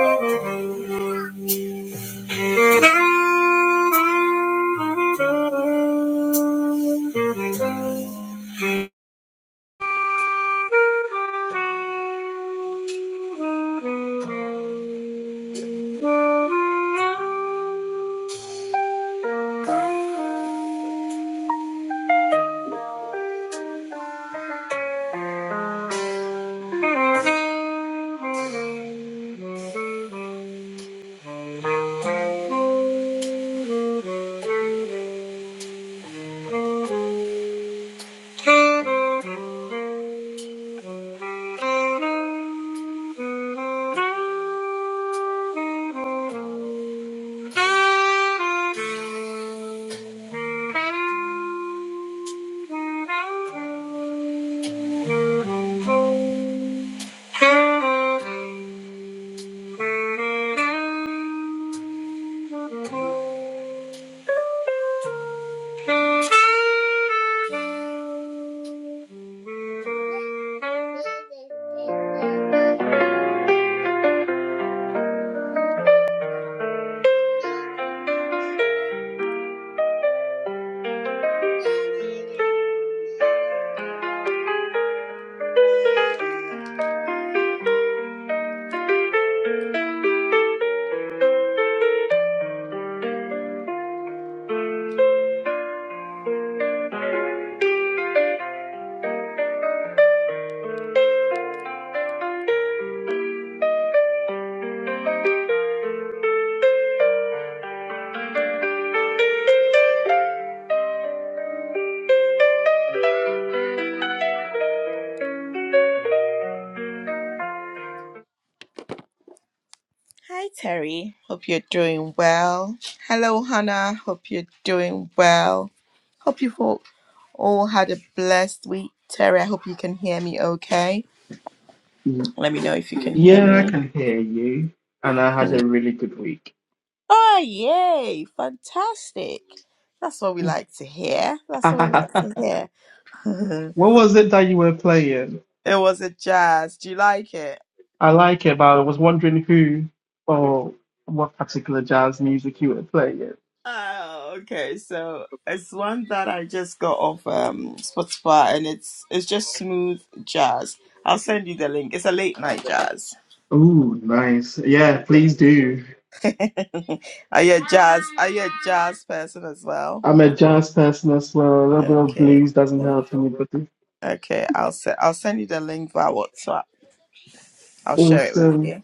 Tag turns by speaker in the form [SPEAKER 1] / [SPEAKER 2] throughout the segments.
[SPEAKER 1] Thank you. Thank Thank you. Hi, Terry. Hope you're doing well. Hello, Hannah. Hope you're doing well. Hope you've all, all had a blessed week. Terry, I hope you can hear me okay.
[SPEAKER 2] Mm,
[SPEAKER 1] Let me know if you can hear
[SPEAKER 2] Yeah, I
[SPEAKER 1] me.
[SPEAKER 2] can hear you. And I had a really good week.
[SPEAKER 1] Oh, yay! Fantastic. That's what we
[SPEAKER 2] what
[SPEAKER 1] like to hear. That's what we like to hear.
[SPEAKER 2] was it that you were playing?
[SPEAKER 1] it was a jazz. Do you like it?
[SPEAKER 2] I like it, but I was wondering who or what particular jazz music you were playing.
[SPEAKER 1] Oh, okay. So it's one that I just got off um, Spotify, and it's it's just smooth jazz. I'll send you the link. It's a late night jazz.
[SPEAKER 2] Oh, nice. Yeah, please do.
[SPEAKER 1] Are you a jazz? Are you a jazz person as well?
[SPEAKER 2] I'm a jazz person as well. A little bit of
[SPEAKER 1] Okay.
[SPEAKER 2] blues doesn't help anybody.
[SPEAKER 1] Okay. I'll send I'll send you the link via WhatsApp. I'll share it with
[SPEAKER 2] Awesome,
[SPEAKER 1] you.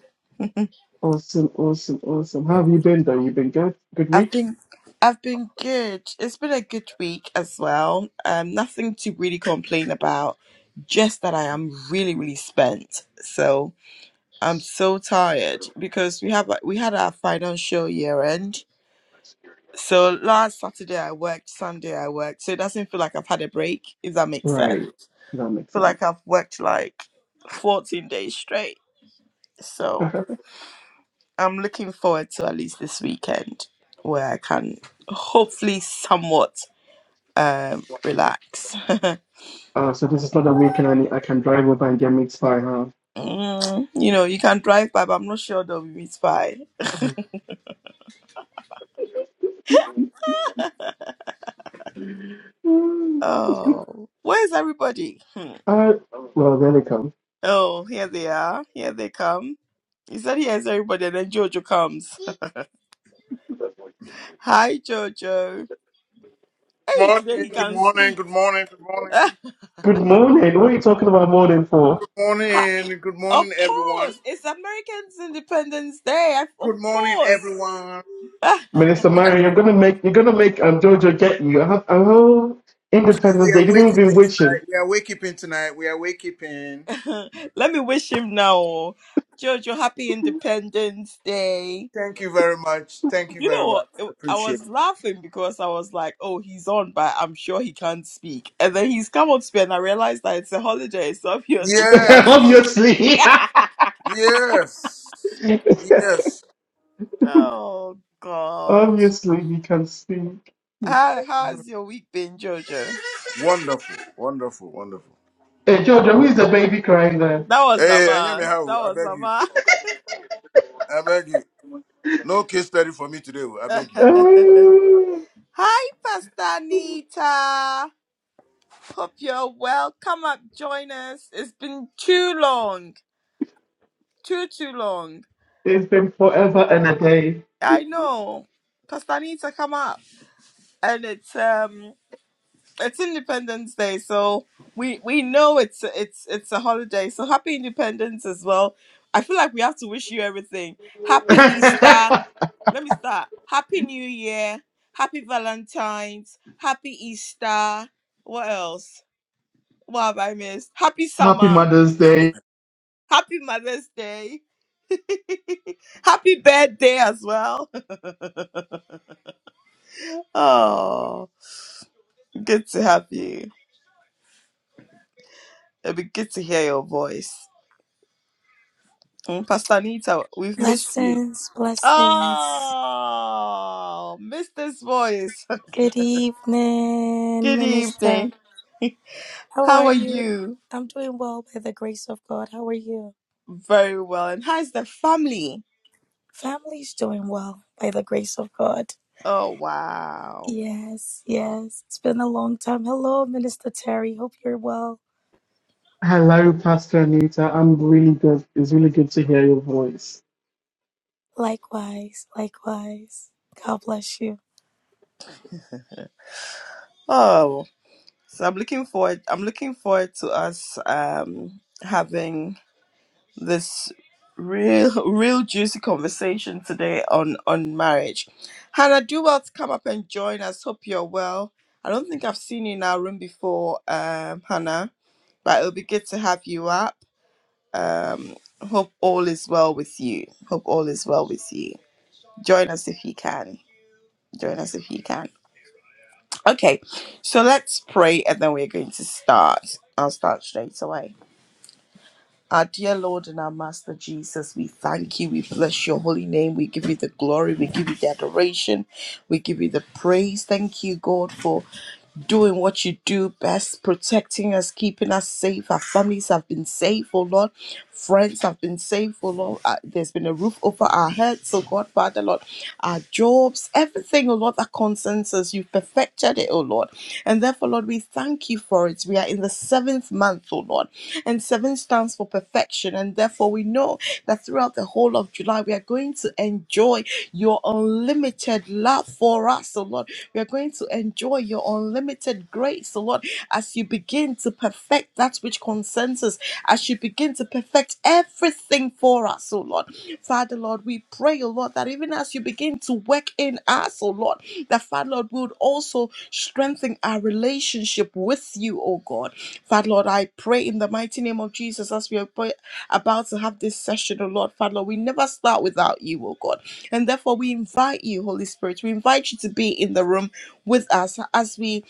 [SPEAKER 2] awesome, awesome, awesome. How have you been though? You been good? Good
[SPEAKER 1] I've
[SPEAKER 2] week?
[SPEAKER 1] been I've been good. It's been a good week as well. Um, nothing to really complain about. Just that I am really really spent. So. I'm so tired because we have like, we had our financial year end. So last Saturday I worked, Sunday I worked. So it doesn't feel like I've had a break, if that makes
[SPEAKER 2] Right.
[SPEAKER 1] sense.
[SPEAKER 2] That makes
[SPEAKER 1] feel like
[SPEAKER 2] sense.
[SPEAKER 1] I've worked like 14 days straight. So I'm looking forward to at least this weekend where I can hopefully somewhat um relax.
[SPEAKER 2] Uh, so this is not a weekend I, need, I can drive over and get mixed by, huh?
[SPEAKER 1] Mm, you know, you can drive by, but I'm not sure they'll be meet by.
[SPEAKER 2] Mm,
[SPEAKER 1] Oh, where's everybody? Hmm.
[SPEAKER 2] I, well, there they come.
[SPEAKER 1] Oh, here they are. Here they come. He said he has everybody, and then Jojo comes. Hi, Jojo. Hey, today
[SPEAKER 3] morning,
[SPEAKER 1] he
[SPEAKER 3] good
[SPEAKER 1] can
[SPEAKER 3] morning,
[SPEAKER 1] speak.
[SPEAKER 3] good morning, good morning,
[SPEAKER 1] Ah,
[SPEAKER 2] Good morning. What are you talking about morning for,
[SPEAKER 3] good
[SPEAKER 1] ha-
[SPEAKER 3] morning, good
[SPEAKER 1] of
[SPEAKER 3] morning, everyone.
[SPEAKER 1] course, it's American Independence Day. I- Of
[SPEAKER 3] Good morning,
[SPEAKER 1] course.
[SPEAKER 3] everyone.
[SPEAKER 1] Ah,
[SPEAKER 2] Minister Mary? You're gonna make you're gonna make um, Jojo get you. I have a whole
[SPEAKER 3] Today
[SPEAKER 2] Independence
[SPEAKER 3] we
[SPEAKER 2] Day.
[SPEAKER 3] are
[SPEAKER 2] Didn't even been
[SPEAKER 3] wakekeeping
[SPEAKER 2] witching.
[SPEAKER 3] tonight. We are wakekeeping tonight. We are wakekeeping.
[SPEAKER 1] Let me wish him now. oh. Jojo, happy Independence Day.
[SPEAKER 3] Thank you very much. Thank you
[SPEAKER 1] You know
[SPEAKER 3] very
[SPEAKER 1] what?
[SPEAKER 3] much.
[SPEAKER 1] It- I
[SPEAKER 3] Appreciate. It.
[SPEAKER 1] was laughing because I was like, oh, he's on, but I'm sure he can't speak. And then he's come on to speak, and I realized that it's a holiday, so obviously he can't speak.
[SPEAKER 3] Yes,
[SPEAKER 2] Obviously,
[SPEAKER 3] yes, yes.
[SPEAKER 1] Oh God.
[SPEAKER 2] obviously he can speak.
[SPEAKER 1] How how's your week been, Jojo?
[SPEAKER 3] Wonderful, wonderful, wonderful.
[SPEAKER 2] Hey, Jojo, who is the baby crying there?
[SPEAKER 1] That was
[SPEAKER 3] Hey, Anyame,
[SPEAKER 1] Sama.
[SPEAKER 3] how?
[SPEAKER 1] That
[SPEAKER 3] I
[SPEAKER 1] was
[SPEAKER 3] beg you,
[SPEAKER 1] Sama.
[SPEAKER 3] I beg you. No case study for me today. oh, I beg you. No
[SPEAKER 2] Oh,
[SPEAKER 1] Hi, Pastor Nita. Hope you're well. Come up, join us. It's been too long. Too too long.
[SPEAKER 2] it's been forever and a day.
[SPEAKER 1] I know. Pastor Nita, come up. And it's um it's Independence Day, so we we know it's it's it's a holiday. So happy Independence as well. I feel like we have to wish you everything. Happy Easter. Let me start. Happy New Year. Happy Valentine's. Happy Easter. What else? What have I missed? Happy
[SPEAKER 2] Happy
[SPEAKER 1] summer.
[SPEAKER 2] Mother's Day.
[SPEAKER 1] Happy Mother's Day. Happy birthday as well. Oh, good to have you. It'll be good to hear your voice. Mm, Pastor Anita, we've missed you.
[SPEAKER 4] Blessings, blessings.
[SPEAKER 1] Oh, missed this voice.
[SPEAKER 4] Good evening,
[SPEAKER 1] Good
[SPEAKER 4] Minister.
[SPEAKER 1] evening.
[SPEAKER 4] How
[SPEAKER 1] How
[SPEAKER 4] are
[SPEAKER 1] are
[SPEAKER 4] you?
[SPEAKER 1] you?
[SPEAKER 4] I'm doing well by the grace of God. How are you?
[SPEAKER 1] Very well. And how's the family?
[SPEAKER 4] Family's doing well by the grace of God.
[SPEAKER 1] Oh wow.
[SPEAKER 4] Yes, yes. It's been a long time. Hello, Minister Terry. Hope you're well.
[SPEAKER 2] Hello, Pastor Anita. I'm really good. It's really good to hear your voice.
[SPEAKER 4] Likewise, likewise. God bless you.
[SPEAKER 1] Oh, so I'm looking forward I'm looking forward to us um having this real real juicy conversation today on on marriage. Hannah, do well to come up and join us. Hope you're well. I don't think I've seen you in our room before, um, Hannah, but it'll be good to have you up. Um, hope all is well with you. Hope all is well with you. Join us if you can. Join us if you can. Okay, so let's pray and then we're going to start. I'll start straight away. Our dear Lord and our Master Jesus, we thank you. We bless your holy name. We give you the glory. We give you the adoration. We give you the praise. Thank you, God, for doing what you do best, protecting us, keeping us safe. Our families have been safe, oh Lord. Friends have been safe, oh Lord. Uh, there's been a roof over our heads, oh God, Father, Lord. Our jobs, everything, oh Lord, that concerns us, you've perfected it, oh Lord. And therefore, Lord, we thank you for it. We are in the seventh month, oh Lord. And seven stands for perfection. And therefore, we know that throughout the whole of July, we are going to enjoy your unlimited love for us, oh Lord we are going to enjoy your unlimited grace, O Lord, as you begin to perfect that which concerns us, as you begin to perfect everything for us, O Lord. Father, Lord, we pray, O Lord, that even as you begin to work in us, O Lord, that Father, Lord, we would also strengthen our relationship with you, O God. Father, Lord, I pray in the mighty name of Jesus as we are about to have this session, O Lord. Father, Lord, we never start without you, O God. And therefore, we invite you, Holy Spirit, we invite you to be in the room with us as we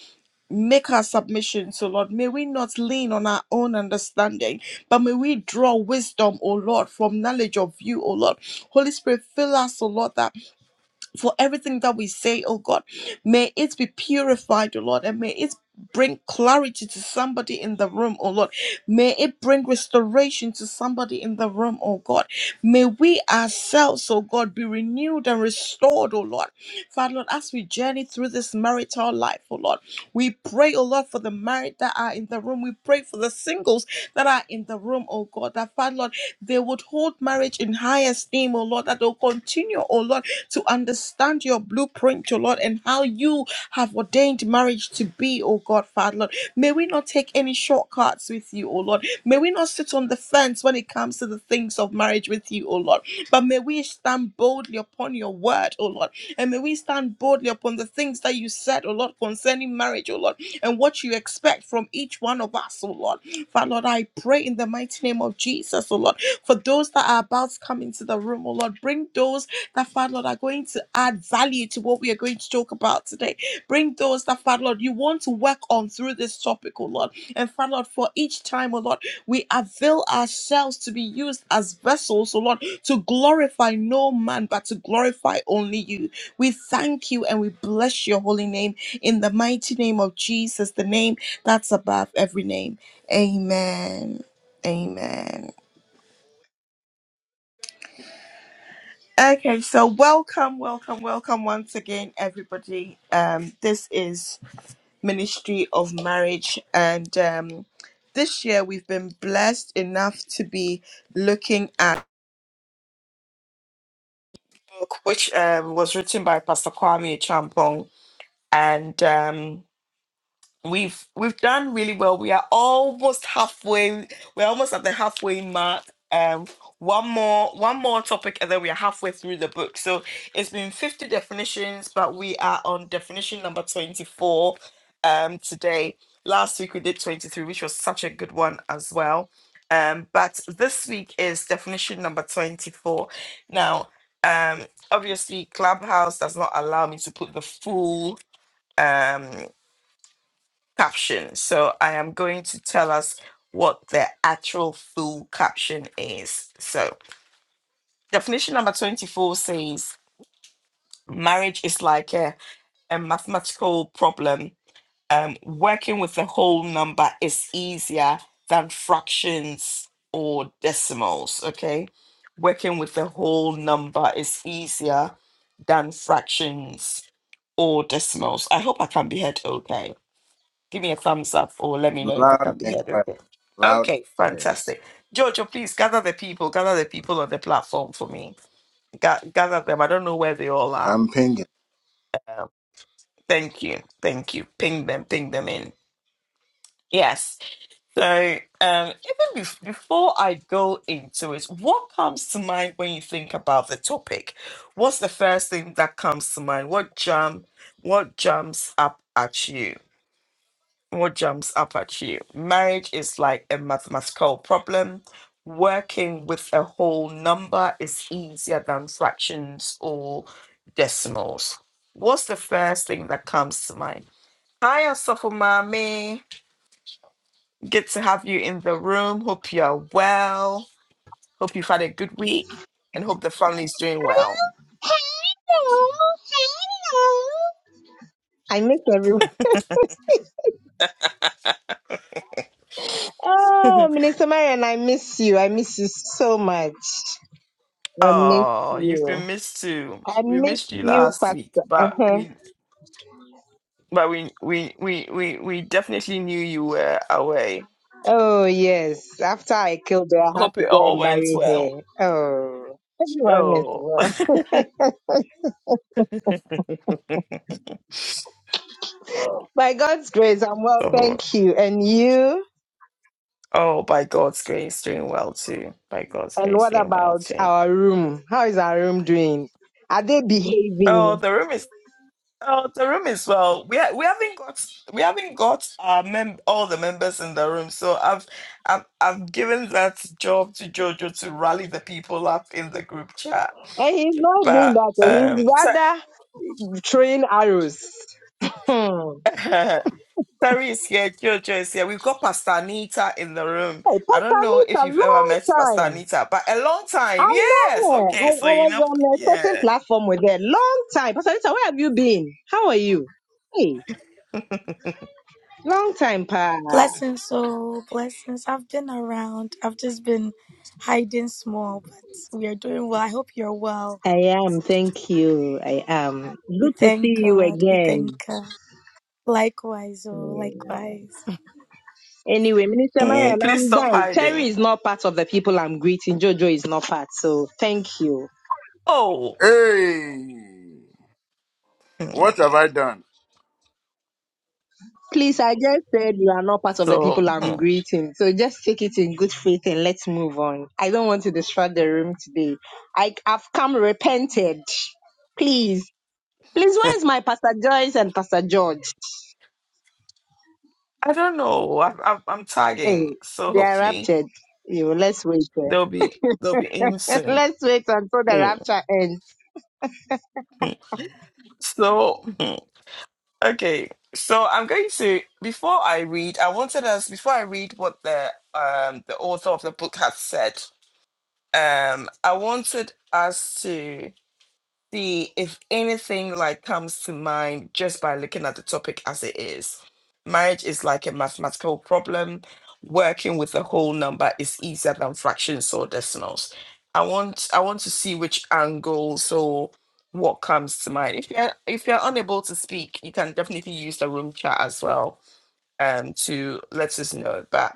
[SPEAKER 1] make our submission. So, Lord, may we not lean on our own understanding, but may we draw wisdom, O Lord, from knowledge of you, O Lord. Holy Spirit, fill us, O Lord, that for everything that we say, oh God. May it be purified, oh Lord, and may it bring clarity to somebody in the room, oh Lord. May it bring restoration to somebody in the room, oh God. May we ourselves, oh God, be renewed and restored, oh Lord. Father, Lord, as we journey through this marital life, oh Lord, we pray, oh Lord, for the married that are in the room. We pray for the singles that are in the room, oh God, that Father, Lord, they would hold marriage in high esteem, oh Lord, that they'll continue, oh Lord to understand your blueprint, oh Lord, and how you have ordained marriage to be, oh God, Father, Lord. May we not take any shortcuts with you, oh Lord. May we not sit on the fence when it comes to the things of marriage with you, oh Lord. But may we stand boldly upon your word, oh Lord. And may we stand boldly upon the things that you said, oh Lord, concerning marriage, oh Lord, and what you expect from each one of us, oh Lord. Father, Lord, I pray in the mighty name of Jesus, oh Lord, for those that are about to come into the room, oh Lord, bring those that, Father Lord, are going to add value to what we are going to talk about today. Bring those that, Father Lord, you want to work on through this topic, oh Lord. And Father Lord, for each time, oh Lord, we avail ourselves to be used as vessels, oh Lord, to glorify no man, but to glorify only you. We thank you and we bless your holy name in the mighty name of Jesus, the name that's above every name. Amen. Amen. Okay, so welcome, welcome, welcome once again, everybody. Um, this is Ministry of Marriage, and um, this year we've been blessed enough to be looking at a book which um, was written by Pastor Kwame Champong, and. um, We've we've done really well. We are almost halfway. We're almost at the halfway mark. Um, one more one more topic, and then we are halfway through the book. So it's been fifty definitions, but we are on definition number twenty four. Um, today, last week we did twenty three, which was such a good one as well. Um, but this week is definition number twenty four. Now, um, obviously, Clubhouse does not allow me to put the full. um caption. So I am going to tell us what the actual full caption is. So definition number 24 says marriage is like a, a mathematical problem. Um, working with the whole number is easier than fractions or decimals. Okay. Working with the whole number is easier than fractions or decimals. I hope I can be heard okay. Give me a thumbs up or let me know if I
[SPEAKER 3] loud
[SPEAKER 1] can be
[SPEAKER 3] and
[SPEAKER 1] heard.
[SPEAKER 3] quiet,
[SPEAKER 1] Okay.
[SPEAKER 3] loud.
[SPEAKER 1] Okay,
[SPEAKER 3] and quiet.
[SPEAKER 1] fantastic. Jojo, please gather the people, gather the people on the platform for me. Ga- gather them. I don't know where they all are.
[SPEAKER 3] I'm pinging.
[SPEAKER 1] Thank you. Thank you. Ping them, ping them in. Yes. So, um, even bef- before I go into it, what comes to mind when you think about the topic? What's the first thing that comes to mind? What jump? What jumps up at you? what jumps up at you? Marriage is like a mathematical problem. Working with a whole number is easier than fractions or decimals. What's the first thing that comes to mind? Hi, Asafo Mami. Good to have you in the room. Hope you're well. Hope you've had a good week and hope the family's doing well.
[SPEAKER 5] I miss everyone. Oh, Minister Marion, I miss you. I miss you so much. I miss
[SPEAKER 1] Oh, you've
[SPEAKER 5] you.
[SPEAKER 1] been missed too.
[SPEAKER 5] I
[SPEAKER 1] We
[SPEAKER 5] miss
[SPEAKER 1] missed you
[SPEAKER 5] you,
[SPEAKER 1] last week,
[SPEAKER 5] Pastor.
[SPEAKER 1] but
[SPEAKER 5] Uh-huh.
[SPEAKER 1] we But we we we we we definitely knew you were away.
[SPEAKER 5] Oh, yes. After I killed her, I had
[SPEAKER 1] Hope
[SPEAKER 5] to
[SPEAKER 1] it
[SPEAKER 5] go
[SPEAKER 1] all
[SPEAKER 5] and
[SPEAKER 1] went
[SPEAKER 5] bury
[SPEAKER 1] well.
[SPEAKER 5] her. Oh, everyone is
[SPEAKER 1] Oh,
[SPEAKER 5] well. By God's grace, I'm well.
[SPEAKER 1] oh,
[SPEAKER 5] Thank you. And you?
[SPEAKER 1] oh it's doing well too. By God,
[SPEAKER 5] And
[SPEAKER 1] it's
[SPEAKER 5] what about
[SPEAKER 1] doing.
[SPEAKER 5] our room? How is our room doing? Are they behaving?
[SPEAKER 1] Oh, the room is oh the room is well. We ha- we haven't got we haven't got our mem- all the members in the room. So I've I've I've given that job to rally the people up in the group chat.
[SPEAKER 5] And he's not doing
[SPEAKER 1] But
[SPEAKER 5] that, so
[SPEAKER 1] um, so
[SPEAKER 5] he's rather throwing arrows. Hmm.
[SPEAKER 1] Terry is here, Jojo is here. We've got Pastor Anita in the room.
[SPEAKER 5] Hey,
[SPEAKER 1] I don't
[SPEAKER 5] Pastor
[SPEAKER 1] know
[SPEAKER 5] Nick,
[SPEAKER 1] if
[SPEAKER 5] a
[SPEAKER 1] you've ever
[SPEAKER 5] long
[SPEAKER 1] met Pastor
[SPEAKER 5] time.
[SPEAKER 1] Anita, but a long
[SPEAKER 5] I
[SPEAKER 1] time. Yes.
[SPEAKER 5] know her. I,
[SPEAKER 1] Okay. So,
[SPEAKER 5] I
[SPEAKER 1] you
[SPEAKER 5] was
[SPEAKER 1] know,
[SPEAKER 5] on a certain
[SPEAKER 1] yeah.
[SPEAKER 5] platform with her. Long time. Pastor Anita, where have you been? How are you? Hey, long time, pa.
[SPEAKER 4] Blessings, so blessings. I've been around. I've just been hiding small, but we are doing well. I hope you're well.
[SPEAKER 5] I am. Thank you. I am.
[SPEAKER 4] We
[SPEAKER 5] Good to
[SPEAKER 4] thank
[SPEAKER 5] see you
[SPEAKER 4] God. We thank
[SPEAKER 5] again.
[SPEAKER 4] God. Likewise, oh,
[SPEAKER 5] Mm.
[SPEAKER 4] likewise.
[SPEAKER 5] Anyway, Minister Marian,
[SPEAKER 1] Mm, please
[SPEAKER 5] I'm
[SPEAKER 1] stop
[SPEAKER 5] done. Terry
[SPEAKER 1] hiding.
[SPEAKER 5] is not part of the people I'm greeting. Jojo is not part. So thank you.
[SPEAKER 1] Oh.
[SPEAKER 3] Hey.
[SPEAKER 1] Hmm.
[SPEAKER 3] What have I done?
[SPEAKER 5] Please, I just said you are not part of the
[SPEAKER 1] So,
[SPEAKER 5] people I'm
[SPEAKER 1] hmm.
[SPEAKER 5] greeting. So just take it in good faith and let's move on. I don't want to disrupt the room today. I, I've come repented. Please. Please, where is my Pastor Joyce and Pastor George?
[SPEAKER 1] I don't know. I, I, I'm
[SPEAKER 5] Hey,
[SPEAKER 1] tagging. So,
[SPEAKER 5] they are
[SPEAKER 1] hopefully,
[SPEAKER 5] raptured. You let's wait
[SPEAKER 1] they'll
[SPEAKER 5] there.
[SPEAKER 1] be, they'll be in soon.
[SPEAKER 5] let's wait until the
[SPEAKER 1] Hmm.
[SPEAKER 5] rapture ends.
[SPEAKER 1] So, hmm. okay. So, I'm going to, before I read, I wanted us, before I read what the, um, the author of the book has said, Um, I wanted us to see if anything like comes to mind just by looking at the topic as it is. Marriage is like a mathematical problem. Working with a whole number is easier than fractions or decimals. I want I want to see which angles or what comes to mind. If you're if you're unable to speak, you can definitely use the room chat as well um to let us know. But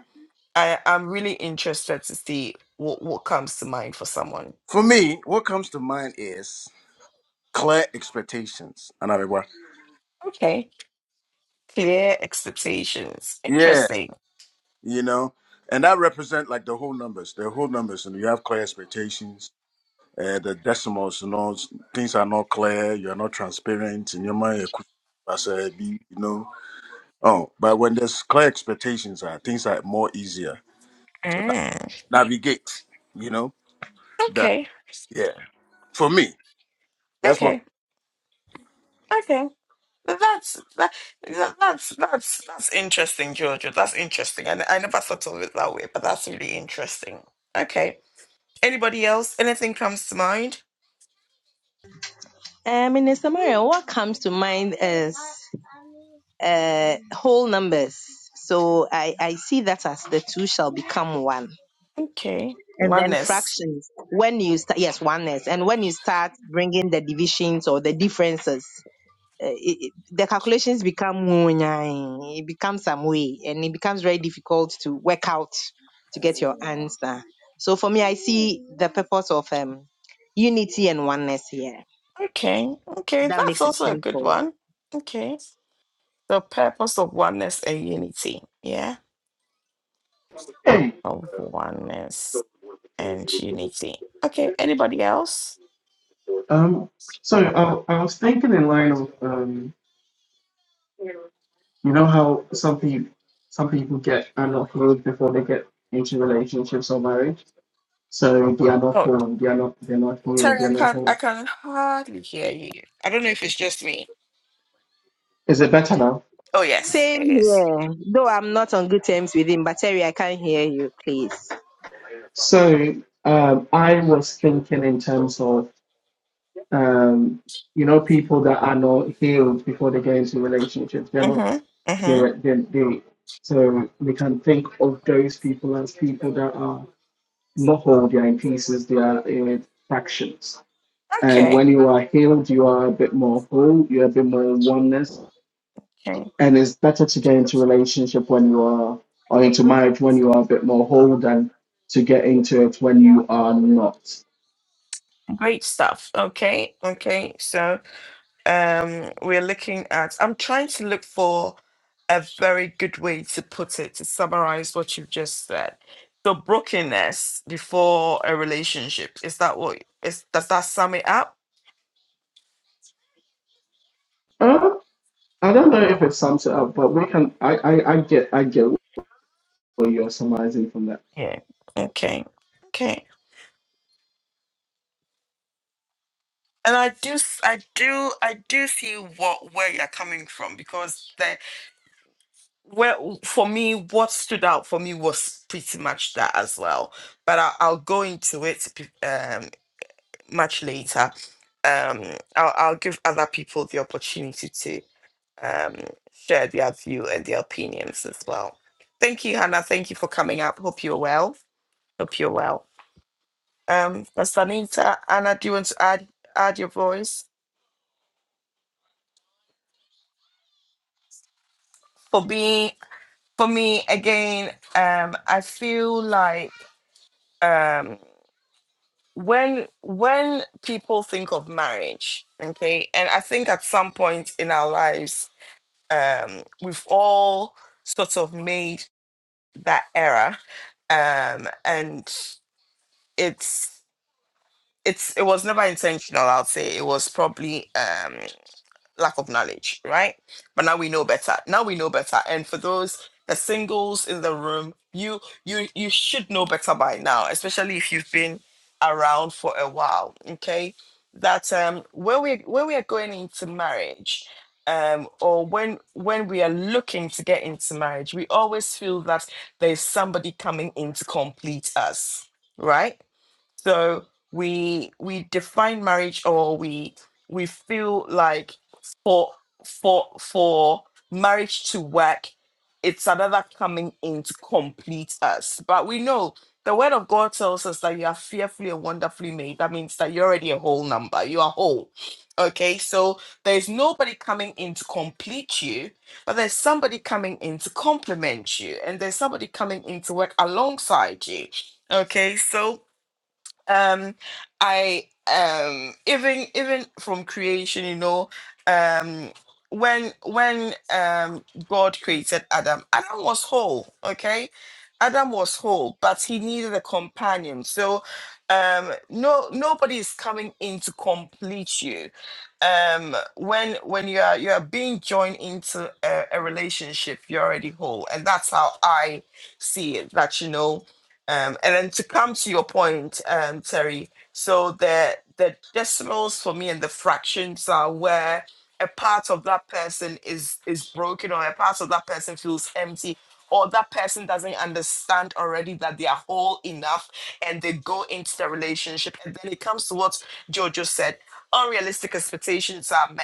[SPEAKER 1] I, I'm really interested to see what, what comes to mind for someone.
[SPEAKER 3] For me, what comes to mind is clear expectations. Another word.
[SPEAKER 1] Okay. Clear expectations.
[SPEAKER 3] Yeah,
[SPEAKER 1] Interesting.
[SPEAKER 3] you know, and that represent like the whole numbers, the whole numbers, and you have clear expectations. Uh, the decimals, you know, s- things are not clear. You are not transparent in your mind. You could- I said, be- you know. Oh, but when there's clear expectations, are things are more easier to
[SPEAKER 1] Mm.
[SPEAKER 3] na- navigate. You know that.
[SPEAKER 1] Okay.
[SPEAKER 3] Yeah, for me, that's what.
[SPEAKER 1] Okay. Okay. That's that, that- that's that's that's interesting, Georgia. That's interesting. I, I never thought of it that way, but that's really interesting. Okay. Anybody else? Anything comes to mind?
[SPEAKER 5] Uh, Minister Marion, what comes to mind is uh, whole numbers. So I, I see that as the two shall become one.
[SPEAKER 1] Okay.
[SPEAKER 5] and then
[SPEAKER 1] Oneness.
[SPEAKER 5] fractions when you start yes oneness and when you start bringing the divisions or the differences uh, it, it- the calculations become wunyai. it becomes some way and it becomes very difficult to work out to get your answer so for me i see the purpose of um unity and oneness here
[SPEAKER 1] Okay. Okay.
[SPEAKER 5] that
[SPEAKER 1] That's
[SPEAKER 5] makes it
[SPEAKER 1] also a good
[SPEAKER 5] simple
[SPEAKER 1] one. Okay. The purpose of oneness and unity. Yeah.
[SPEAKER 2] Hey,
[SPEAKER 1] Of oneness and unity. Okay. Anybody else?
[SPEAKER 2] um, so I, I was thinking in line of um, you know how some people some people get unhealed before they get into relationships or marriage. So they are not
[SPEAKER 1] Oh,
[SPEAKER 2] whole. They are not. They're not healed.
[SPEAKER 1] Terry, I
[SPEAKER 2] They're not
[SPEAKER 1] can I
[SPEAKER 2] whole.
[SPEAKER 1] can hardly hear you. I don't know if it's just me.
[SPEAKER 2] Is it better now?
[SPEAKER 1] Oh yes,
[SPEAKER 5] same
[SPEAKER 1] it is.
[SPEAKER 5] here though i'm not on good terms with him but terry i can't hear you please
[SPEAKER 2] So um, I was thinking in terms of um, you know people that are not healed before they get into relationships. They're not.
[SPEAKER 1] Mm-hmm.
[SPEAKER 2] They
[SPEAKER 1] Mm-hmm.
[SPEAKER 2] they they so we can think of those people as people that are not whole, they are in pieces, they are in fractions. And when
[SPEAKER 1] Okay.
[SPEAKER 2] you are healed, you are a bit more whole, you're a bit more in oneness.
[SPEAKER 1] Okay.
[SPEAKER 2] And it's better to get into relationship when you are or into marriage when you are a bit more whole than to get into it when you are not.
[SPEAKER 1] Great stuff. Okay. Okay. So um we're looking at I'm trying to look for a very good way to put it to summarize what you've just said. So brokenness before a relationship. Is that what is does that sum it up?
[SPEAKER 2] Uh, I don't know if it sums it up, but we can I, I, I get I get what you're summarizing from that.
[SPEAKER 1] Yeah. Okay. Okay. And I do, s- I do, I do see what where you're coming from because the where for me, what stood out for me was pretty much that as well. But I, I'll go into it be- um, much later. Um, I'll, I'll give other people the opportunity to um, share their view and their opinions as well. Thank you, Hannah. Thank you for coming up. Hope you're well. Hope you're well. Um, Pastor Anita, Anna, do you want to add add your voice for being? for me again um i feel like um when when people think of marriage okay and i think at some point in our lives um we've all sort of made that error um and it's it's it was never intentional i'll say it was probably um, lack of knowledge, right? But now we know better. Now we know better. And for those the singles in the room, you you you should know better by now, especially if you've been around for a while. Okay, that um when we when we are going into marriage, um or when when we are looking to get into marriage, we always feel that there's somebody coming in to complete us, right? So we we define marriage or we we feel like for for for marriage to work, it's another coming in to complete us. But we know the word of God tells us that you are fearfully and wonderfully made. That means that you're already a whole number. You are whole. Okay, so there's nobody coming in to complete you, but there's somebody coming in to complement you, and there's somebody coming in to work alongside you. Okay, so um i um even even from creation you know um when when um god created adam adam was whole okay adam was whole but he needed a companion so um no nobody is coming in to complete you um when when you are you are being joined into a, a relationship you're already whole and that's how i see it that you know um, and then to come to your point, um, Terry, so the the decimals for me and the fractions are where a part of that person is is broken or a part of that person feels empty or that person doesn't understand already that they are whole enough and they go into the relationship and then it comes to what Jojo said unrealistic expectations are met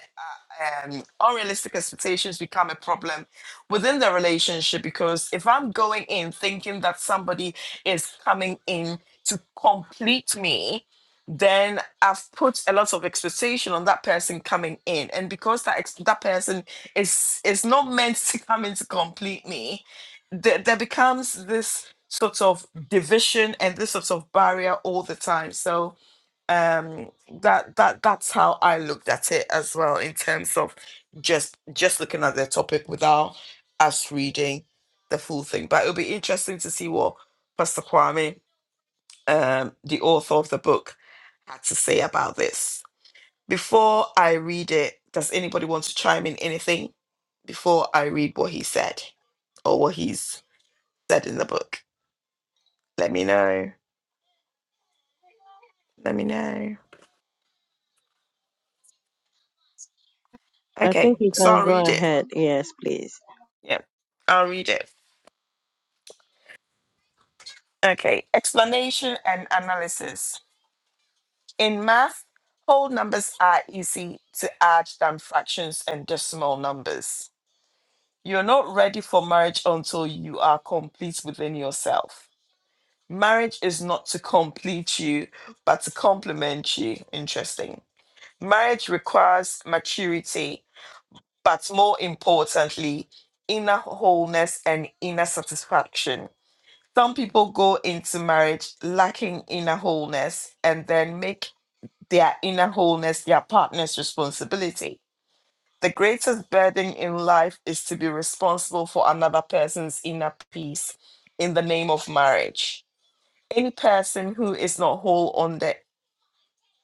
[SPEAKER 1] um, unrealistic expectations become a problem within the relationship because if I'm going in thinking that somebody is coming in to complete me, then I've put a lot of expectation on that person coming in, and because that ex- that person is is not meant to come in to complete me, there, there becomes this sort of division and this sort of barrier all the time. So um that that that's how i looked at it as well in terms of just just looking at the topic without us reading the full thing but it'll be interesting to see what pastor kwame um the author of the book had to say about this before i read it does anybody want to chime in anything before i read what he said or what he's said in the book let me know Let-
[SPEAKER 5] i think
[SPEAKER 1] okay
[SPEAKER 5] you
[SPEAKER 1] so
[SPEAKER 5] can
[SPEAKER 1] i'll
[SPEAKER 5] go
[SPEAKER 1] read it
[SPEAKER 5] ahead yes please
[SPEAKER 1] yeah i'll read it Okay, explanation and analysis. In math, whole numbers are easy to add than fractions and decimal numbers. You're not marriage until you are complete within yourself. Marriage is not to complete you, but to complement you. Interesting. Marriage requires maturity, but more importantly, inner wholeness and inner satisfaction. Some people go into marriage lacking inner wholeness and then make their inner wholeness, their partner's responsibility. The greatest burden in life is to be responsible for another person's inner peace in the name of marriage. Any person who is not whole on the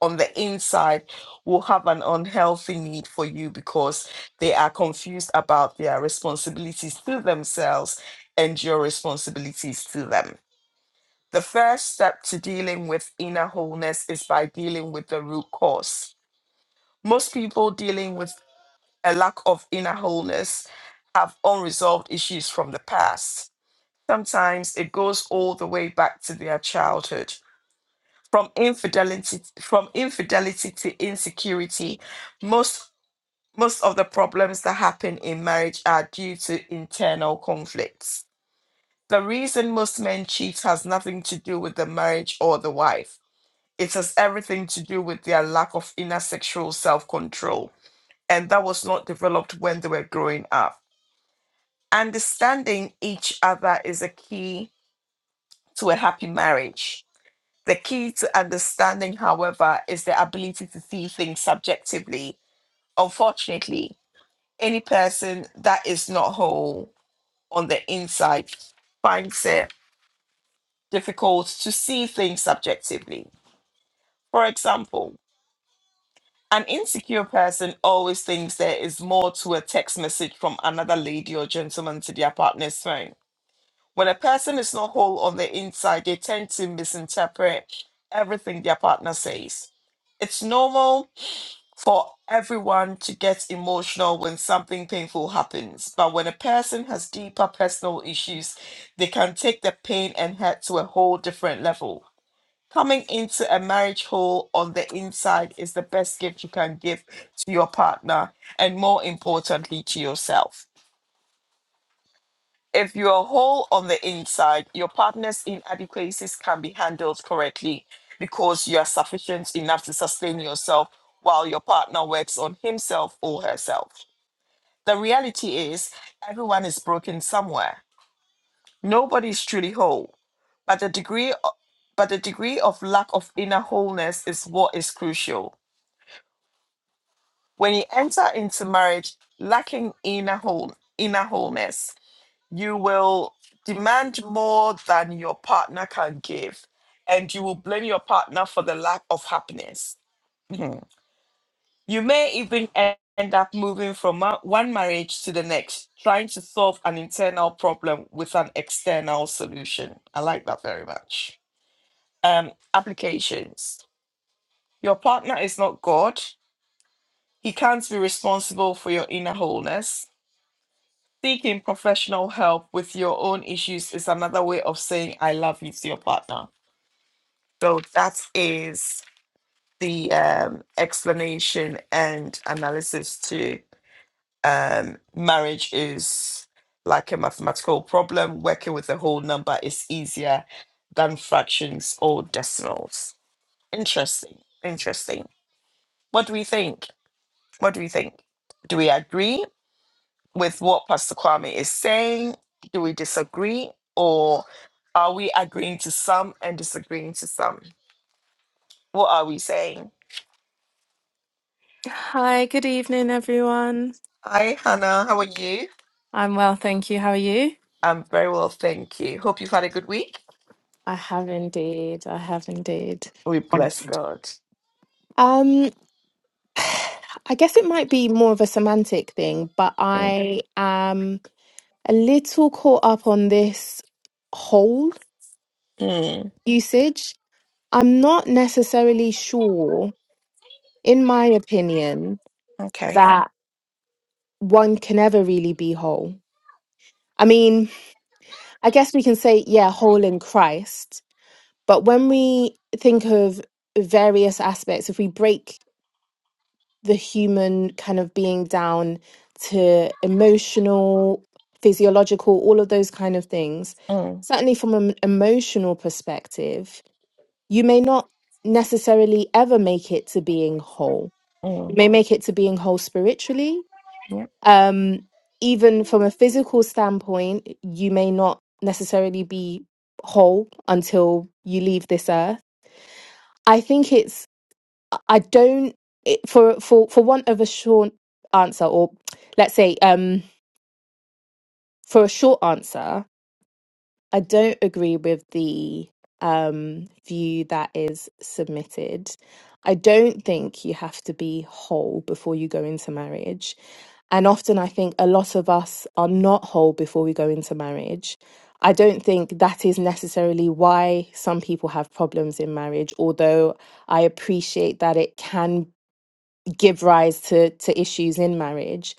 [SPEAKER 1] on the inside will have an unhealthy need for you because they are confused about their responsibilities to themselves and your responsibilities to them. The first step to dealing with inner wholeness is by dealing with the root cause Most people dealing with a lack of inner wholeness have unresolved issues from the past. Sometimes it goes all the way back to their childhood. From infidelity from infidelity to insecurity, most most of the problems that happen in marriage are due to internal conflicts. The reason most men cheat has nothing to do with the marriage or the wife. It has everything to do with their lack of inner sexual self control. and that was not developed when they were growing up. Understanding each other is a key to a happy marriage. The key to understanding, however, is the ability to see things subjectively. Unfortunately, any person that is not whole on the inside finds it difficult to see things subjectively. For example, an insecure person always thinks there is more to a text message from another lady or gentleman to their partner's phone When a person is not whole on the inside, they tend to misinterpret everything their partner says. It's normal for everyone to get emotional when something painful happens, but when a person has deeper personal issues, they can take the pain and hurt to a whole different level. Coming into a marriage whole on the inside is the best gift you can give to your partner and, more importantly, to yourself. If you are whole on the inside, your partner's inadequacies can be handled correctly because you are sufficient enough to sustain yourself while your partner works on himself or herself. The reality is, everyone is broken somewhere. Nobody is truly whole, but the degree o- but the degree of lack of inner wholeness is what is crucial. When you enter into marriage lacking inner whole, inner wholeness, You will demand more than your partner can give, and you will blame your partner for the lack of happiness. Mhm. You may even e- end up moving from ma- one marriage to the next, trying to solve an internal problem with an external solution. I like that very much. Um, applications. Your partner is not God. He can't be responsible for your inner wholeness. Seeking professional help with your own issues is another way of saying I love you to your partner. So that is the um, explanation and analysis to um, marriage is like a mathematical problem. Working with a whole number is easier than functions. Or interesting, interesting. What do we think? What do we think? Do we agree with what is saying, Agree? or are we and disagreeing to some? Are we saying?
[SPEAKER 6] Hi, good evening, everyone.
[SPEAKER 1] Hi, Hannah. How are you?
[SPEAKER 6] I'm well, thank you. How are you?
[SPEAKER 1] I'm very well, thank you. Hope you've had a good week.
[SPEAKER 6] I have indeed. I have indeed.
[SPEAKER 1] We bless God.
[SPEAKER 6] Um, I guess it might be more of a semantic thing, but I am a little caught up on this whole
[SPEAKER 1] Mm,
[SPEAKER 6] usage. I'm not necessarily sure, in my opinion,
[SPEAKER 1] okay.
[SPEAKER 6] that one can ever really be whole. I mean, I guess we can say, yeah, whole in Christ But when we think of various aspects, if we break the human kind of being down to emotional, physiological, all of those kind of things,
[SPEAKER 1] Mm.
[SPEAKER 6] certainly from an emotional perspective, you may not necessarily ever make it to being whole. You
[SPEAKER 1] Mm.
[SPEAKER 6] may make it to being whole spiritually.
[SPEAKER 1] Yeah.
[SPEAKER 6] Um, even from a physical standpoint, you may not necessarily be whole until you leave this earth. I think it's I don't it- for for for want of a short answer, or let's say um for a short answer, I don't agree with the um view that is submitted. I don't think you have to be whole before you go into marriage. And often I think a lot of us are not whole before we go into marriage. I don't think that is necessarily why some people have problems in marriage, although I appreciate that it can give rise to to issues in marriage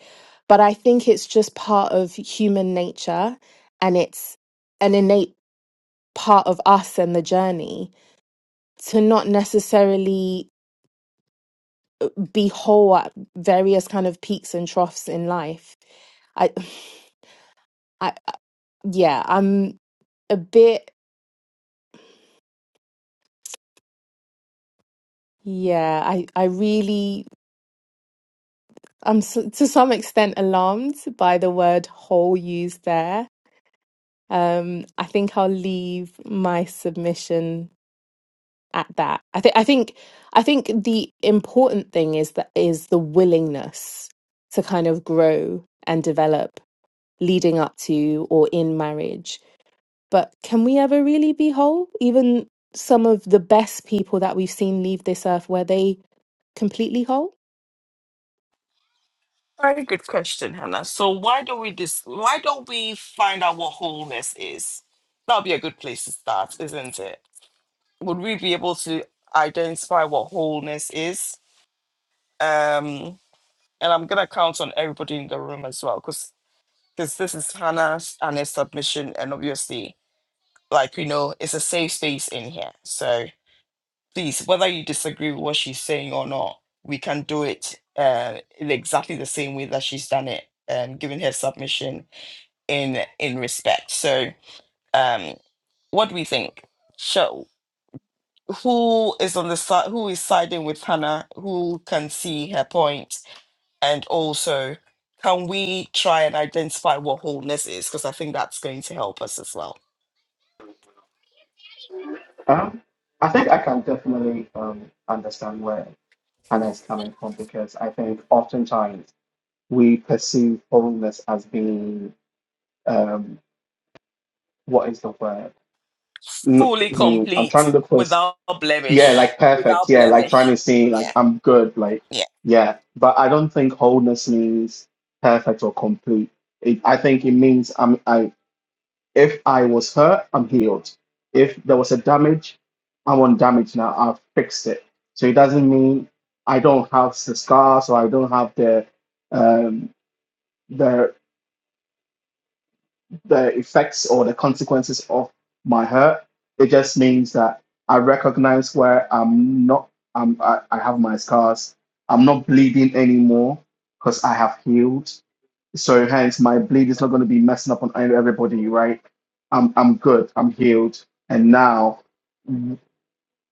[SPEAKER 6] but i think it's just part of human nature and it's an innate part of us and the journey to not necessarily be whole at various kind of peaks and troughs in life i i I- yeah i'm a bit yeah i i really i'm s to some extent alarmed by the word whole used there um i think i'll leave my submission at that. I think I think I think the important thing is that is the willingness to kind of grow and develop leading up to or in marriage. But can we ever really be whole? Even some of the best people that we've seen leave this earth were they completely whole?
[SPEAKER 1] Very good question, Hannah. So why don't we dis- why don't we find out what wholeness is? That'll be a good place to start, isn't it? Would we be able to identify what wholeness is? Um, and I'm gonna count on everybody in the room as well, because because this is Hannah's and her submission, and obviously, like you know, it's a safe space in here. So please, whether you disagree with what she's saying or not, we can do it uh, in exactly the same way that she's done it, um, giving her submission in in respect. So, um, what do we think? Shall, who is on the side? Who is siding with Hannah? Who can see her point? And also, can we try and identify what wholeness is? Because
[SPEAKER 2] Um, I think I can definitely um, understand where Anna is coming from because I think oftentimes we perceive wholeness as being um, what is the word? Mm,
[SPEAKER 1] food
[SPEAKER 2] mm, I'm trying to look for s-
[SPEAKER 1] without
[SPEAKER 2] yeah,
[SPEAKER 1] blemish,
[SPEAKER 2] like perfect,
[SPEAKER 1] without
[SPEAKER 2] yeah, like trying
[SPEAKER 1] blemish,
[SPEAKER 2] to see like
[SPEAKER 1] yeah.
[SPEAKER 2] I'm good, like yeah. But I don't think wholeness means perfect or complete. It, I think it means I'm I. If I was hurt, I'm healed. If there was a damage, I want damage now. I've fixed it. So it doesn't mean I don't have the scars or I don't have the um, the the effects or the consequences of my hurt. It just means that I recognize where I'm not. I'm, I, I have my scars. I'm not bleeding anymore because I have healed so hence my blade is not going to be messing up on everybody, right? I'm I'm good. I'm healed. And now w-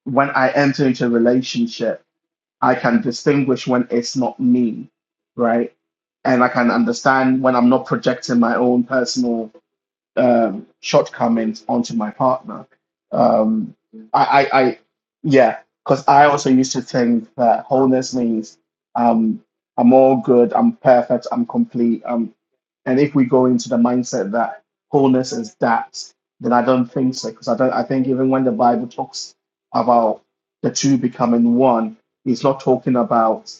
[SPEAKER 2] when I enter into a relationship, I can distinguish when it's not me, right? And I can understand when I'm not projecting my own personal um, shortcomings onto my partner. Um, I, I, I, yeah, because I also used to think that wholeness means um, I'm all good, I'm perfect, I'm complete, I'm and if we go into the mindset that wholeness is that, then I don't think so. Because I don't. I think even when the Bible talks about the two becoming one, it's not talking about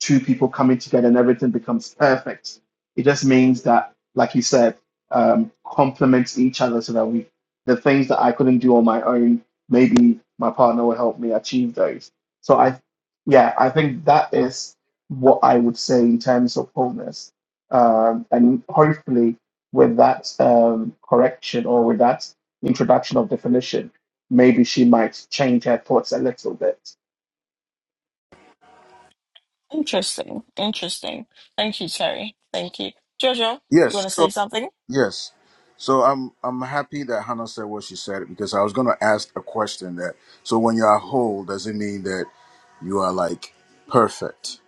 [SPEAKER 2] two people coming together and everything becomes perfect. It just means that, like you said, um, complements each other so that we, the things that I couldn't do on my own, maybe my partner will help me achieve those. So I, yeah, I think that is what I would say in terms of wholeness. Um, and hopefully, with that um, correction or with that introduction of definition, maybe she might change her thoughts a little bit.
[SPEAKER 1] Interesting. Interesting. Thank you, Terry. Thank you. Jojo, you
[SPEAKER 3] Yes.
[SPEAKER 1] want to
[SPEAKER 3] so
[SPEAKER 1] say something?
[SPEAKER 3] Yes. So I'm I'm happy that Hannah said what she said because I was gonna ask a question that so when you are whole, does it mean that you are like perfect?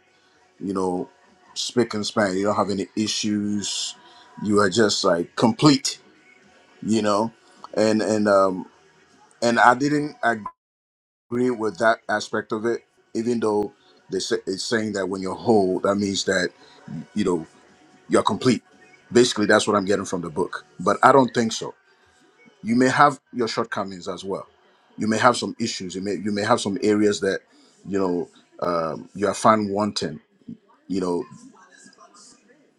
[SPEAKER 3] You know, spick and span. You don't have any issues. You are just like complete, you know? And and um and I didn't agree with that aspect of it, even though they say, it's saying that when you're whole, that means that, you know, you're complete. Basically that's what I'm getting from the book. But I don't think so you may have your shortcomings as well you may have some issues you may you may have some areas that you know um, you are found wanting you know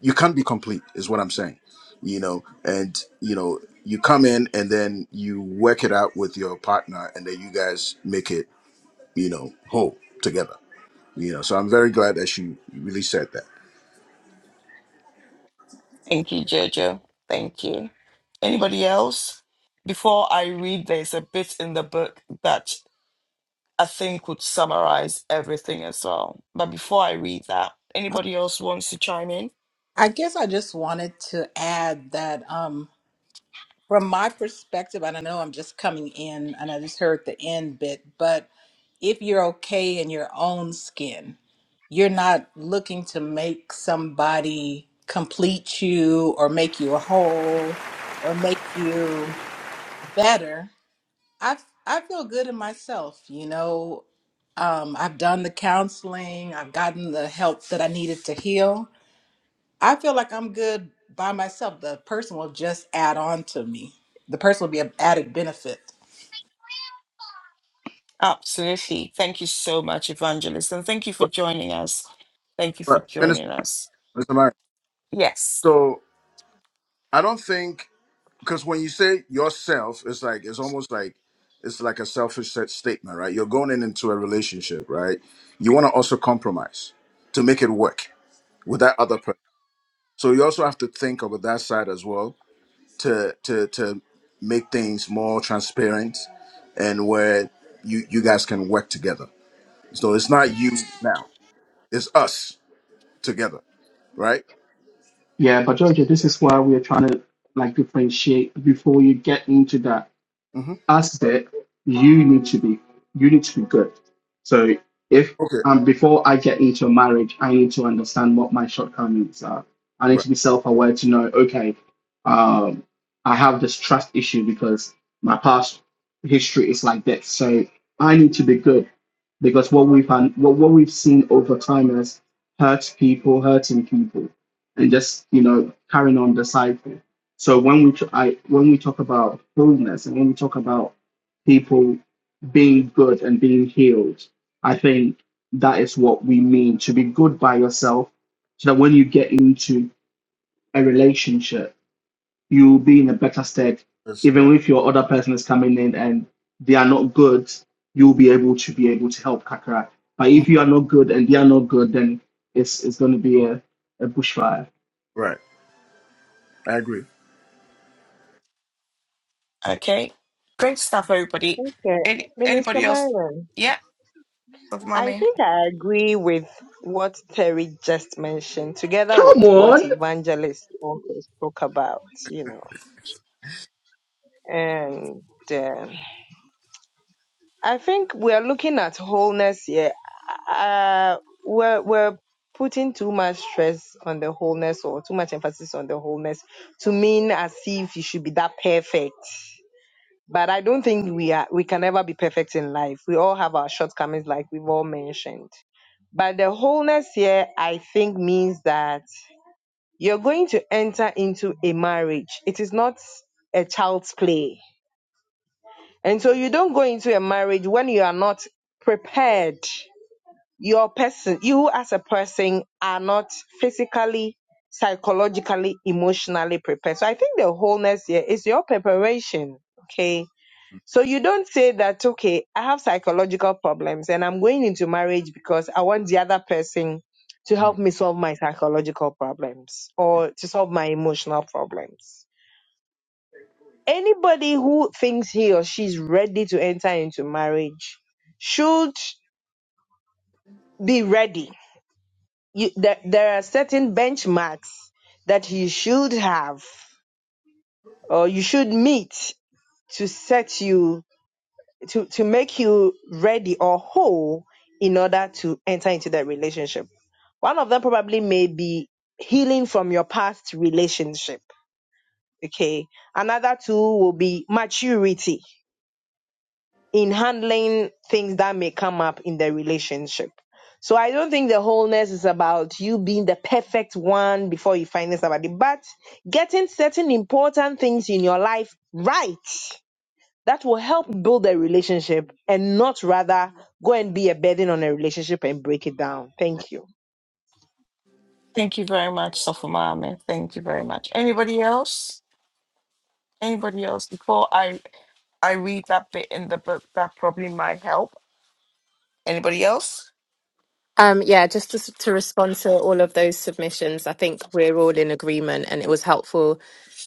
[SPEAKER 3] you can't be complete is what i'm saying you know and you know you come in and then you work it out with your partner and then you guys make it you know whole together you know so i'm very glad that she really said that
[SPEAKER 1] Thank you, Jojo. Thank you. Anybody else? Before I read, there's a bit in the book that I think would summarize everything as well. But before I read that,
[SPEAKER 7] Uh,
[SPEAKER 1] anybody else wants to chime in?
[SPEAKER 7] I guess I just wanted to add that um, from my perspective, and I know I'm just coming in and I just heard the end bit, but if you're okay in your own skin, you're not looking to make somebody complete you or make you whole or make you better. I I feel good in myself, you know. Um, I've done the counseling, I've gotten the help that I needed to heal I feel like I'm good by myself. The person will just add on to me. The person will be an added benefit.
[SPEAKER 1] Absolutely. Thank you so much, Evangelist. And thank you for
[SPEAKER 3] but,
[SPEAKER 1] joining us. Thank you for
[SPEAKER 3] but
[SPEAKER 7] You're
[SPEAKER 3] minister,
[SPEAKER 1] joining
[SPEAKER 7] welcome.
[SPEAKER 1] us.
[SPEAKER 3] minister Marion,
[SPEAKER 1] Yes.
[SPEAKER 3] so i don't think because when you say yourself, it's like it's almost like it's like a selfish set statement, right? You're going in into a relationship, right? You want to also compromise to make it work with that other person. So you also have to think about that side as well to to to make things more transparent and where you you guys can work together. So it's not you now; it's us together, right?
[SPEAKER 2] Yeah, but Georgia, this is why we are trying to like differentiate before you get into that
[SPEAKER 3] hmm
[SPEAKER 2] as that you need to be you need to be good so if
[SPEAKER 3] Okay,
[SPEAKER 2] um before i get into a marriage i need to understand what my shortcomings are i need
[SPEAKER 3] right.
[SPEAKER 2] to be self-aware to know okay um i have this trust issue because my past history is like this so i need to be good because what we've un- what, what we've seen over time is hurt people hurting people and
[SPEAKER 3] Mm-hmm.
[SPEAKER 2] just you know carrying on the cycle so when we tr- I, when we talk about wholeness and when we talk about people being good and being healed, I think that is what we mean to be good by yourself, so that when you get into a relationship, you'll be in a better state.
[SPEAKER 3] That's, yeah,
[SPEAKER 2] Even if your other person is coming in and they are not good, you'll be able to be able to help Kakara. But
[SPEAKER 3] Mhm.
[SPEAKER 2] if you are not good and they are not good, then it's it's going to be a, a bushfire.
[SPEAKER 3] right. I agree.
[SPEAKER 5] okay
[SPEAKER 1] Any,
[SPEAKER 5] minister
[SPEAKER 1] anybody else?
[SPEAKER 5] Marion.
[SPEAKER 1] Yeah.
[SPEAKER 5] I think I agree with what Terry just mentioned, together with
[SPEAKER 2] Come
[SPEAKER 5] what
[SPEAKER 2] on.
[SPEAKER 5] Evangelist also spoke about, you know. And um I think we're looking at wholeness here. Uh, we're, we're putting too much stress on the wholeness or too much emphasis on the wholeness to mean as if you should be that perfect. But I don't think we are, we can never be perfect in life. We all have our shortcomings, like we've all mentioned. But the wholeness here, I think, means that you're going to enter into a marriage. It is not a child's play. And so you don't go into a marriage when you are not prepared. Your person, you as a person are not physically, psychologically, emotionally prepared. So I think the wholeness here is your preparation. Okay so you don't say that, okay, I have psychological problems and I'm going into marriage because I want the other person to
[SPEAKER 3] Mhm.
[SPEAKER 5] help me solve my psychological problems or to solve my emotional problems. Anybody who thinks he or she's ready to enter into marriage should be ready. You, there, there are certain benchmarks that you should have or you should meet to set you to to make you ready or whole in order to enter into that relationship. One of them probably may be healing from your past relationship. Okay. Another two will be maturity in handling things that may come up in the relationship. So I don't think the wholeness is about you being the perfect one before you find somebody, but getting certain important things in your life right that will help build a relationship and not rather go and be a burden on a relationship and break it down. Thank you.
[SPEAKER 1] Thank you very much, Sofa Mom, and thank you very much. Anybody else? Anybody else? Before I I read that bit in the book, that probably might help. Anybody else?
[SPEAKER 6] Um, yeah, just to, s- to respond to all of those submissions, I think we're all in agreement, and it was helpful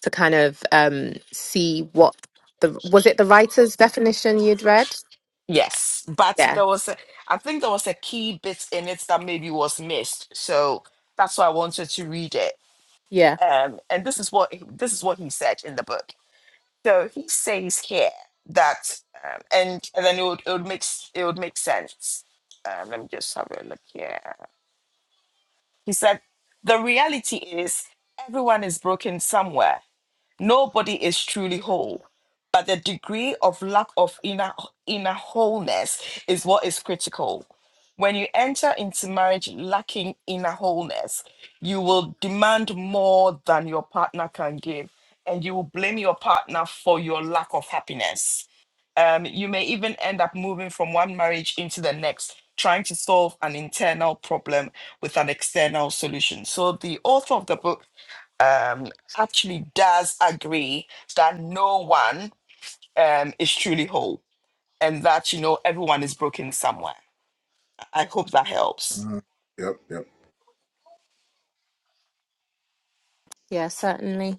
[SPEAKER 6] to kind of um, see what the was it the writer's definition you'd read?
[SPEAKER 1] Yes, but there was a, I think there was a key bit in it that maybe was missed, so that's why I wanted to read it.
[SPEAKER 6] Yeah.
[SPEAKER 1] Um, and this is what this is what he said in the book. So he says here that, um, and and then it would it would make s- it would make sense. Um, let me just have a look here. He said, The reality is, everyone is broken somewhere. Nobody is truly whole. But the degree of lack of inner, inner wholeness is what is critical. When you enter into marriage lacking inner wholeness, you will demand more than your partner can give, and you will blame your partner for your lack of happiness um, you may even end up moving from one marriage into the next, trying to solve an internal problem with an external solution. So the author of the book um, actually does agree that no one um, is truly whole and that, you know, everyone is broken somewhere. I hope that helps.
[SPEAKER 3] Mhm. Yep, yep.
[SPEAKER 6] Yeah, certainly.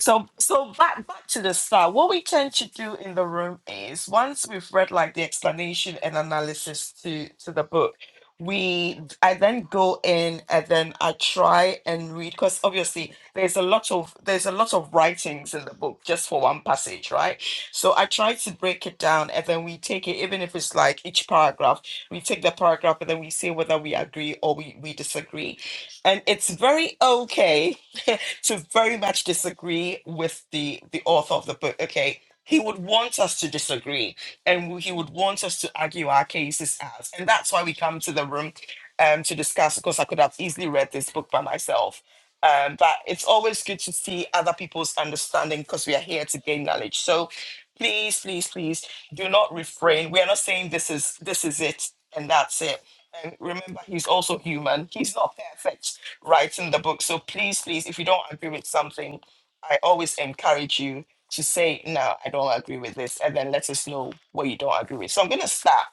[SPEAKER 1] So so back back to the start. What we tend to do in the room is once we've read like the explanation and analysis to to the book, we I then go in and then I try and read because obviously there's a lot of there's a lot of writings in the book just for one passage, right? So I try to break it down and then we take it even if it's like each paragraph, we take the paragraph and then we say whether we agree or we, we disagree. And it's very okay to very much disagree with the the author of the book okay he would want us to disagree and he would want us to argue our cases out and that's why we come to the room um to discuss Of course, i could have easily read this book by myself um but it's always good to see other people's understanding because we are here to gain knowledge so please please please do not refrain we are not saying this is this is it and that's it and remember he's also human he's not perfect writes in the book. So please, please, if you don't agree with something, I always encourage you to say, no, I don't agree with this, and then let us know what you don't agree with. So I'm gonna start.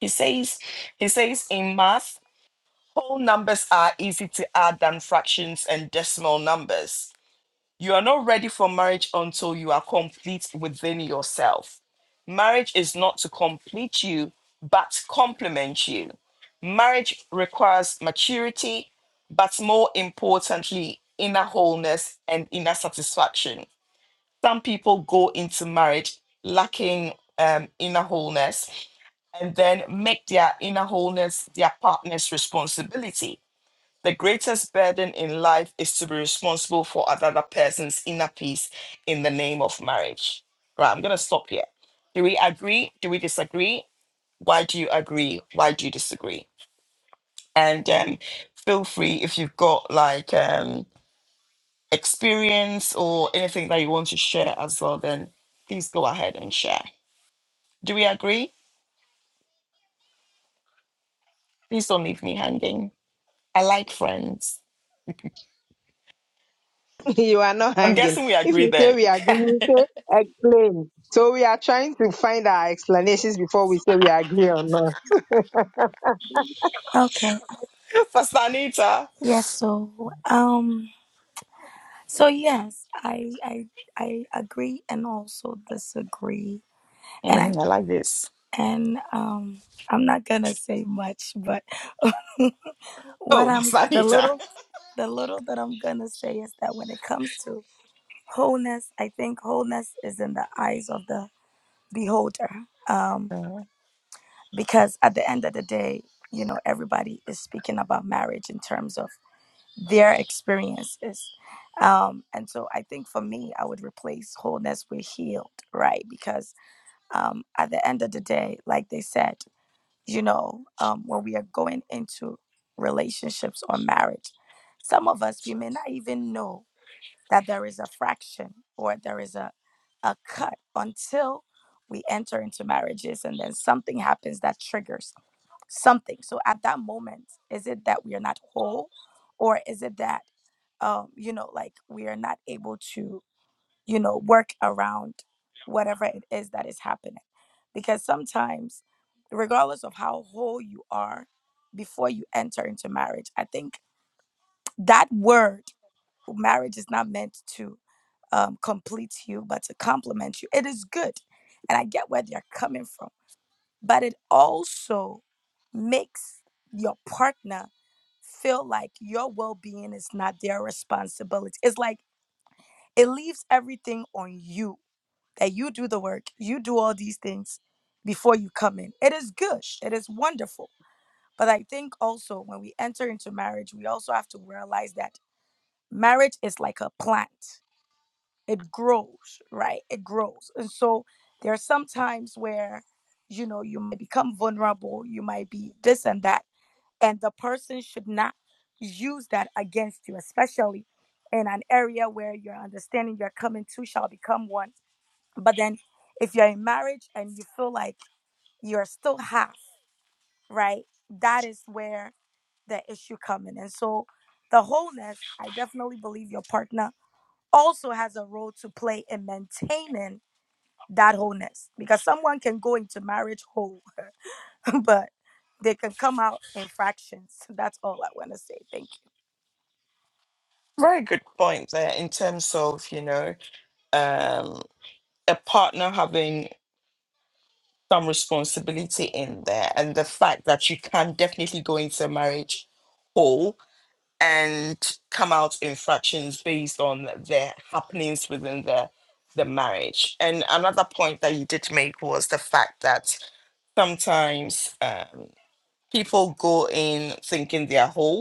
[SPEAKER 1] He says, he says in math, whole numbers are easy to add than fractions and decimal numbers. You are not ready for marriage until you are complete within yourself. Marriage is not to complete you, but to complement you. Marriage requires maturity, but more importantly, inner wholeness and inner satisfaction. Some people go into marriage lacking um, inner wholeness and then make their inner wholeness their partner's responsibility the greatest burden in life is to be responsible for another person's inner peace in the name of marriage. Right, I'm going to stop here. Do we agree? Do we disagree? Why do you agree? Why do you disagree? And um, feel free if you've got like um, experience or anything that you want to share as well, then please go ahead and share. Do we agree? Please don't leave me hanging. I like friends.
[SPEAKER 5] you are not
[SPEAKER 1] I'm
[SPEAKER 5] hanging.
[SPEAKER 1] guessing we
[SPEAKER 5] If
[SPEAKER 1] agree
[SPEAKER 5] you say
[SPEAKER 1] then.
[SPEAKER 5] we are agreeing, you say explain. So we are trying to find our explanations before we say we agree or not.
[SPEAKER 4] Okay.
[SPEAKER 1] Pastor Anita.
[SPEAKER 4] Yes, so um so yes, I I I agree and also disagree. And I
[SPEAKER 1] Mhm, I like this.
[SPEAKER 4] and um I'm not gonna say much, but what
[SPEAKER 1] Oh,
[SPEAKER 4] I'm the
[SPEAKER 1] Sanita,
[SPEAKER 4] little the little that I'm gonna say is that when it comes to wholeness, I think wholeness is in the eyes of the beholder. Um, because at the end of the day, you know, everybody is speaking about marriage in terms of their experiences. Um, and so I think for me, I would replace wholeness with healed, right? Because um, at the end of the day, like they said, you know, um, when we are going into relationships or marriage, some of us, we may not even know that there is a fraction or there is a, a cut until we enter into marriages and then something happens that triggers something. So at that moment, is it that we are not whole, or is it that, um, you know, like we are not able to, you know, work around whatever it is that is happening? Because sometimes, regardless of how whole you are before you enter into marriage, I think that word marriage is not meant to um, complete you, but to complement you. It is good. And I get where they're coming from but it also makes your partner feel like your well-being is not their responsibility. It's like it leaves everything on you that you do the work, you do all these things before you come in. It is good. It is wonderful. But I think also when we enter into marriage, we also have to realize that marriage is like a plant it grows, right? It grows. And so there are some times where, you know, you might become vulnerable, you might be this and that, and the person should not use that against you, especially in an area where your understanding you're coming to shall become one. But then if you're in marriage and you feel like you're still half, right? That is where the issue come in. And so the wholeness, I definitely believe your partner also has a role to play in maintaining that wholeness because someone can go into marriage whole but they can come out in fractions that's all i want to say Thank
[SPEAKER 1] very good point there in terms of, you know, um, a partner having some responsibility in there and the fact that you can definitely go into a marriage whole and come out in fractions based on the happenings within the the marriage. And another point that you did make was the fact that sometimes um, people go in thinking they're whole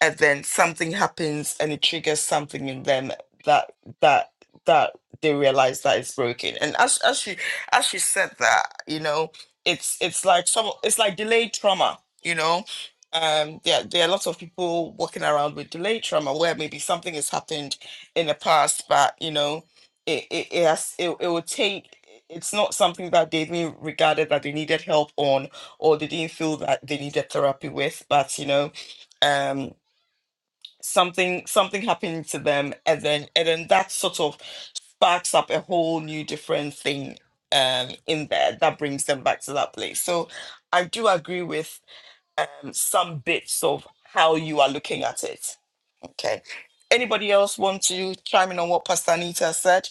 [SPEAKER 1] and then something happens and it triggers something in them that that that they realize that it's broken and as as she as she said that you know it's it's like some it's like delayed trauma you know um yeah there are lots of people walking around with delayed trauma where maybe something has happened in the past but you know it it, it has it, it will take it's not something that they even regarded that they needed help on or they didn't feel that they needed therapy with but you know um something something happening to them and then and then that sort of sparks up a whole new different thing um in there that brings them back to that place so i do agree with um some bits of how you are looking at it okay anybody else want to chime in on what pastor anita said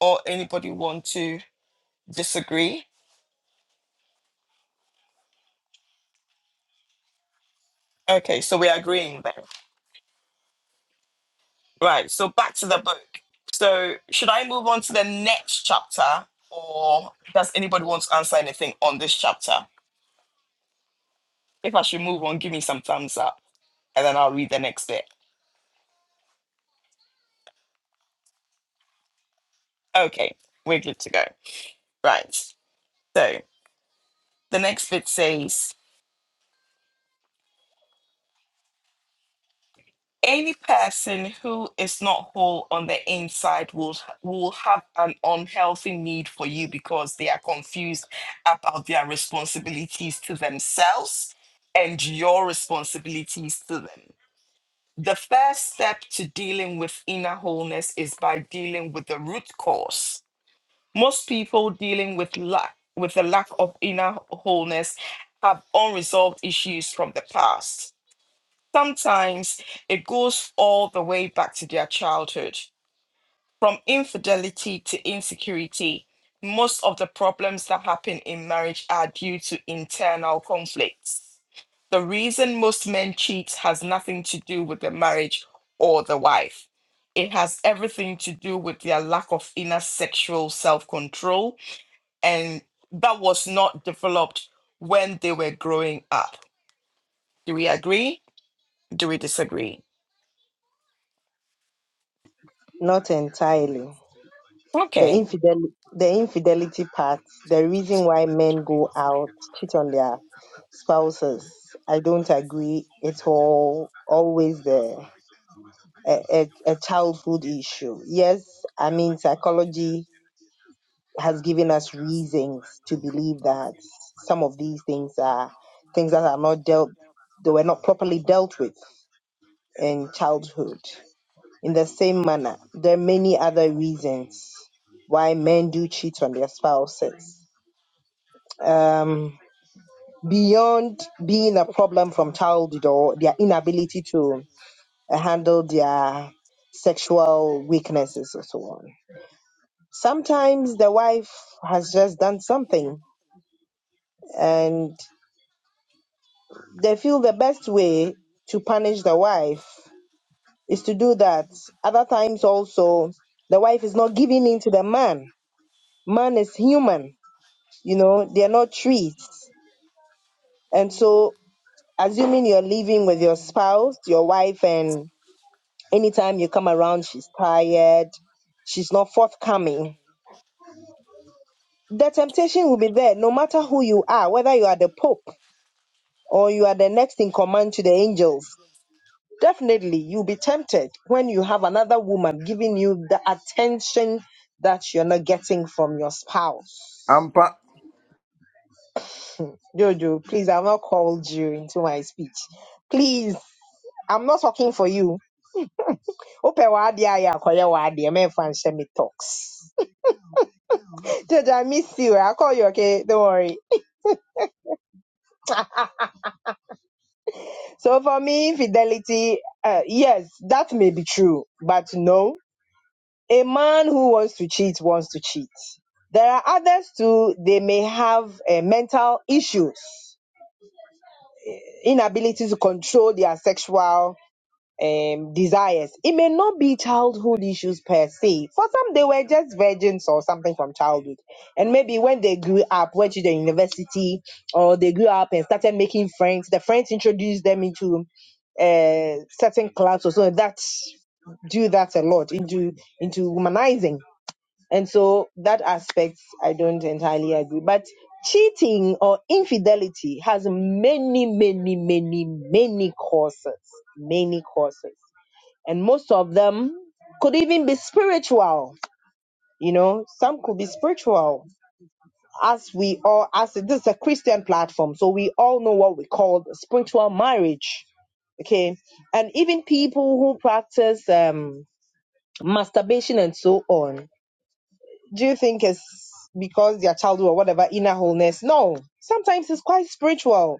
[SPEAKER 1] or anybody want to disagree okay so we're agreeing there Right. So back to the book. So should I move on to the next chapter, or does anybody want to answer anything on this chapter? If I should move on, give me some thumbs up, and then I'll read the next bit. Okay, we're good to go. Right. So the next bit says. Any person who is not whole on the inside will will have an unhealthy need for you because they are confused about their responsibilities to themselves and your responsibilities to them. The first step to dealing with inner wholeness is by dealing with the root cause. Most people dealing with lack with the lack of inner wholeness have unresolved issues from the past sometimes it goes all the way back to their childhood from infidelity to insecurity most of the problems that happen in marriage are due to internal conflicts the reason most men cheat has nothing to do with the marriage or the wife it has everything to do with their lack of inner sexual self-control and that was not developed when they were growing up do we agree do we disagree
[SPEAKER 5] Not entirely. The
[SPEAKER 1] okay
[SPEAKER 5] infidelity, the infidelity part, the reason why men go out, cheat on their spouses. I don't agree. It's all always there. a, a, a childhood issue. Yes, I mean, psychology has given us reasons to believe that some of these things are things that are not dealt, they were not properly dealt with in childhood. In the same manner, there are many other reasons why men do cheat on their spouses. Um, beyond being a problem from childhood or their inability to uh, handle their sexual weaknesses or so on Sometimes the wife has just done something and they feel the best way to punish the wife is to do that. Other times also the wife is not giving in to the man. Man is human, you know, they're not trees. And so assuming you're living with your spouse, your wife and anytime you come around she's tired, she's not forthcoming. The temptation will be there no matter who you are, whether you are the pope or you are the next in command to the angels, definitely you'll be tempted when you have another woman giving you the attention that you're not getting from your spouse.
[SPEAKER 3] Ampa
[SPEAKER 5] Jojo, please, I've not called you into my speech. Please, I'm not talking for you. Ope wadi aya akoye wadi eme fanse me talks. Jojo, I miss you. I'll call you, okay? Don't worry. So for me, infidelity, uh, yes, that may be true, but no A man who wants to cheat wants to cheat. There are others too, they may have uh, mental issues, inability to control their sexual um, desires. It may not be childhood issues per se. For some, they were just virgins or something from childhood. And maybe when they grew up, went to the university, or they grew up and started making friends, the friends introduced them into uh, certain clubs or so that do that a lot into into womanizing and so that aspect, I don't entirely agree. But cheating or infidelity has many, many, many, many causes, many causes. And most of them could even be spiritual. You know, some could be spiritual. As we all, as this is a Christian platform, so we all know what we call spiritual marriage. Okay. And even people who practice um, masturbation and so on Do you think it's because their childhood or whatever inner wholeness? No. Sometimes it's quite spiritual.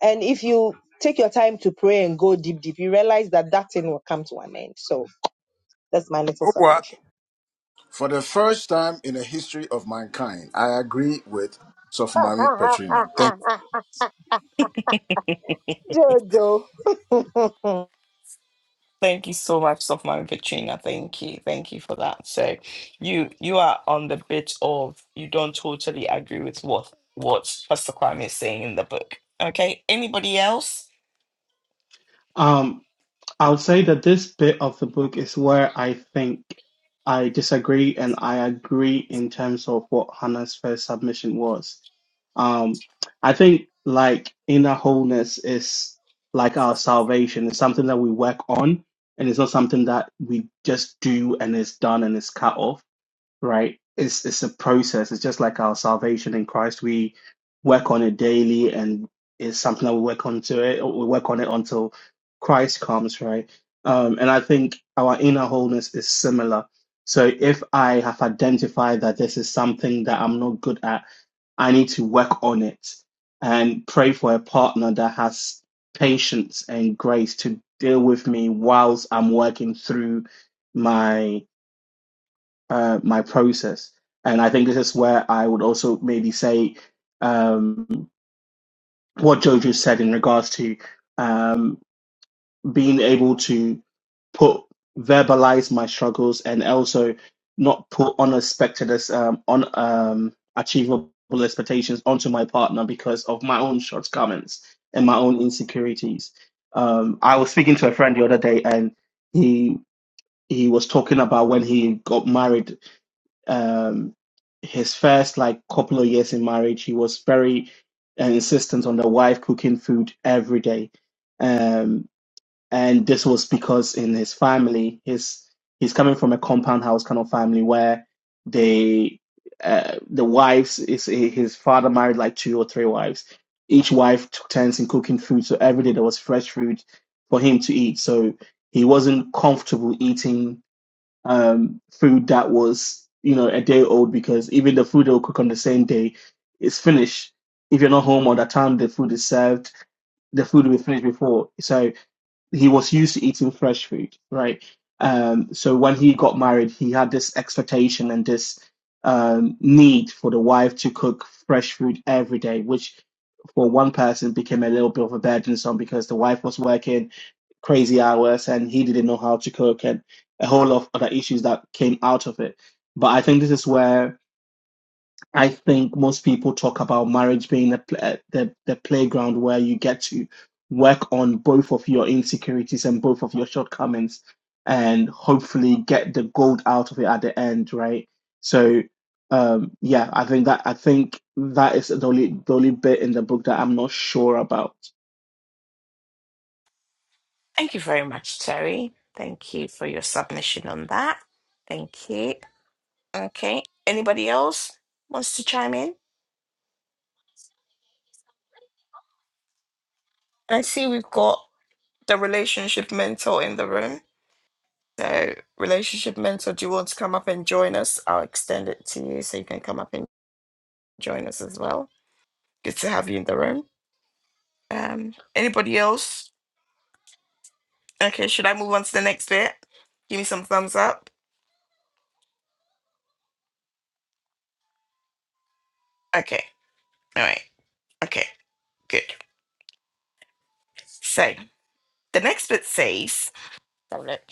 [SPEAKER 5] And if you take your time to pray and go deep, deep, you realize that that thing will come to an end. So that's my little
[SPEAKER 3] Owa,
[SPEAKER 5] submission.
[SPEAKER 3] for the first time in the history of mankind, I agree with Sofumami Petrina. Thank
[SPEAKER 5] Jojo.
[SPEAKER 1] Thank you so much, Sofman Petrina. Thank you. Thank you for that. So you you are on the bit of you don't totally agree with what what Pastor Kwame is saying in the book. Okay. Anybody else?
[SPEAKER 2] Um, think I and I agree in terms of what Hannah's first submission was. Um, I think like inner wholeness is like our salvation. It's something that we work on, and it's not something that we just do and it's done and it's cut off right? It's it's a process. It's just like our salvation in Christ. We work on it daily, and it's something that we work on to it. We work on it until Christ comes, right? Um, and I think our inner wholeness is similar. So if I have identified that this is something that I'm not good at, I need to work on it and pray for a partner that has patience and grace to deal with me whilst I'm working through uh, my process. And I think this is where I would also maybe say um, what Jojo said in regards to um, being able to put verbalize my struggles and also not put unexpected as um, on um, achievable expectations onto my partner because of my own shortcomings and my own insecurities. Um, I was speaking to a friend the other day, and he he was talking about when he got married um, his first like couple of years in marriage, he was very uh, insistent on the wife cooking food every day, um, and this was because in his family, his he's coming from a compound house kind of family where they uh, the wives is his father married like two or three wives. Each wife took turns in cooking food, so every day there was fresh food for him to eat. So he wasn't comfortable eating um, food that was, you know, a day old because even the food they'll cook on the same day is finished. If you're not home or the time the food is served, the food will be finished before. So he was used to eating fresh food, right? Um, so when he got married, he had this expectation and this um, need for the wife to cook fresh food every day, which for one person became a little bit of a burdensome because the wife was working crazy hours and he didn't know how to cook and a whole lot of other issues that came out of it. But I think this is where I think most people talk about marriage being the pl- the, the playground where you get to work on both of your insecurities and both of your shortcomings and hopefully get the gold out of it at the end, right? So um yeah, I think that I think that is the only the only bit in the book that I'm not sure about.
[SPEAKER 1] Thank you very much, Terry. Thank you for your submission on that. Thank you. Okay. Anybody else wants to chime in? I see we've got the relationship mentor in the room. So relationship mentor, do you want to come up and join us? I'll extend it to you so you can come up and join us as well. Good to have you in the room. Um, anybody else? Okay, should I move on to the next bit? Give me some thumbs up. Okay, all right. Okay, good. So the next bit says, have a look.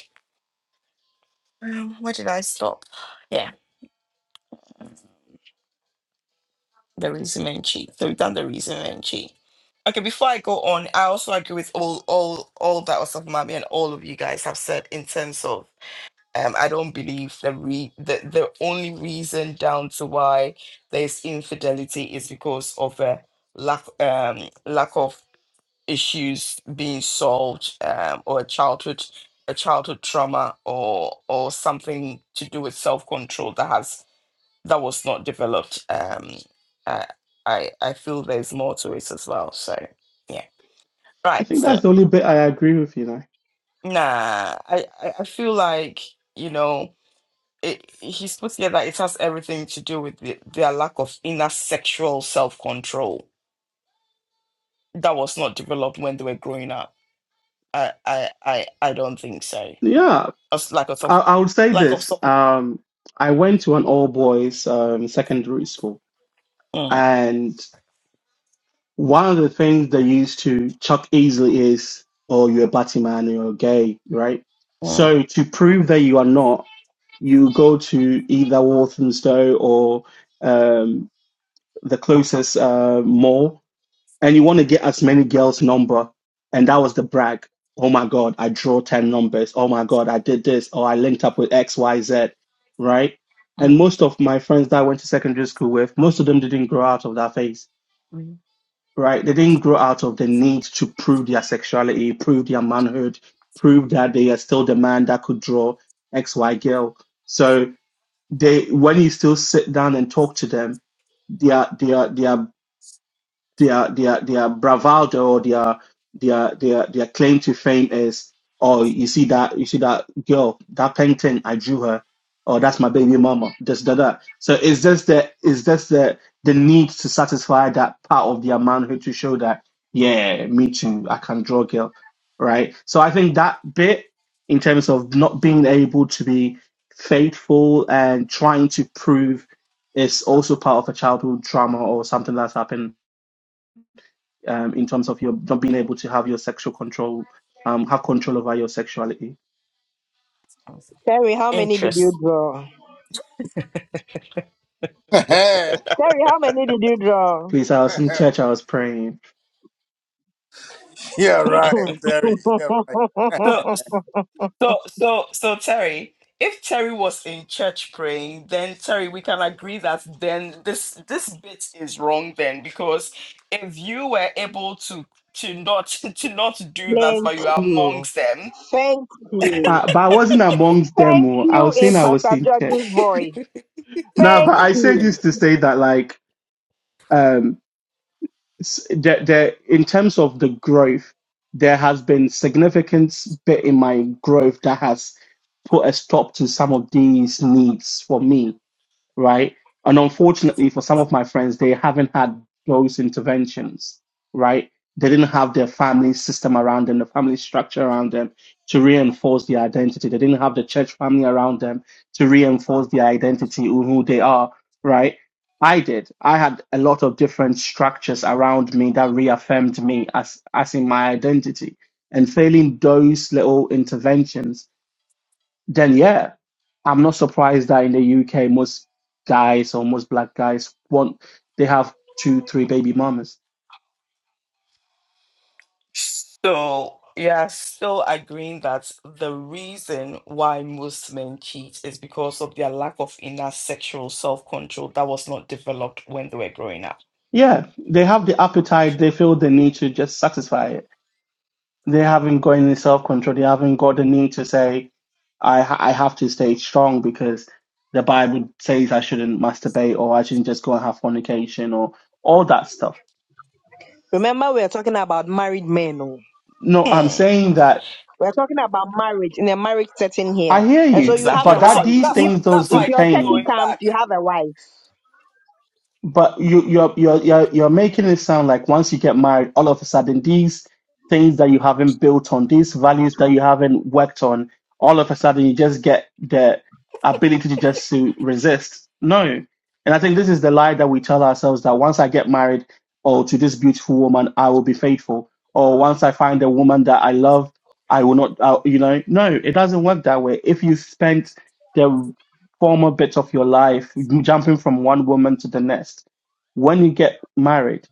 [SPEAKER 1] Um, where did I stop? Yeah, the resume and cheat. So we've done the resume and cheat. Okay, before I go on, I also agree with all all all that was of Mami and all of you guys have said in terms of Um, I don't believe the, re- the the only reason down to why there's infidelity is because of a lack um, lack of issues being solved um, or a childhood a childhood trauma or or something to do with self control that has that was not developed. Um, I, I I feel there's more to it as well. So yeah,
[SPEAKER 2] I
[SPEAKER 1] right.
[SPEAKER 2] think
[SPEAKER 1] So
[SPEAKER 2] that's the only bit I agree with you now.
[SPEAKER 1] nah, I I I feel like you know it, he's put here that it has everything to do with the, their lack of inner sexual self control that was not developed when they were growing up. I I I, I don't think so.
[SPEAKER 2] Yeah,
[SPEAKER 1] Us lack of
[SPEAKER 2] I,
[SPEAKER 1] self,
[SPEAKER 2] I would say
[SPEAKER 1] lack of
[SPEAKER 2] this.
[SPEAKER 1] self.
[SPEAKER 2] Um, I went to an all boys um, secondary school,
[SPEAKER 1] Mm,
[SPEAKER 2] and one of the things they used to chuck easily is, "Oh, you're a batty man, you're gay," right?
[SPEAKER 1] mm.
[SPEAKER 2] So to prove that you are not, you go to either Walthamstow or um, the closest uh, mall and you want to get as many girls number and that was the brag oh my god i drew 10 numbers oh my god i did this Oh, i linked up with xyz right and most of my friends that i went to secondary school with most of them didn't grow out of that phase right they didn't grow out of the need to prove their sexuality prove their manhood prove that they are still the man that could draw xy girl so they when you still sit down and talk to them their their their their their their bravado or their their their their claim to fame is oh you see that you see that girl that painting I drew her oh that's my baby mama this that that so it's just the it's just the the need to satisfy that part of their manhood to show that yeah me too I can draw girl right so I think that bit in terms of not being able to be faithful and trying to prove is also part of a childhood trauma or something that's happened um, in terms of your not being able to have your sexual control, um, have control over your sexuality.
[SPEAKER 5] Terry, how many did you draw?
[SPEAKER 3] you.
[SPEAKER 5] Terry, how many did you draw?
[SPEAKER 2] Please, I was in church, I was praying,
[SPEAKER 3] yeah, right, Terry. Yeah, right.
[SPEAKER 1] So so so so Terry, if Terry was in church praying, then Terry, we can agree that then this this bit is wrong then because if you were able to to not to not do that,
[SPEAKER 5] Thank
[SPEAKER 1] but you are
[SPEAKER 5] you.
[SPEAKER 1] amongst them.
[SPEAKER 5] Thank you.
[SPEAKER 2] uh, but I wasn't amongst them.
[SPEAKER 5] Thank
[SPEAKER 2] oh. I
[SPEAKER 5] you
[SPEAKER 2] was saying
[SPEAKER 5] in
[SPEAKER 2] I was
[SPEAKER 5] Pastor
[SPEAKER 2] in church.
[SPEAKER 5] George's voice.
[SPEAKER 2] No,
[SPEAKER 5] Thank
[SPEAKER 2] but I say
[SPEAKER 5] you.
[SPEAKER 2] this to say that, like, um, s- there, there, in terms of the growth, there has been significant bit in my growth that has put a stop to some of these needs for me right? And unfortunately, for some of my friends, they haven't had those interventions, right? They didn't have their family system around them, the family structure around them to reinforce their identity. They didn't have the church family around them to reinforce their identity, who who they are, right? I did. I had a lot of different structures around me that reaffirmed me as, as in my identity. And failing those little interventions then yeah, I'm not surprised that in the UK, most guys or most black guys want they have two, three baby mamas.
[SPEAKER 1] So, yeah, still agreeing that the reason why most men cheat is because of their lack of inner sexual self control that was not developed when they were growing up.
[SPEAKER 2] Yeah, they have the appetite. They feel the need to just satisfy it. They haven't got any self control. They haven't got the need to say, "I ha- I have to stay strong because the Bible says I shouldn't masturbate or I shouldn't just go and have fornication or all that stuff."
[SPEAKER 5] Remember, we are talking about married men. oh.
[SPEAKER 2] No, I'm
[SPEAKER 1] Hmm,
[SPEAKER 2] saying that
[SPEAKER 5] We're talking about marriage in a marriage setting here.
[SPEAKER 2] I hear
[SPEAKER 5] And so
[SPEAKER 2] you,
[SPEAKER 5] you have
[SPEAKER 1] exactly.
[SPEAKER 2] but
[SPEAKER 5] a
[SPEAKER 1] That's
[SPEAKER 2] that
[SPEAKER 5] wife.
[SPEAKER 1] what.
[SPEAKER 2] these
[SPEAKER 1] That's
[SPEAKER 5] If
[SPEAKER 2] things
[SPEAKER 1] what. That's
[SPEAKER 5] if
[SPEAKER 1] why
[SPEAKER 2] doesn't
[SPEAKER 1] I
[SPEAKER 5] your
[SPEAKER 1] keep
[SPEAKER 5] turkey
[SPEAKER 2] change
[SPEAKER 1] going
[SPEAKER 5] comes,
[SPEAKER 1] back.
[SPEAKER 5] you have a wife.
[SPEAKER 2] But you you're you're you're you're making it sound like once you get married, all of a sudden these things that you haven't built on, these values that you haven't worked on, all of a sudden you just get the ability to just to resist. No. And I think this is the lie that we tell ourselves that once I get married, oh, to this beautiful woman, I will be faithful. Or once I find a woman that I love, I will not, I, you know, no, it doesn't work that way. If you spent the former bits of your life, jumping from one woman to the next. When you get married,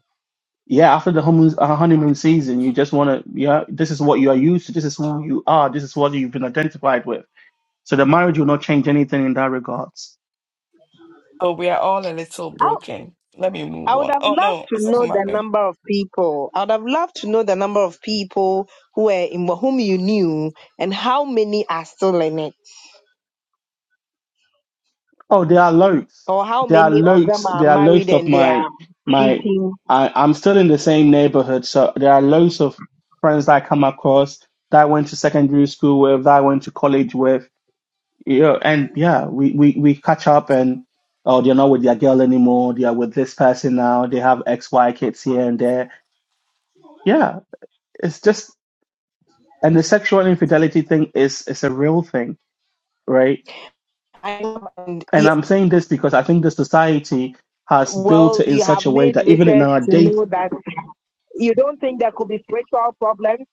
[SPEAKER 2] yeah, after the honeymoon uh, honeymoon season, you just want to, yeah, this is what you are used to, this is who you are, this is what you've been identified with. So the marriage will not change anything in that regards.
[SPEAKER 1] So we are all a little
[SPEAKER 5] I,
[SPEAKER 1] broken. Let me move
[SPEAKER 5] I would
[SPEAKER 1] on.
[SPEAKER 5] have
[SPEAKER 1] Oh
[SPEAKER 5] loved
[SPEAKER 1] no,
[SPEAKER 5] to
[SPEAKER 1] Asafu
[SPEAKER 5] know the
[SPEAKER 1] Mami.
[SPEAKER 5] number of people. I would have loved to know the number of people who were in whom you knew and how many are still in it.
[SPEAKER 2] Oh, there are loads,
[SPEAKER 5] Or how
[SPEAKER 2] there are
[SPEAKER 5] many of
[SPEAKER 2] loads,
[SPEAKER 5] them are
[SPEAKER 2] there are
[SPEAKER 5] married
[SPEAKER 2] loads of
[SPEAKER 5] and they
[SPEAKER 2] my
[SPEAKER 5] are
[SPEAKER 2] my.
[SPEAKER 5] cheating.
[SPEAKER 2] I, I'm still in the same neighborhood, so there are loads of friends that I come across that I went to secondary school with, that I went to college with yeah, and yeah, we, we, we catch up and oh, they're not with their girl anymore. They are with this person now. They have X, Y kids here and there. Yeah, it's just and the sexual infidelity thing is is a real thing, right?
[SPEAKER 5] And and
[SPEAKER 2] And
[SPEAKER 5] you,
[SPEAKER 2] I'm saying this because I think the society has built
[SPEAKER 5] well,
[SPEAKER 2] it in
[SPEAKER 5] you
[SPEAKER 2] such
[SPEAKER 5] have
[SPEAKER 2] a way
[SPEAKER 5] made
[SPEAKER 2] that even in
[SPEAKER 5] research
[SPEAKER 2] our
[SPEAKER 5] to know that you don't think there could be spiritual problems.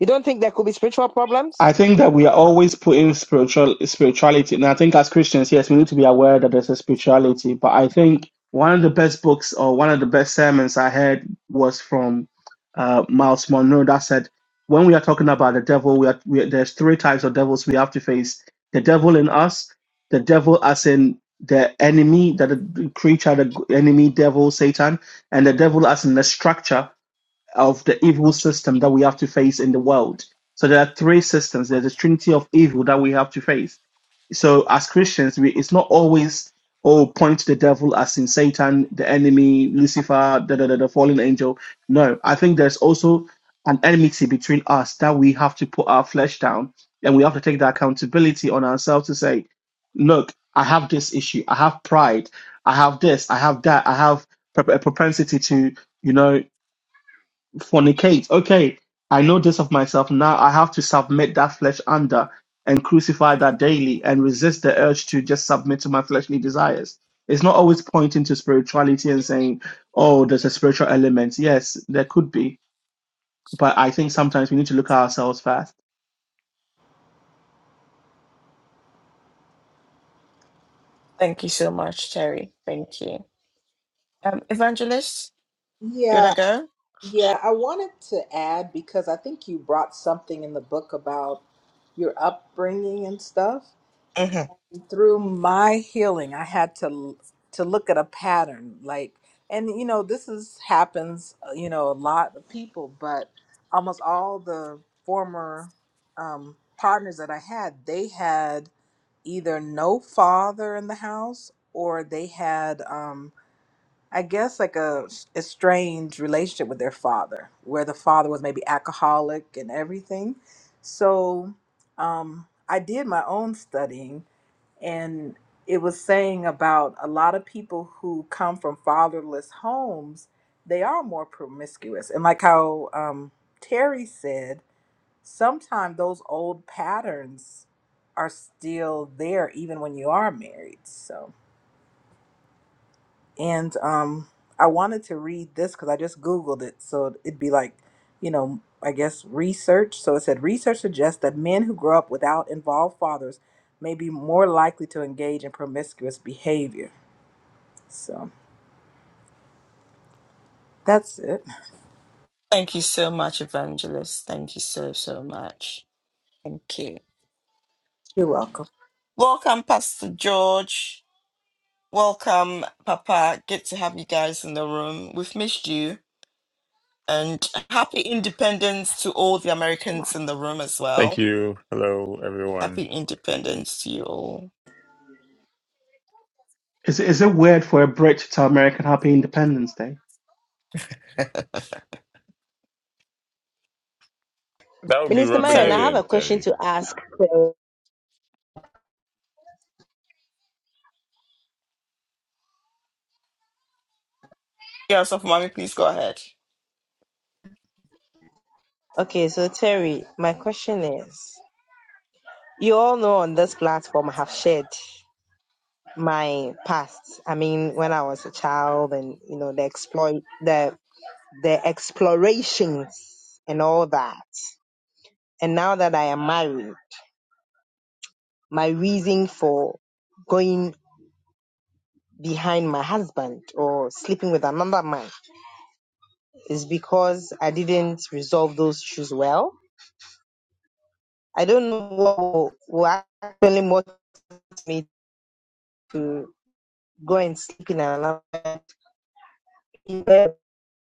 [SPEAKER 5] You don't think there could be spiritual problems?
[SPEAKER 2] I think that we are always putting spiritual spirituality, and I think as Christians, yes, we need to be aware that there's a spirituality. But I think one of the best books or one of the best sermons I heard was from uh, Miles Monroe that said, when we are talking about the devil, we are we, are there's three types of devils we have to face: the devil in us, the devil as in the enemy, that the creature, the enemy, devil, Satan, and the devil as in the structure of the evil system that we have to face in the world. So there are three systems. There's a trinity of evil that we have to face. So as Christians, we, it's not always oh point to the devil as in Satan, the enemy, Lucifer, the, the, the fallen angel. No, I think there's also an enmity between us that we have to put our flesh down and we have to take the accountability on ourselves to say, look, I have this issue. I have pride. I have this. I have that. I have a propensity to, you know fornicate. Okay, I know this of myself. Now I have to submit that flesh under and crucify that daily and resist the urge to just submit to my fleshly desires. It's not always pointing to spirituality and saying, oh, there's a spiritual element. Yes, there could be. But I think sometimes we need to look at ourselves first.
[SPEAKER 1] Thank you so much, Terry. Thank you. Um, Evangelist, you
[SPEAKER 7] Yeah,
[SPEAKER 1] wanna go?
[SPEAKER 7] yeah. I wanted to add because I think you brought something in the book about your upbringing and stuff.
[SPEAKER 1] hmm
[SPEAKER 7] through my healing i had to to look at a pattern like and you know this is happens uh, you know a lot of people but almost all the former um, partners that i had they had either no father in the house or they had um, i guess like a estranged relationship with their father where the father was maybe alcoholic and everything so um, i did my own studying and it was saying about a lot of people who come from fatherless homes they are more promiscuous and like how um, terry said sometimes those old patterns are still there even when you are married So and um i wanted to read this because i just googled it so it'd be like you know i guess research so it said research suggests that men who grow up without involved fathers may be more likely to engage in promiscuous behavior so that's it
[SPEAKER 1] Thank you so much, Evangelist. Thank you so so much. Thank you.
[SPEAKER 7] you're welcome
[SPEAKER 1] Welcome, Pastor George. Welcome, Papa. Good to have you guys in the room. We've missed you. And happy independence to all the Americans in the room as
[SPEAKER 8] Thank
[SPEAKER 1] well.
[SPEAKER 8] you. Hello, everyone.
[SPEAKER 1] Happy independence to you all.
[SPEAKER 2] Is, is it weird for a Brit to tell American Happy Independence Day?
[SPEAKER 8] That would be
[SPEAKER 5] Minister
[SPEAKER 8] rubbing
[SPEAKER 5] Marion, I
[SPEAKER 8] it
[SPEAKER 5] have
[SPEAKER 1] Sorry.
[SPEAKER 8] in,
[SPEAKER 5] a question
[SPEAKER 8] Terry.
[SPEAKER 5] to ask.
[SPEAKER 1] Yeah, Sofu Mommy, please go ahead.
[SPEAKER 5] Okay, so Terry, my question is you all know on this platform I have shared my past. I mean, when I was a child and you know the exploit the the explorations and all that. And now that I am married, my reason for going behind my husband or sleeping with another man is because I didn't resolve those issues well. I don't know what will will actually me to go and sleep in another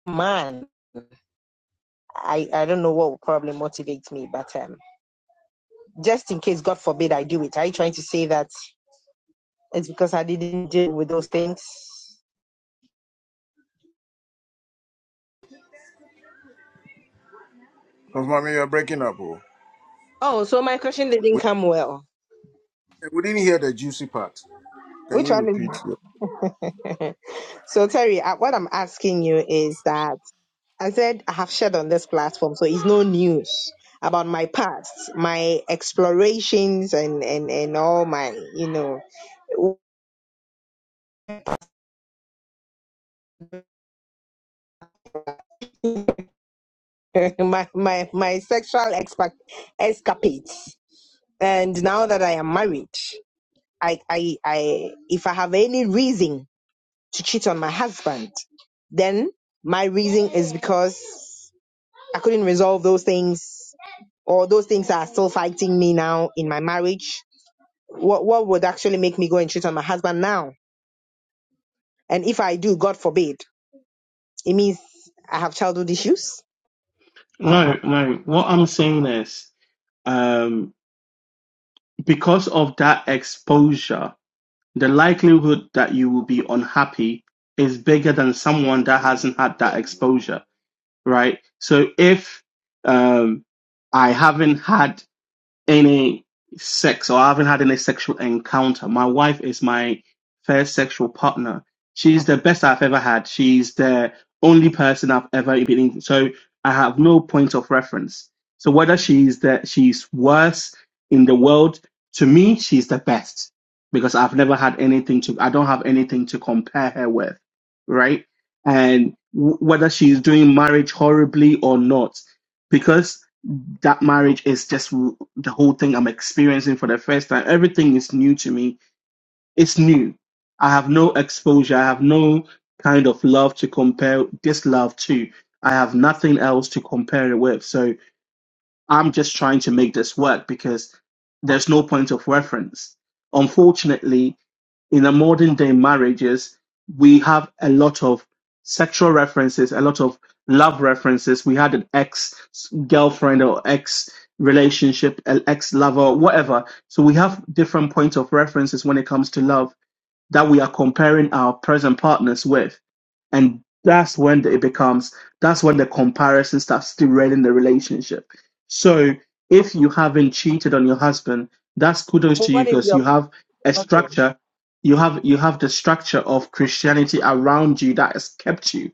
[SPEAKER 5] man. I, I don't know what will probably motivate me, but um, just in case, God forbid, I do it. Are you trying to say that it's because I didn't deal with those things?
[SPEAKER 3] Sofumami, you're breaking up. Oh.
[SPEAKER 5] Oh, so my question didn't
[SPEAKER 3] We,
[SPEAKER 5] come well.
[SPEAKER 3] we didn't hear the juicy part. Can
[SPEAKER 5] Which
[SPEAKER 3] you
[SPEAKER 5] one
[SPEAKER 3] repeat?
[SPEAKER 5] is
[SPEAKER 3] Yeah.
[SPEAKER 5] it? So, Terry, uh, what I'm asking you is that I said I have shared on this platform, so it's no news about my past, my explorations, and, and, and all my, you know. my my my sexual expa- escapades. And now that I am married, I I I if I have any reason to cheat on my husband, then my reason is because I couldn't resolve those things or those things are still fighting me now in my marriage. What what would actually make me go and cheat on my husband now? And if I do, God forbid, it means I have childhood issues.
[SPEAKER 2] No, no. What I'm saying is um, because of that exposure. The likelihood that you will be unhappy is bigger than someone that hasn't had that exposure, right? So if um, I haven't had any sex or I haven't had any sexual encounter. My wife is my first sexual partner. She's the best I've ever had. She's the only person I've ever been in. So I have no point of reference. So whether she's the she's worse in the world, to me, she's the best because I've never had anything to I don't have anything to compare her with. Right. And w- whether she's doing marriage horribly or not, because that marriage is just w- the whole thing I'm experiencing for the first time. Everything is new to me. It's new. I have no exposure. I have no kind of love to compare this love to. I have nothing else to compare it with. So I'm just trying to make this work because there's no point of reference. Unfortunately, in the modern day marriages, we have a lot of sexual references, a lot of love references. We had an ex girlfriend or ex relationship, an ex lover, whatever. So we have different points of references when it comes to love that we are comparing our present partners with. And that's when it becomes, that's when the comparison starts derailing the relationship. So if you haven't cheated on your husband, that's kudos to you
[SPEAKER 5] What if
[SPEAKER 2] because you
[SPEAKER 5] you're
[SPEAKER 2] have a
[SPEAKER 5] okay?
[SPEAKER 2] structure, you have you have the structure of Christianity around you that has kept you.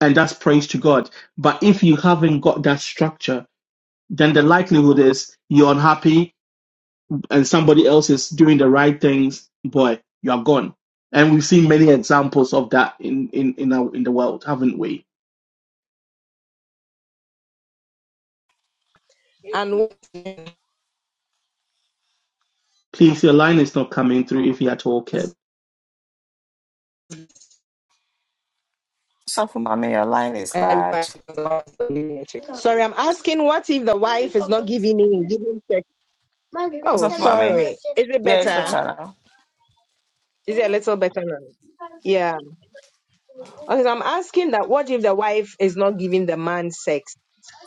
[SPEAKER 2] And that's praise to God. But if you haven't got that structure, then the likelihood is you're unhappy, and somebody else is doing the right things, boy, you are gone. And we've seen many examples of that in in in, our, in the world, haven't we?
[SPEAKER 5] And
[SPEAKER 2] Please, your line is not coming through if you at all care.
[SPEAKER 1] Sofu Mommy, your line is
[SPEAKER 5] and
[SPEAKER 1] bad.
[SPEAKER 5] Sorry, I'm asking what if the wife is not giving in, giving sex? Oh,
[SPEAKER 1] Sofu
[SPEAKER 5] sorry.
[SPEAKER 1] Mommy,
[SPEAKER 5] Is it
[SPEAKER 1] yeah, it's
[SPEAKER 5] better?
[SPEAKER 1] better now.
[SPEAKER 5] Is it a little better now? Yeah. Okay, so I'm asking that what if the wife is not giving the man sex?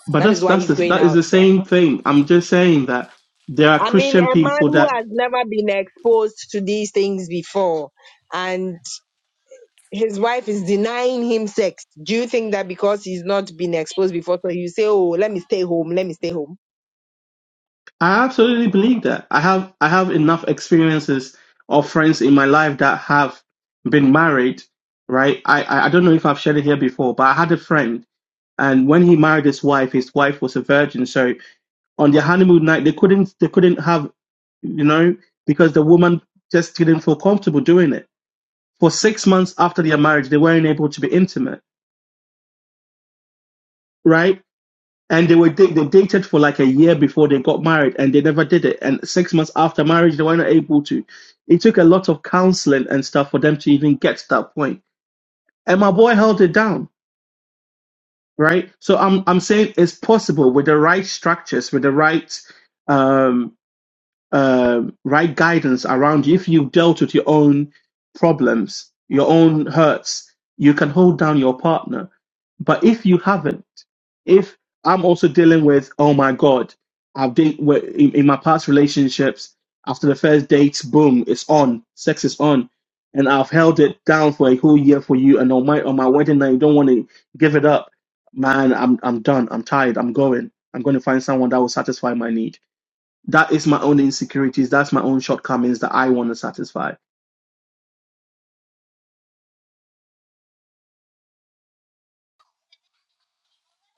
[SPEAKER 2] But
[SPEAKER 5] That
[SPEAKER 2] that's
[SPEAKER 5] is why
[SPEAKER 2] that's
[SPEAKER 5] he's
[SPEAKER 2] the,
[SPEAKER 5] going
[SPEAKER 2] that is
[SPEAKER 5] out
[SPEAKER 2] the
[SPEAKER 5] there.
[SPEAKER 2] same thing. I'm just saying that there are
[SPEAKER 5] I mean,
[SPEAKER 2] Christian
[SPEAKER 5] a man
[SPEAKER 2] people
[SPEAKER 5] who
[SPEAKER 2] that
[SPEAKER 5] has never been exposed to these things before and his wife is denying him sex. Do you think that because he's not been exposed before, so you say, Oh, let me stay home, let me stay home?
[SPEAKER 2] I absolutely believe that. I have I have enough experiences of friends in my life that have been married, right? I I I don't know if I've shared it here before, but I had a friend, and when he married his wife, his wife was a virgin, so on their honeymoon night they couldn't they couldn't have you know because the woman just didn't feel comfortable doing it for six months after their marriage they weren't able to be intimate right and they were da- they dated for like a year before they got married and they never did it and six months after marriage they weren't able to it took a lot of counseling and stuff for them to even get to that point point. and my boy held it down right so i'm i'm saying it's possible with the right structures with the right um uh, right guidance around you, if you've dealt with your own problems, your own hurts, you can hold down your partner. But if you haven't, if I'm also dealing with, oh my God, I've been wi- in, in my past relationships, after the first dates, boom, it's on, sex is on. And I've held it down for a whole year for you, and on my on my wedding night, you don't want to give it up. Man, I'm I'm done. I'm tired. I'm going. I'm going to find someone that will satisfy my need. That is my own insecurities. That's my own shortcomings that I want to satisfy.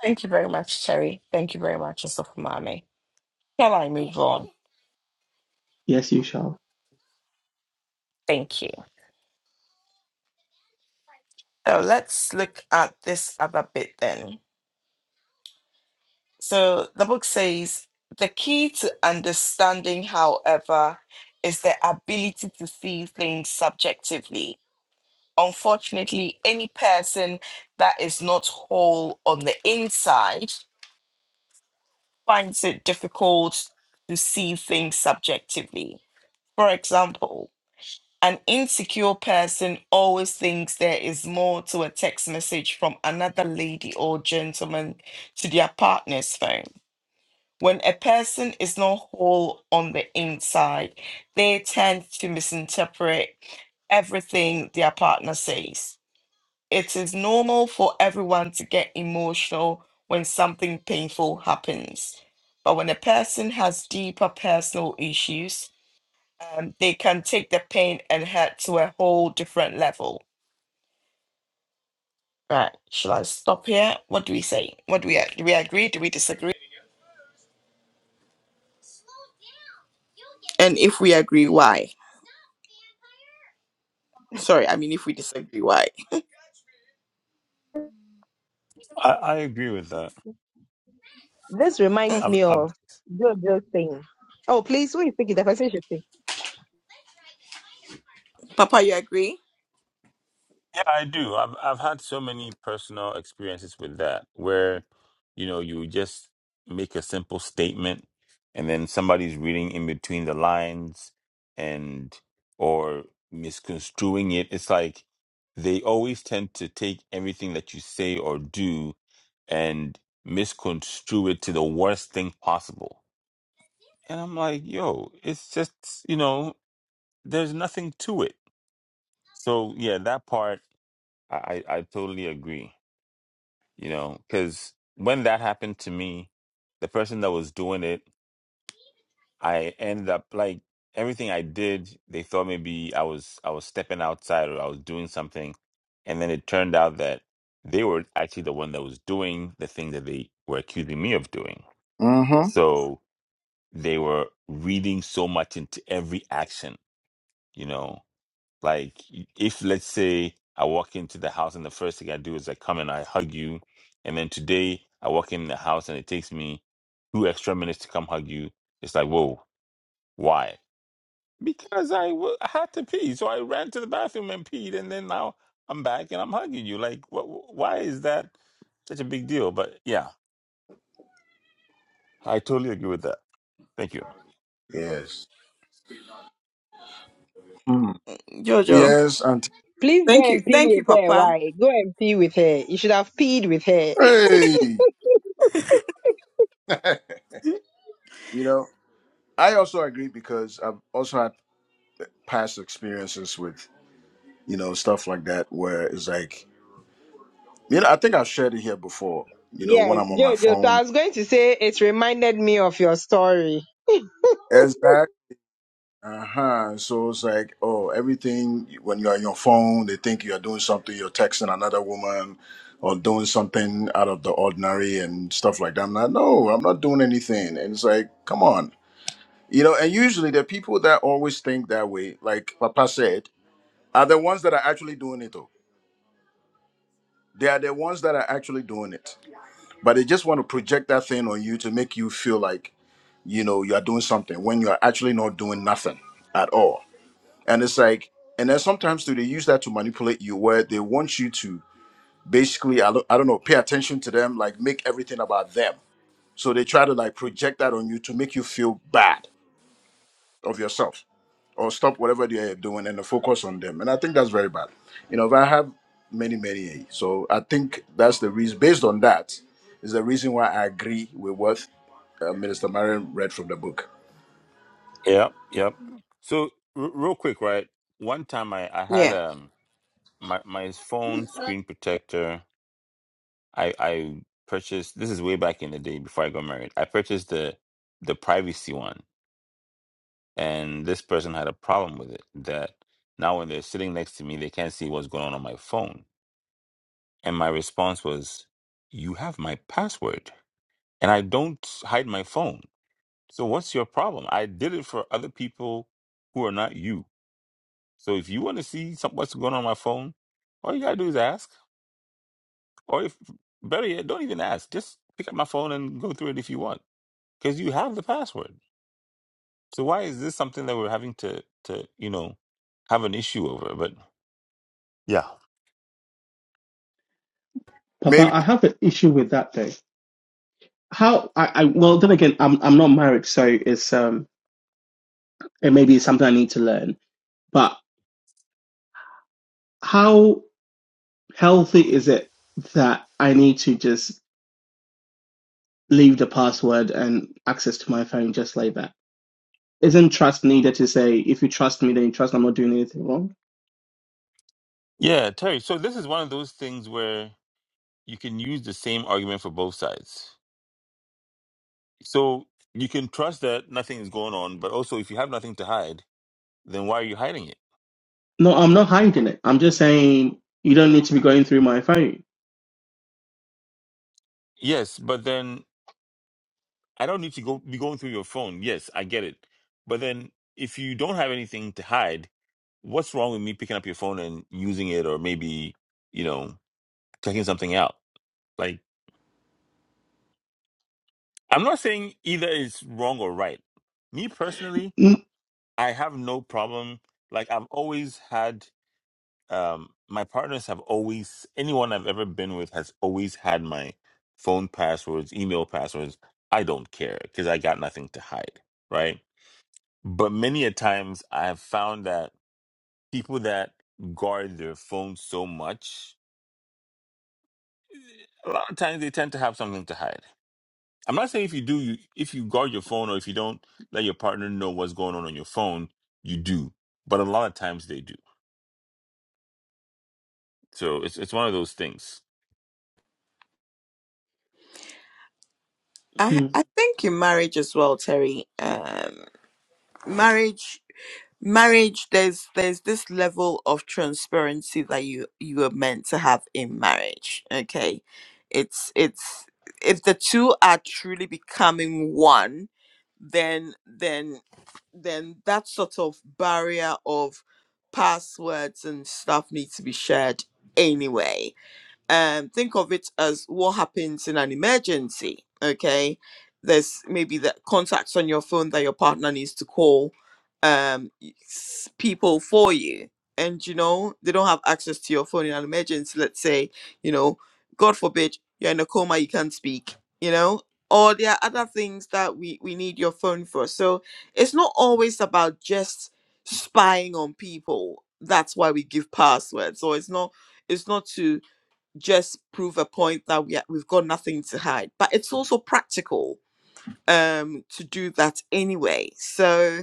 [SPEAKER 1] Thank you very much, Cherry. Thank you very much, Sofu Mommy. Shall I move on?
[SPEAKER 2] Yes, you shall.
[SPEAKER 1] Thank you. So let's look at this other bit then. So the book says the key to understanding, however, is the ability to see things subjectively. Unfortunately, any person that is not whole on the inside finds it difficult to see things subjectively. For example, an insecure person always thinks there is more to a text message from another lady or gentleman to their partner's phone When a person is not whole on the inside, they tend to misinterpret everything their partner says. It is normal for everyone to get emotional when something painful happens. But when a person has deeper personal issues, um, they can take the pain and hurt to a whole different level. Right, shall I stop here? What do we say? What do we do? We agree? Do we disagree? And if we agree, why? Sorry, I mean, if we disagree, why?
[SPEAKER 8] I, I agree with that.
[SPEAKER 5] This reminds
[SPEAKER 8] I've,
[SPEAKER 5] me
[SPEAKER 8] I've,
[SPEAKER 5] of JoJo's thing. Oh, please, who is thinking? The person should think.
[SPEAKER 1] Papa, you agree?
[SPEAKER 8] yeah, I do. I've, I've had so many personal experiences with that where, you know, you just make a simple statement and then somebody's reading in between the lines and, or misconstruing it. It's like they always tend to take everything that you say or do and misconstrue it to the worst thing possible And I'm like, yo, it's just, you know, there's nothing to it. So yeah, that part I, I I totally agree, you know, because when that happened to me, the person that was doing it, I ended up like everything I did, they thought maybe I was I was stepping outside or I was doing something. And then it turned out that they were actually the one that was doing the thing that they were accusing me of doing.
[SPEAKER 3] Mm-hmm.
[SPEAKER 8] So they were reading so much into every action, you know, Like, if let's say I walk into the house and the first thing I do is I come and I hug you, and then today I walk in the house and it takes me two extra minutes to come hug you, it's like, whoa, why? Because I wa- I had to pee, so I ran to the bathroom and peed, and then now I'm back and I'm hugging you. Like, wh- wh- why is that such a big deal? But yeah, I totally agree with that. Thank you.
[SPEAKER 3] Yes. Mm.
[SPEAKER 1] Jojo.
[SPEAKER 3] Yes, Auntie.
[SPEAKER 5] Please
[SPEAKER 1] Thank
[SPEAKER 5] go
[SPEAKER 1] you.
[SPEAKER 5] and pee
[SPEAKER 1] Thank you,
[SPEAKER 5] with her.
[SPEAKER 1] Papa.
[SPEAKER 5] Why? Go and pee with her. You should have peed with her.
[SPEAKER 3] Hey! you know, I also agree because I've also had past experiences with, you know, stuff like that where it's like You know, I think I've shared it here before. You know,
[SPEAKER 5] yes,
[SPEAKER 3] when I'm on my
[SPEAKER 5] Jojo. So
[SPEAKER 3] phone,
[SPEAKER 5] I was going to say it reminded me of your story.
[SPEAKER 3] exact. Uh huh. So it's like, oh, everything when you're on your phone, they think you're doing something. You're texting another woman, or doing something out of the ordinary and stuff like that. I'm like, no, I'm not doing anything. And it's like, come on, you know. And usually the people that always think that way, like Papa said, are the ones that are actually doing it. Though they are the ones that are actually doing it. but they just want to project that thing on you to make you feel like you know you are doing something when you are actually not doing nothing at all and it's like and then sometimes too they use that to manipulate you where they want you to basically i don't, I don't know pay attention to them like make everything about them so they try to like project that on you to make you feel bad of yourself or stop whatever they're doing and focus on them. And I think that's very bad. You know, but I have many, many. So I think that's the reason, based on that, is the reason why I agree with what uh, Minister Marion read from the book.
[SPEAKER 8] Yep, yep. So r- real quick, right? One time I I had
[SPEAKER 1] Yeah.
[SPEAKER 8] um my my phone screen protector I I purchased this is way back in the day before I got married. I purchased the the privacy one, and this person had a problem with it that now when they're sitting next to me, they can't see what's going on on my phone. And my response was, "You have my password, and I don't hide my phone. So what's your problem? I did it for other people who are not you. So if you want to see some, what's going on my phone, all you gotta do is ask, or if better yet, don't even ask. Just pick up my phone and go through it if you want." because you have the password. So why is this something that we're having to to you know have an issue over? But
[SPEAKER 2] Papa,
[SPEAKER 3] Maybe.
[SPEAKER 2] I have an issue with that though. How I, I well then again, I'm I'm not married, so it's um it maybe it's something I need to learn. But how healthy is it that I need to just leave the password and access to my phone just like that? Isn't trust needed to say if you trust me then you trust I'm not doing anything wrong?
[SPEAKER 8] yeah, Terry. So this is one of those things where you can use the same argument for both sides. So you can trust that nothing is going on, but also if you have nothing to hide, then why are you hiding it?
[SPEAKER 2] No, I'm not hiding it. I'm just saying you don't need to be going through my phone.
[SPEAKER 8] Yes, but then I don't need to go be going through your phone. Yes, I get it. But then if you don't have anything to hide, what's wrong with me picking up your phone and using it or maybe, you know, checking something out? Like I'm not saying either is wrong or right. Me personally,
[SPEAKER 2] Mm-hmm.
[SPEAKER 8] I have no problem. Like I've always had um my partners have always anyone I've ever been with has always had my phone passwords, email passwords. I don't care because I got nothing to hide, right? But many a times I have found that people that guard their phone so much, a lot of times they tend to have something to hide I'm not saying if you do, you if you guard your phone or if you don't let your partner know what's going on on your phone, you do. But a lot of times they do. So it's it's one of those things.
[SPEAKER 1] I I think in marriage as well, Terry. Um marriage marriage there's there's this level of transparency that you you are meant to have in marriage. Okay. It's it's if the two are truly becoming one, then then then that sort of barrier of passwords and stuff needs to be shared anyway um, think of it as what happens in an emergency. Okay, there's maybe the contacts on your phone that your partner needs to call um, s- people for you, and you know they don't have access to your phone in an emergency. Let's say you know, God forbid, you're in a coma, you can't speak. You know. Or there are other things that we, we need your phone for. So it's not always about just spying on people. That's why we give passwords. So it's not it's not to just prove a point that we ha- we've got nothing to hide. But it's also practical um to do that anyway. So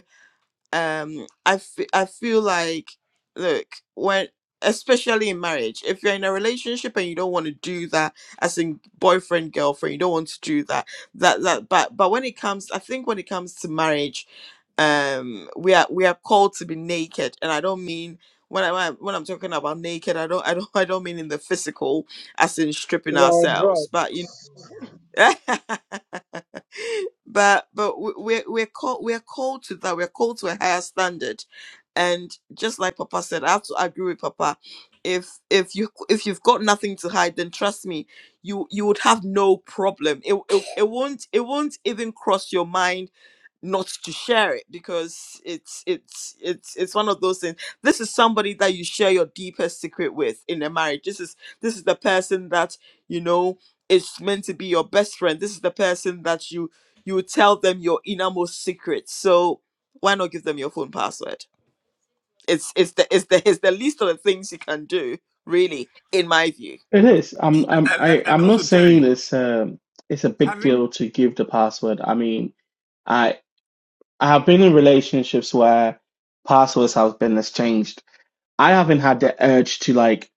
[SPEAKER 1] um I f- I feel like look when especially in marriage if you're in a relationship and you don't want to do that as in boyfriend girlfriend you don't want to do that that that but but when it comes i think when it comes to marriage um we are we are called to be naked and i don't mean when i when I'm talking about naked i don't i don't i don't mean in the physical as in stripping
[SPEAKER 5] Well, bro,
[SPEAKER 1] ourselves but you know but but we- we're we're called we're called to that we're called to a higher standard and just like papa said i have to agree with papa if if you if you've got nothing to hide then trust me you you would have no problem it, it, it won't it won't even cross your mind not to share it because it's it's it's it's one of those things this is somebody that you share your deepest secret with in a marriage this is this is the person that you know is meant to be your best friend this is the person that you you would tell them your innermost secret so why not give them your phone password it's it's the it's the it's the least of the things you can do really in my view
[SPEAKER 2] It is. I'm I'm
[SPEAKER 8] And, and,
[SPEAKER 2] I,
[SPEAKER 8] and
[SPEAKER 2] I'm not
[SPEAKER 8] also,
[SPEAKER 2] saying
[SPEAKER 8] Terry,
[SPEAKER 2] it's um it's a big
[SPEAKER 8] having
[SPEAKER 2] deal to give the password. I mean, I I have been in relationships where passwords have been exchanged. I haven't had the urge to like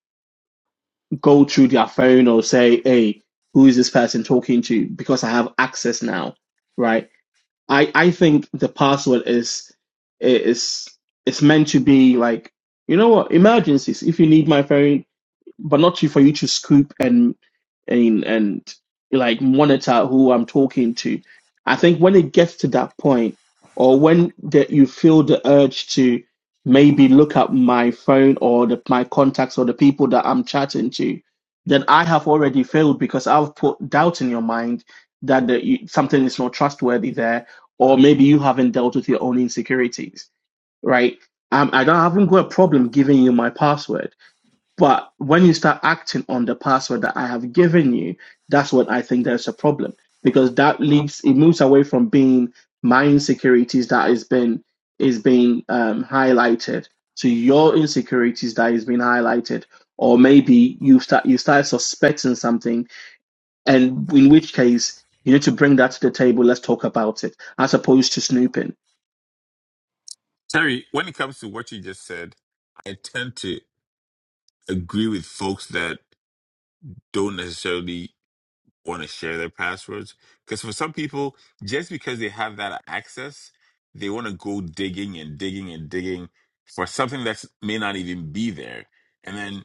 [SPEAKER 2] go through their phone or say, hey, who is this person talking to? Because I have access now, right? I I think the password is is it's meant to be like, you know what, emergencies. If you need my phone, but not to for you to scoop and and and like monitor who I'm talking to. I think when it gets to that point, or when that you feel the urge to maybe look up my phone or the, my contacts or the people that I'm chatting to, then I have already failed because I've put doubt in your mind that the, you, something is not trustworthy there, or maybe you haven't dealt with your own insecurities, right? Um, I don't I haven't got a problem giving you my password but when you start acting on the password that I have given you, that's what I think there's a problem because that leaves it moves away from being my insecurities that is been is being um, highlighted to your insecurities that is being highlighted, or maybe you start you start suspecting something, and in which case you need to bring that to the table. Let's talk about it, as opposed to snooping.
[SPEAKER 8] Terry, when it comes to what you just said, I tend to agree with folks that don't necessarily want to share their passwords. Because for some people, just because they have that access, they want to go digging and digging and digging for something that may not even be there. and then.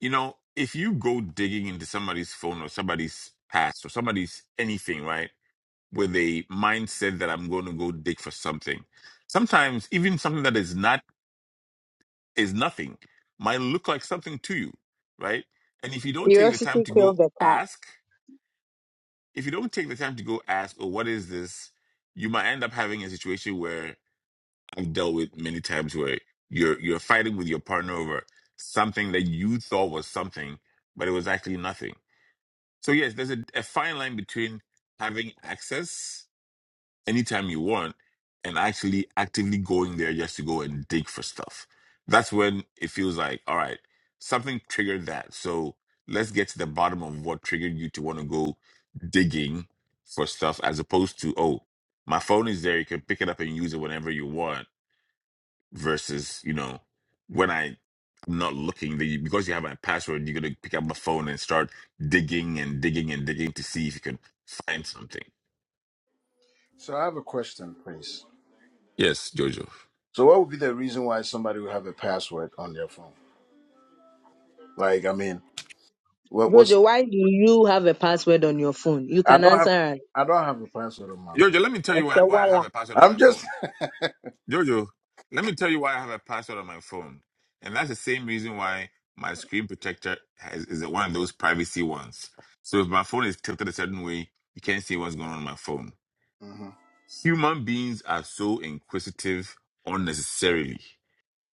[SPEAKER 8] you know, if you go digging into somebody's phone or somebody's past or somebody's anything, right, with a mindset that I'm going to go dig for something, sometimes even something that is not is nothing might look like something to you, right? And if you don't take the time
[SPEAKER 5] curiosity
[SPEAKER 8] to go
[SPEAKER 5] killed the cat.
[SPEAKER 8] ask, if you don't take the time to go ask, oh, what is this? You might end up having a situation where I've dealt with many times where you're you're fighting with your partner over something that you thought was something, but it was actually nothing So yes, there's a, a fine line between having access anytime you want and actually actively going there just to go and dig for stuff. That's when it feels like, all right, something triggered that. So let's get to the bottom of what triggered you to want to go digging for stuff as opposed to, oh, my phone is there, you can pick it up and use it whenever you want versus you know when I I'm not looking the because you have my password you're gonna pick up my phone and start digging and digging and digging to see if you can find something.
[SPEAKER 3] So I have a question, please.
[SPEAKER 8] Yes, Jojo.
[SPEAKER 3] So what would be the reason why somebody would have a password on their phone? Like, I mean, what, what's,
[SPEAKER 5] Jojo, why do you have a password on your phone? You
[SPEAKER 3] I
[SPEAKER 5] can
[SPEAKER 3] don't have,
[SPEAKER 5] answer us.
[SPEAKER 3] I don't have a password on my
[SPEAKER 8] Jojo,
[SPEAKER 3] phone.
[SPEAKER 8] let me tell you
[SPEAKER 5] It's
[SPEAKER 8] why,
[SPEAKER 5] a
[SPEAKER 8] why I have
[SPEAKER 5] walla.
[SPEAKER 8] a password on
[SPEAKER 3] I'm
[SPEAKER 8] my
[SPEAKER 3] just,
[SPEAKER 8] phone. Jojo, let me tell you why I have a password on my phone, and that's the same reason why my screen protector has, is one of those privacy ones. So if my phone is tilted a certain way, you can't see what's going on on my phone.
[SPEAKER 3] hmm
[SPEAKER 8] Human beings are so inquisitive unnecessarily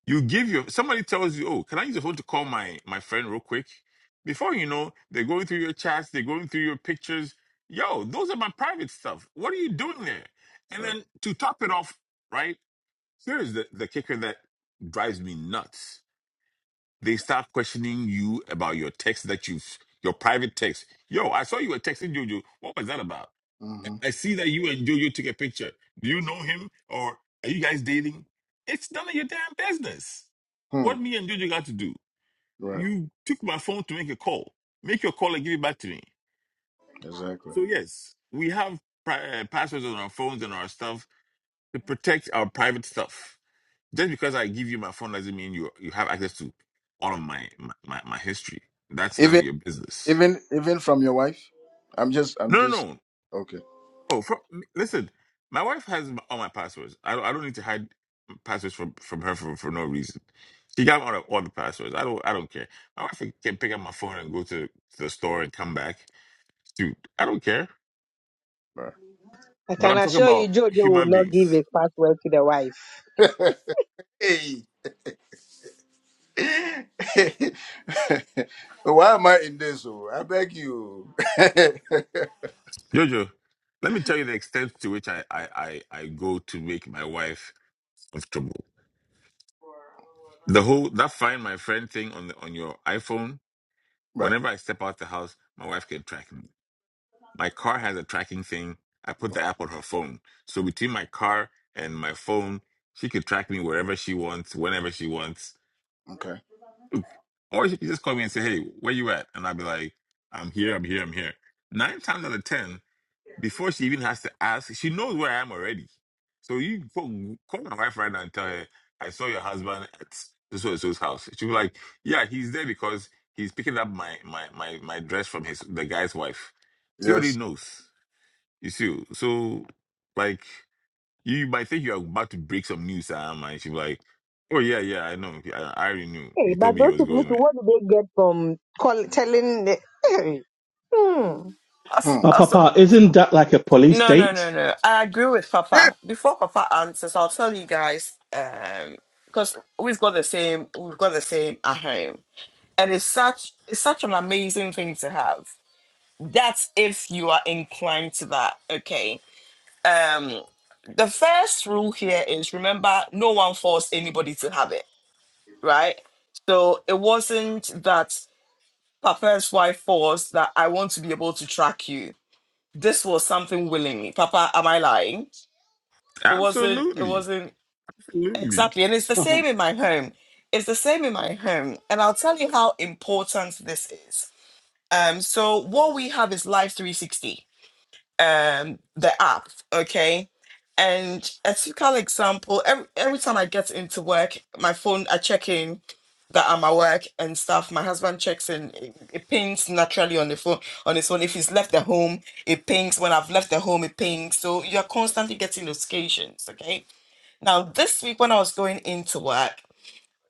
[SPEAKER 8] You give your somebody tells you, "Oh, can I use your phone to call my my friend real quick?" Before you know, they're going through your chats, they're going through your pictures. Yo, those are my private stuff. What are you doing there? And
[SPEAKER 3] right.
[SPEAKER 8] then to top it off, right here is the the kicker that drives me nuts. They start questioning you about your text that you have your private text. Yo, I saw you were texting Juju. What was that about?
[SPEAKER 3] hmm
[SPEAKER 8] I see that you and Jojo took a picture. Do you know him or are you guys dating? It's none of your damn business.
[SPEAKER 3] Hmm.
[SPEAKER 8] What me and Jojo got to do?
[SPEAKER 3] Right.
[SPEAKER 8] You took my phone to make a call. Make your call and give it back to me.
[SPEAKER 3] Exactly.
[SPEAKER 8] So, yes, we have pri- uh, passwords on our phones and our stuff to protect our private stuff. Just because I give you my phone doesn't mean you you have access to all of my, my, my, my history. That's none of
[SPEAKER 3] Even.
[SPEAKER 8] your business.
[SPEAKER 3] Even even from your wife? I'm just I'm
[SPEAKER 8] No, no,
[SPEAKER 3] just
[SPEAKER 8] no.
[SPEAKER 3] okay.
[SPEAKER 8] Oh, from, listen, my wife has m- all my passwords. I, don't- I don't need to hide passwords from, from her for, for no reason. She got all the, all the passwords. I don't I don't care. My wife can pick up my phone and go to, to the store and come back. Dude, I don't care.
[SPEAKER 3] all
[SPEAKER 5] I
[SPEAKER 8] But
[SPEAKER 5] can
[SPEAKER 8] I'm talking
[SPEAKER 5] assure you,
[SPEAKER 8] about
[SPEAKER 5] Jojo will
[SPEAKER 8] human
[SPEAKER 5] not give
[SPEAKER 8] beings.
[SPEAKER 5] his password to the wife.
[SPEAKER 3] right. hey. Why am I in this? Oh, I beg you.
[SPEAKER 8] Jojo, let me tell you the extent to which I, I, I, I go to make my wife comfortable. The whole that find my friend thing on the on your iPhone.
[SPEAKER 3] right.
[SPEAKER 8] Whenever I step out the house, my wife can track me. My car has a tracking thing. I put the app on her phone. So between my car and my phone, she could track me wherever she wants, whenever she wants.
[SPEAKER 3] Okay.
[SPEAKER 8] Or she could just call me and say, hey, where you at? And I'd be like, I'm here, I'm here, I'm here. Nine times out of 10, before she even has to ask, she knows where I am already. So you call, call my wife right now and tell her, I saw your husband at so and so's house. She'll be like, yeah, he's there because he's picking up my, my, my, my dress from his the guy's wife. She already
[SPEAKER 3] Yes.
[SPEAKER 8] knows. You see, oh, so like you might think you're about to break some news, Sam, and she'll be like, "Oh yeah, yeah, I know. I, I already knew.
[SPEAKER 5] Hey,
[SPEAKER 8] He
[SPEAKER 5] but
[SPEAKER 8] told me he
[SPEAKER 5] those
[SPEAKER 8] was
[SPEAKER 5] people,
[SPEAKER 8] going
[SPEAKER 5] too,
[SPEAKER 8] there."
[SPEAKER 5] what do they get from call, telling? The, hey,
[SPEAKER 3] Hmm.
[SPEAKER 2] Oh,
[SPEAKER 1] Also,
[SPEAKER 2] Papa, isn't that like a police
[SPEAKER 1] No, no, no,
[SPEAKER 2] date?
[SPEAKER 1] no. I agree with Papa. Before Papa answers, I'll tell you guys um because we've got the same we've got the same at home. And it's such it's such an amazing thing to have. That's if you are inclined to that. Okay. Um the first rule here is remember no one forced anybody to have it, right? So it wasn't that Papa's wife forced that I want to be able to track you. This was something willingly. Papa, am I lying? It wasn't, it
[SPEAKER 8] Absolutely,
[SPEAKER 1] wasn't
[SPEAKER 8] absolutely.
[SPEAKER 1] exactly. And it's the same in my home. It's the same in my home. And I'll tell you how important this is. Um, so what we have is Life 360, um, the app, okay? And a typical example, every, every time I get into work, my phone, I check in that I'm at work and stuff. My husband checks in, it, it pings naturally on the phone, on his phone. If he's left the home, it pings. When I've left the home, it pings. So you're constantly getting notifications, okay? Now, this week when I was going into work,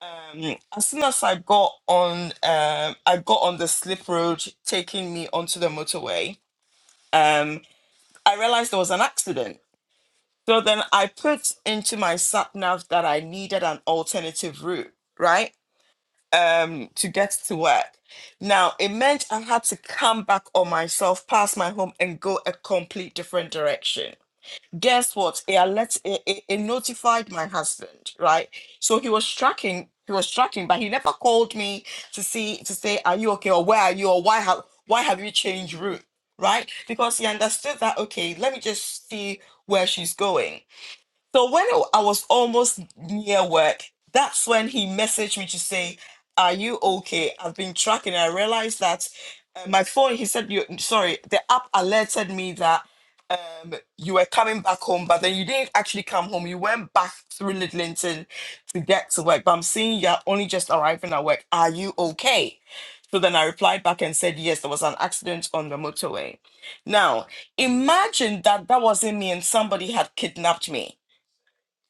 [SPEAKER 1] um, as soon as I got on, um, I got on the slip road taking me onto the motorway. Um, I resident, I put an route right now. Get in right. So he was tracking, he was tracking, but he never. Called me, are you okay? Or where are you? Or why have why have you changed route? Right, because he understood that. Okay, let me just see where she's going. So when it- I was almost near work, that's when he messaged me to say, "Are you okay?" I've been tracking. I realized that uh, my phone. He said, "You sorry." The app alerted me that um, you were coming back home, but then you didn't actually come home. You went back through Lidlington to get to work. But I'm seeing you're only just arriving at work. Are you okay? So then I replied back and said, "Yes, there was an accident on the motorway." Now imagine that that wasn't me and somebody had kidnapped me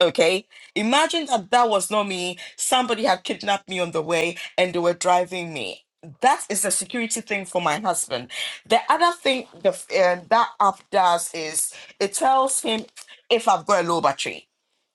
[SPEAKER 1] Okay. Imagine that that was not me. Somebody had kidnapped me on the way and they were driving me. That is the security thing for my husband. The other thing the, f- um, that app does is it tells him if I've got a low battery.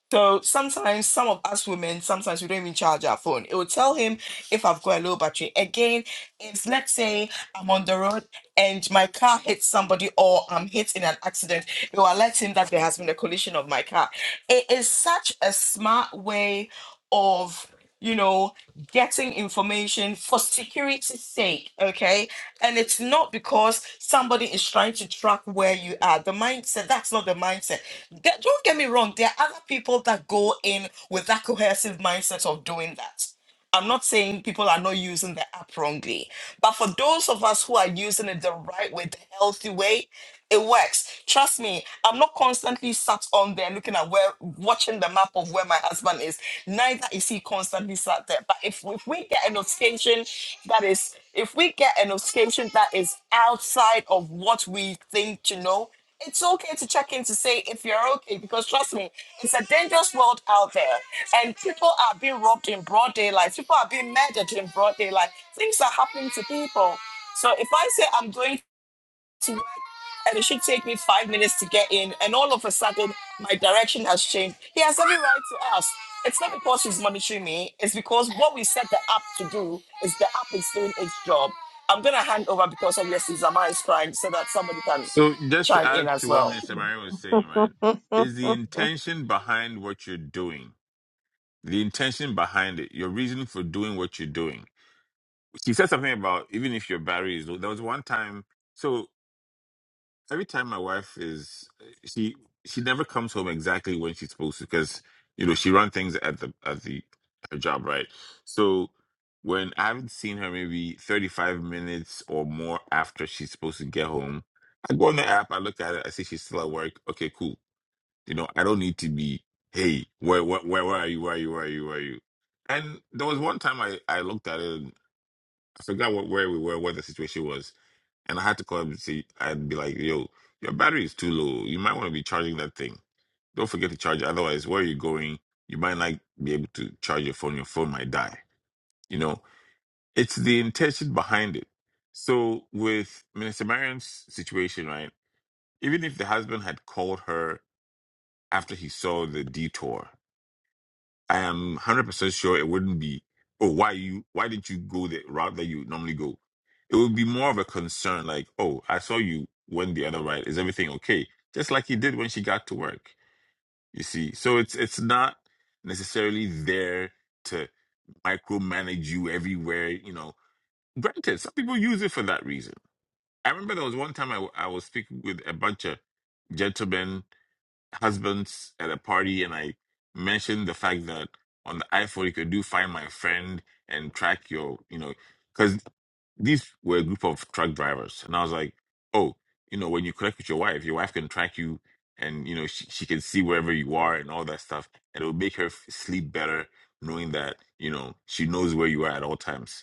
[SPEAKER 1] So sometimes some of us women, sometimes we don't even charge our phone. It will tell him if I've got a low battery. Again, if let's say I'm on the road and my car hits somebody or I'm hit in an accident, it will alert him that there has been a collision of my car. It is such a smart way of you know getting information for security's sake okay and it's not because somebody is trying to track where you are the mindset that's not the mindset Get- don't get me wrong, there are other people that go in with that cohesive mindset of doing that. I'm not saying people are not using the app wrongly, but for those of us who are using it the right way, the healthy way, it works. Trust me, I'm not constantly sat on there looking at where, watching the map of where my husband is. Neither is he constantly sat there. But if, if we get a notification that is, if we get a notification that is outside of what we think to know it's okay to check in to say if you're okay because trust me it's a dangerous world out there and people are being robbed in broad daylight people are being murdered in broad daylight things are happening to people so if i say i'm going to work and it should take me five minutes to get in and all of a sudden my direction has changed he has every right to ask it's not because he's monitoring me it's because what we set the app to do is the app is doing its job i'm going to hand over because obviously zama is crying so that somebody can
[SPEAKER 8] So just to
[SPEAKER 1] chime
[SPEAKER 8] add
[SPEAKER 1] in as
[SPEAKER 8] to what
[SPEAKER 1] well
[SPEAKER 8] Mr. Marion was saying, right? Is the intention behind what you're doing? The intention behind it, your reason for doing what you're doing. She said something about even if your barrier is low. There was one time. So every time my wife is she she never comes home exactly when she's supposed to because you know she runs things at the at the her job right so when i haven't seen her maybe 35 minutes or more after she's supposed to get home i go on the app i look at it i see she's still at work okay cool you know i don't need to be hey where where where, where are you where are you where are you where are you and there was one time i i looked at it and i forgot what where we were what the situation was and I had to call him and say, I'd be like, yo, your battery is too low. You might want to be charging that thing. Don't forget to charge it. Otherwise, where you're going, you might not be able to charge your phone. Your phone might die. You know, it's the intention behind it. So with Minister Marion's situation, right? Even if the husband had called her after he saw the detour, I am one hundred percent sure it wouldn't be. Oh, why you? Why didn't you go the route that you normally go? It would be more of a concern, like, oh, I saw you went the other right. Is everything okay? Just like he did when she got to work. You see, so it's it's not necessarily there to micromanage you everywhere. You know, granted, some people use it for that reason. I remember there was one time I w- I was speaking with a bunch of gentlemen husbands at a party and I mentioned the fact that on the iPhone you could do find my friend and track your, you know, because these were a group of truck drivers. And I was like, oh, you know, when you connect with your wife, your wife can track you and, you know, she, she can see wherever you are and all that stuff. And it will make her f- sleep better knowing that, you know, she knows where you are at all times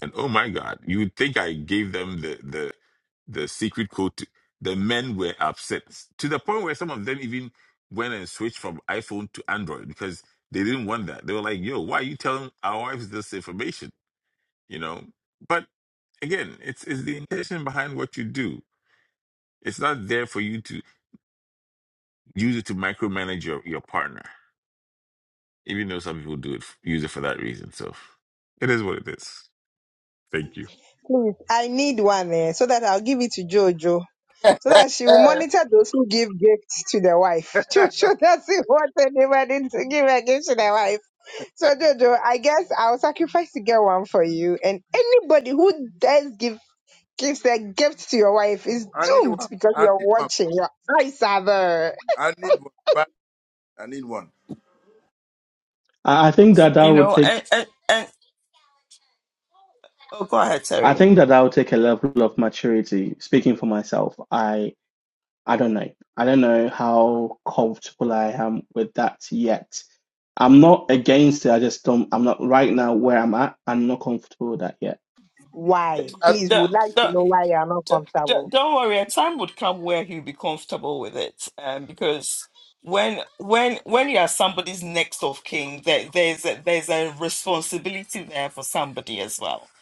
[SPEAKER 8] and oh my God, you would think I gave them the the the secret code. To, the men were upset to the point where some of them even went and switched from iPhone to Android because they didn't want that. They were like, "Yo, why are you telling our wives this information?" You know. But again, it's it's the intention behind what you do. It's not there for you to use it to micromanage your your partner, even though some people do it use it for that reason. So it is what it is. Thank you.
[SPEAKER 5] please, I need one eh, so that I'll give it to Jojo, so that she will monitor those who give gifts to their wife. Jojo doesn't want anybody to give a gift to their wife. So Jojo, I guess I'll sacrifice to get one for you. And anybody who does give gives a gift to your wife is
[SPEAKER 3] I need
[SPEAKER 5] doomed
[SPEAKER 3] one.
[SPEAKER 5] because
[SPEAKER 3] I
[SPEAKER 5] you're
[SPEAKER 3] need one.
[SPEAKER 5] watching. Your eyes are there.
[SPEAKER 3] I need one. But I need one.
[SPEAKER 2] I I think that that
[SPEAKER 1] You
[SPEAKER 2] would
[SPEAKER 1] know,
[SPEAKER 2] take.
[SPEAKER 1] and, uh,
[SPEAKER 2] I
[SPEAKER 1] sorry.
[SPEAKER 2] think that that would take a level of maturity. Speaking for myself, I I don't know. I don't know how comfortable I am with that yet. I'm not against it. I just don't. I'm not right now where I'm at. I'm not comfortable with that yet.
[SPEAKER 1] The,
[SPEAKER 5] Why?
[SPEAKER 3] I,
[SPEAKER 5] Please, we
[SPEAKER 1] the,
[SPEAKER 5] would like to
[SPEAKER 1] the,
[SPEAKER 5] know why you are not
[SPEAKER 1] the, the-
[SPEAKER 5] comfortable.
[SPEAKER 1] don't worry, a time would come where he'll be comfortable with it. Um, because when when when you are somebody's next of kin, there, there's a, there's a responsibility there for somebody as well.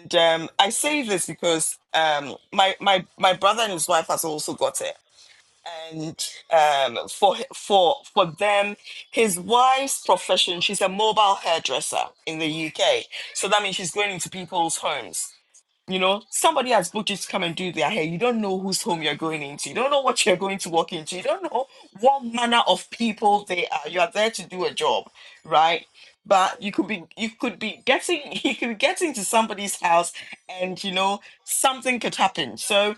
[SPEAKER 1] And um, I say this because um, my my my brother and his wife has also got it. and um, for for for them, his wife's profession, she's a mobile hairdresser in the UK. So that means she's going into people's homes. You know, somebody has booked you to come and do their hair. You don't know whose home you're going into. You don't know what you're going to walk into. You don't know what manner of people they are. You are there to do a job, right? But you could be you could be getting you could be getting to somebody's house and you know something could happen. So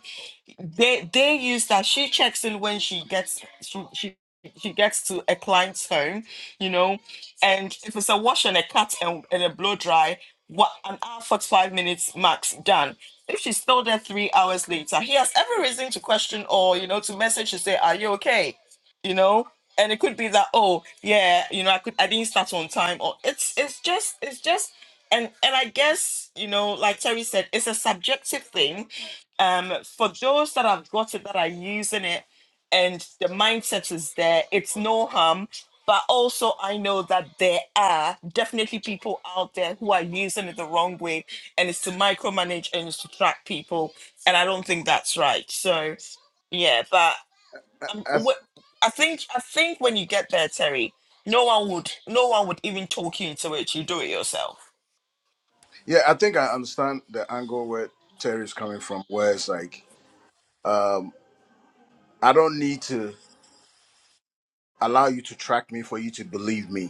[SPEAKER 1] they they use that. She checks in when she gets she she she gets to a client's home, you know, and if it's a wash and a cut and, and a blow dry, what an hour forty five minutes max done. If she's still there three hours later, he has every reason to question or you know to message to say, "Are you okay?" You know, and it could be that oh yeah, you know, I could I didn't start on time or it's it's just it's just and and I guess you know, like Terry said, it's a subjective thing um, for those that have got it, that are using it, and the mindset is there, it's no harm. But also, I know that there are definitely people out there who are using it the wrong way, and it's to micromanage and it's to track people, and I don't think that's right. So yeah, but
[SPEAKER 3] I,
[SPEAKER 1] um,
[SPEAKER 3] I,
[SPEAKER 1] what I think I think when you get there, Terry, no one would no one would even talk you into it. You do it yourself.
[SPEAKER 3] yeah, I think I understand the angle where Terry is coming from. Where it's like, um, I don't need to allow you to track me for you to believe me.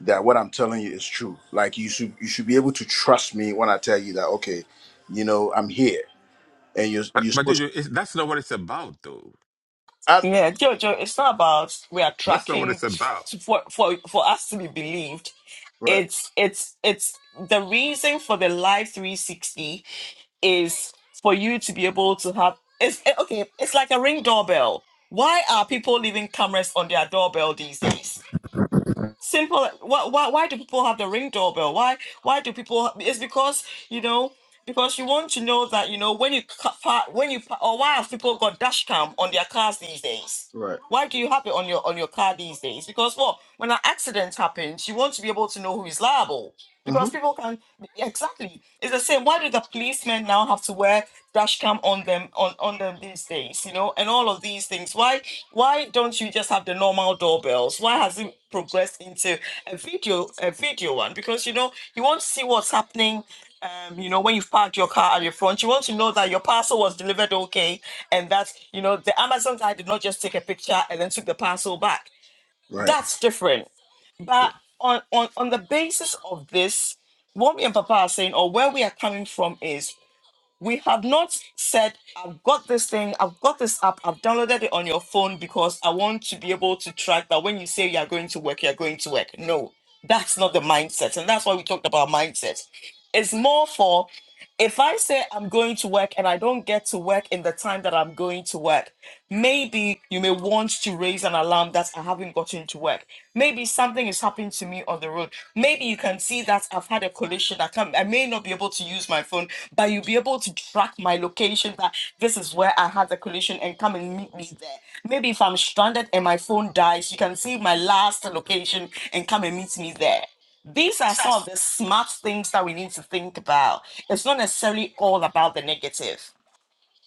[SPEAKER 3] that what I'm telling you is true. Like you should you should be able to trust me when I tell you that okay, you know I'm here and you're
[SPEAKER 8] But,
[SPEAKER 3] you're
[SPEAKER 8] but
[SPEAKER 3] supposed to
[SPEAKER 8] Jojo, it's, that's not what it's about, though
[SPEAKER 3] I,
[SPEAKER 1] Yeah, Jojo, it's not about we are
[SPEAKER 8] That's not what it's
[SPEAKER 1] tracking
[SPEAKER 8] about.
[SPEAKER 1] to- for for for us to be believed.
[SPEAKER 3] right
[SPEAKER 1] it's it's it's the reason for the live 360 is for you to be able to have it's eh, okay it's like a ring doorbell why are people leaving cameras on their doorbell these days simple why, why why do people have the ring doorbell why why do people it's because you know because you want to know that you know when you ca- park when you pa- or why have people got dash cam on their cars these days
[SPEAKER 3] right
[SPEAKER 1] why do you have it on your on your car these days because what when an accident happens you want to be able to know who is liable
[SPEAKER 3] mm-hmm.
[SPEAKER 1] because people can exactly it's the same why do the policemen now have to wear dash cam on them on on them these days you know and all of these things why why don't you just have the normal doorbells? Why has it progressed into a video a video one? Because you know you want to see what's happening. Um, you know when you've parked your car at your front, you want to know that your parcel was delivered okay, and that you know the Amazon guy did not just take a picture and then took the parcel back.
[SPEAKER 3] right
[SPEAKER 1] That's different.
[SPEAKER 3] yeah,
[SPEAKER 1] But on on on the basis of this, what me and Papa are saying, or where we are coming from, is we have not said i've got this thing i've got this app i've downloaded it on your phone because i want to be able to track that when you say you're going to work you're going to work no that's not the mindset and that's why we talked about mindset it's more for if i say i'm going to work and i don't get to work in the time that i'm going to work Maybe you may want to raise an alarm that I haven't gotten to work. Maybe something is happening to me on the road. Maybe you can see that I've had a collision. I can I may not be able to use my phone, but you'll be able to track my location that this is where I had the collision and come and meet me there. Maybe if I'm stranded and my phone dies, you can see my last location and come and meet me there these are some of the smart things that we need to think about. It's not necessarily all about the negative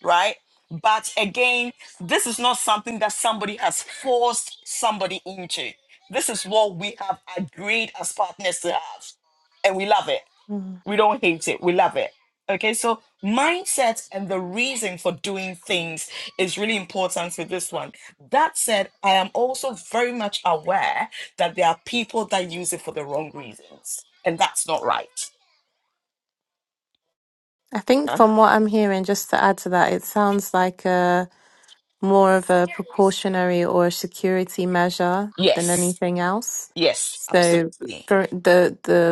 [SPEAKER 1] right? But again, this is not something that somebody has forced somebody into. This is what we have agreed as partners to have. And we love it.
[SPEAKER 6] Mm.
[SPEAKER 1] We don't hate it. We love it. Okay, so mindset and the reason for doing things is really important with this one. That said, I am also very much aware that there are people that use it for the wrong reasons, and that's not right.
[SPEAKER 6] I think
[SPEAKER 1] Huh?
[SPEAKER 6] from that, it sounds like a more of a precautionary or a security measure than
[SPEAKER 1] Yes,
[SPEAKER 6] anything else.
[SPEAKER 1] yes,
[SPEAKER 6] So
[SPEAKER 1] absolutely.
[SPEAKER 6] for the the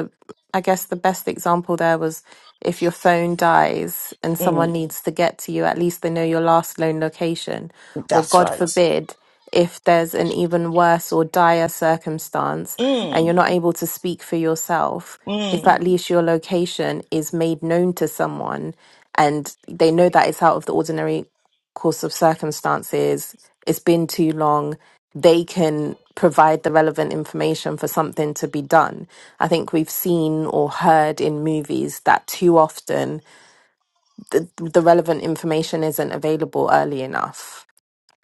[SPEAKER 6] I guess the best example there was if your phone dies and
[SPEAKER 1] Mm,
[SPEAKER 6] someone needs to get to you, at least they know your last known location. Or
[SPEAKER 1] that's
[SPEAKER 6] God
[SPEAKER 1] right.
[SPEAKER 6] forbid, if there's an even worse or dire circumstance and
[SPEAKER 1] Mm,
[SPEAKER 6] you're not able to speak for yourself, if
[SPEAKER 1] mm.
[SPEAKER 6] at least your location is made known to someone and they know that it's out of the ordinary course of circumstances, it's been too long, they can provide the relevant information for something to be done I think we've seen or heard in movies that too often the, the relevant information isn't available early enough.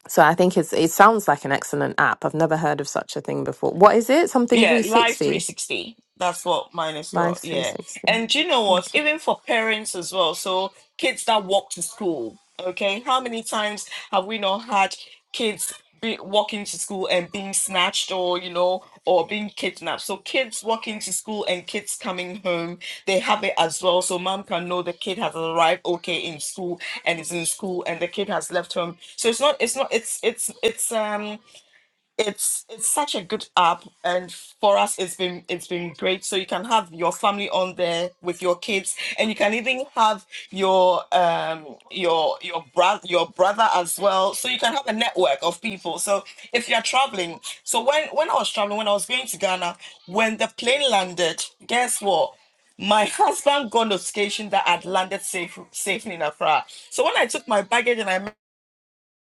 [SPEAKER 6] So I think it's it sounds like an excellent app. I've never heard of such a thing before. What is it? Something
[SPEAKER 1] Yeah, Live
[SPEAKER 6] 360?
[SPEAKER 1] 360. That's what mine is
[SPEAKER 6] Live
[SPEAKER 1] for. Yeah.
[SPEAKER 6] 360.
[SPEAKER 1] And do you know what?
[SPEAKER 6] Okay.
[SPEAKER 1] Even for parents as well. So kids that walk to school, okay? How many times have we not had kids be walking to school and being snatched or, you know, or being kidnapped? So kids walking to school and kids coming home, they have it as well. So mom can know the kid has arrived okay in school and is in school and the kid has left home. So it's not, it's not, it's, it's, it's, um, it's it's such a good app and for us it's been it's been great so you can have your family on there with your kids and you can even have your um your your brother your brother as well so you can have a network of people so if you're traveling so when when i was traveling when i was going to ghana when the plane landed guess what my husband got notification that I'd landed safe, safely in Accra. So when I took my baggage and I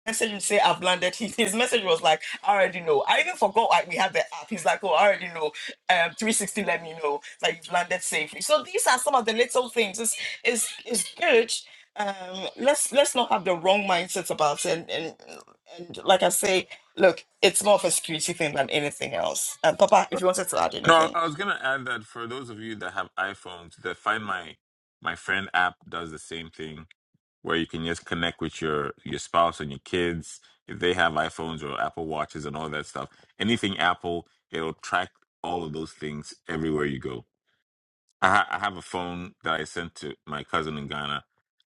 [SPEAKER 1] message you say I've landed. He, his message was like, I already know. I even forgot like we had the app. He's like, oh, I already know. Um, 360, let me know that you've landed safely. So these are some of the little things. It's it's it's good. Um, let's let's not have the wrong mindset about it. And and, and like I say, look, it's more of a security thing than anything else. Um, Papa, if
[SPEAKER 3] right
[SPEAKER 1] you wanted to add
[SPEAKER 8] No,
[SPEAKER 1] anything.
[SPEAKER 8] I I was gonna add that for those of you that have iPhones, the Find My My Friend app does the same thing, where you can just connect with your your spouse and your kids if they have iPhones or Apple Watches and all that stuff. Anything Apple, it'll track all of those things everywhere you go. I, ha- I have a phone that I sent to my cousin in Ghana.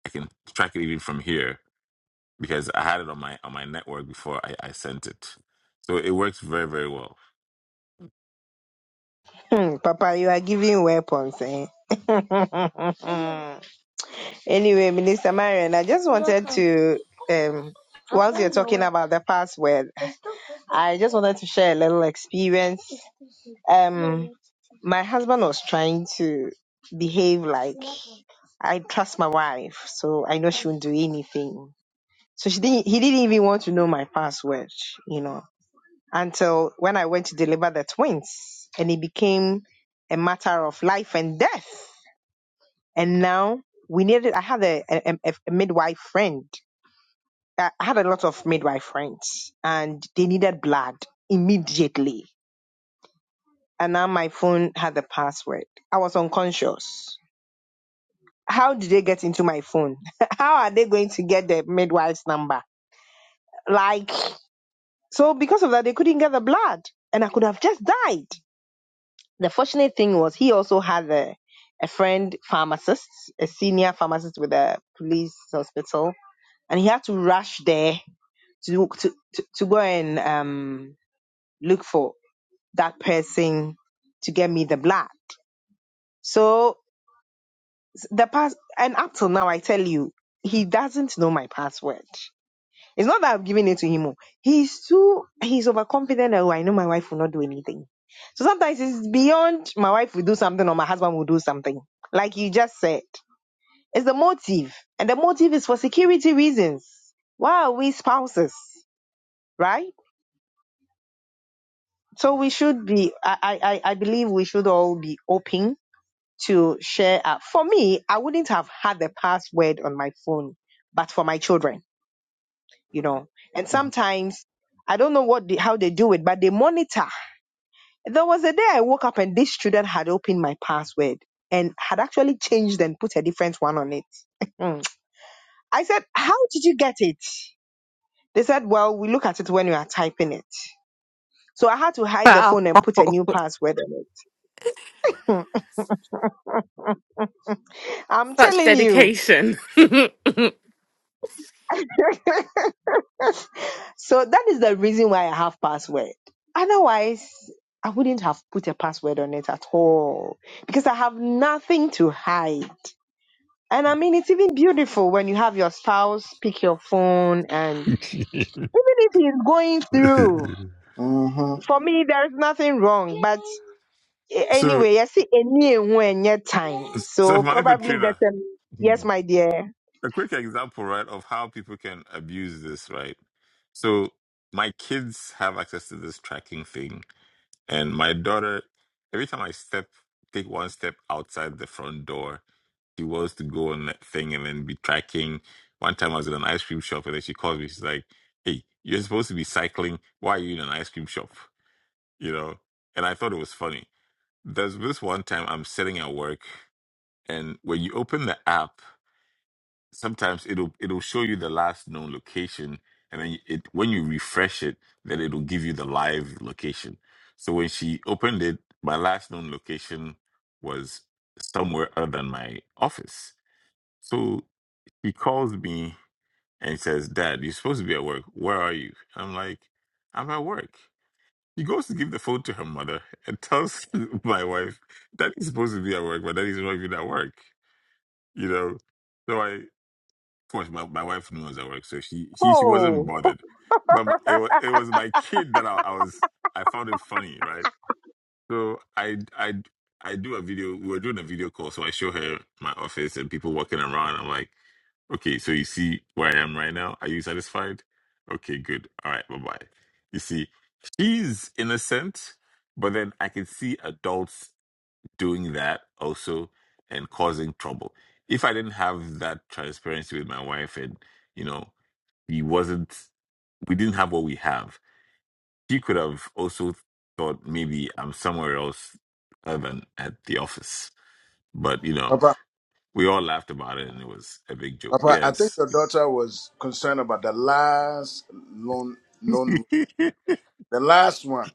[SPEAKER 8] I can track it even from here because I had it on my on my network before I, I sent it. So it works very very well.
[SPEAKER 5] Hmm, Papa, you are giving weapons, eh? anyway, Minister Marion, I just wanted to, um, whilst you're talking about the password, I just wanted to share a little experience. Um, my husband was trying to behave like I trust my wife, so I know she won't do anything. So she didn't. He didn't even want to know my password, you know. until when I went to deliver the twins, and it became a matter of life and death. And now we needed. I had a, a, a a midwife friend. I I had a lot of midwife friends, and they needed blood immediately. And now my phone had the password. I was unconscious. How did they get into my phone? How are they going to get the midwife's number? Like so, because of that, they couldn't get the blood, and I could have just died the fortunate thing was he also had a, a friend pharmacist, a senior pharmacist with a police hospital, and he had to rush there to to to, to go and um, look for that person to get me the blood. So the pass, and up till now, I tell you, he doesn't know my password. It's not that I've given it to him. oh. He's too he's overconfident that oh, I know my wife will not do anything. So sometimes it's beyond my wife will do something or my husband will do something. Like you just said. It's the motive. And the motive is for security reasons. Why are we spouses? Right? So we should be I, I, I I believe we should all be open to share uh, for me, I wouldn't have had the password on my phone, but for my children. you know. And
[SPEAKER 3] mm-hmm.
[SPEAKER 5] sometimes I don't know what the, how they do it, but they monitor. There was a day I woke up and this student had opened my password and had actually changed and put a different one on it. Mm. I said, "How did you get it?" They said, "Well, we look at it when we are typing it." So I had to hide the
[SPEAKER 6] Wow,
[SPEAKER 5] phone and put a new password on it. I'm
[SPEAKER 6] such
[SPEAKER 5] telling you.
[SPEAKER 6] dedication.
[SPEAKER 5] so that is the reason why I have password. Otherwise, I wouldn't have put a password on it at all because I have nothing to hide. And I mean, it's even beautiful when you have your spouse pick your phone and even if he's going through,
[SPEAKER 3] Mm-hmm.
[SPEAKER 5] for me, there's nothing wrong. But a-
[SPEAKER 8] so
[SPEAKER 5] anyway, I see any when yet time.
[SPEAKER 8] So,
[SPEAKER 5] So
[SPEAKER 8] Maria
[SPEAKER 5] probably
[SPEAKER 8] Petrina,
[SPEAKER 5] that's a
[SPEAKER 8] Hmm.
[SPEAKER 5] yes, my dear.
[SPEAKER 8] a quick example, right, of how people can abuse this, right? So, my kids have access to this tracking thing, and my daughter, every time I step, take one step outside the front door, she wants to go on that thing and then be tracking. One time I was in an ice cream shop, and then she calls me. She's like, "Hey, you're supposed to be cycling. Why are you in an ice cream shop?" You know, and I thought it was funny. There's this one time I'm sitting at work, and when you open the app. sometimes it'll it'll show you the last known location and then it when you refresh it then it'll give you the live location so when she opened it my last known location was somewhere other than my office so she calls me and says dad you're supposed to be at work where are you i'm like i'm at work she goes to give the phone to her mother and tells my wife daddy's supposed to be at work but daddy's not even at work you know so I. Of course, my, my wife knows I work, so she she, she wasn't
[SPEAKER 5] Oh.
[SPEAKER 8] bothered. But my, it was it was my kid that I, I was I found it funny, right? So I I I do a video. We were doing a video call, so I show her my office and people walking around. I'm like, okay, so you see where I am right now. Are you satisfied? Okay, good. All right, bye bye. You see, she's innocent, but then I can see adults doing that also and causing trouble. If I didn't have that transparency with my wife and, you know, he wasn't, we didn't have what we have, she could have also thought maybe I'm somewhere else other than at the office. But, you know,
[SPEAKER 3] Papa
[SPEAKER 8] we all laughed about it and it was a big joke.
[SPEAKER 3] Papa I think
[SPEAKER 8] Yes.
[SPEAKER 3] your daughter was concerned about the last loan loan the last one.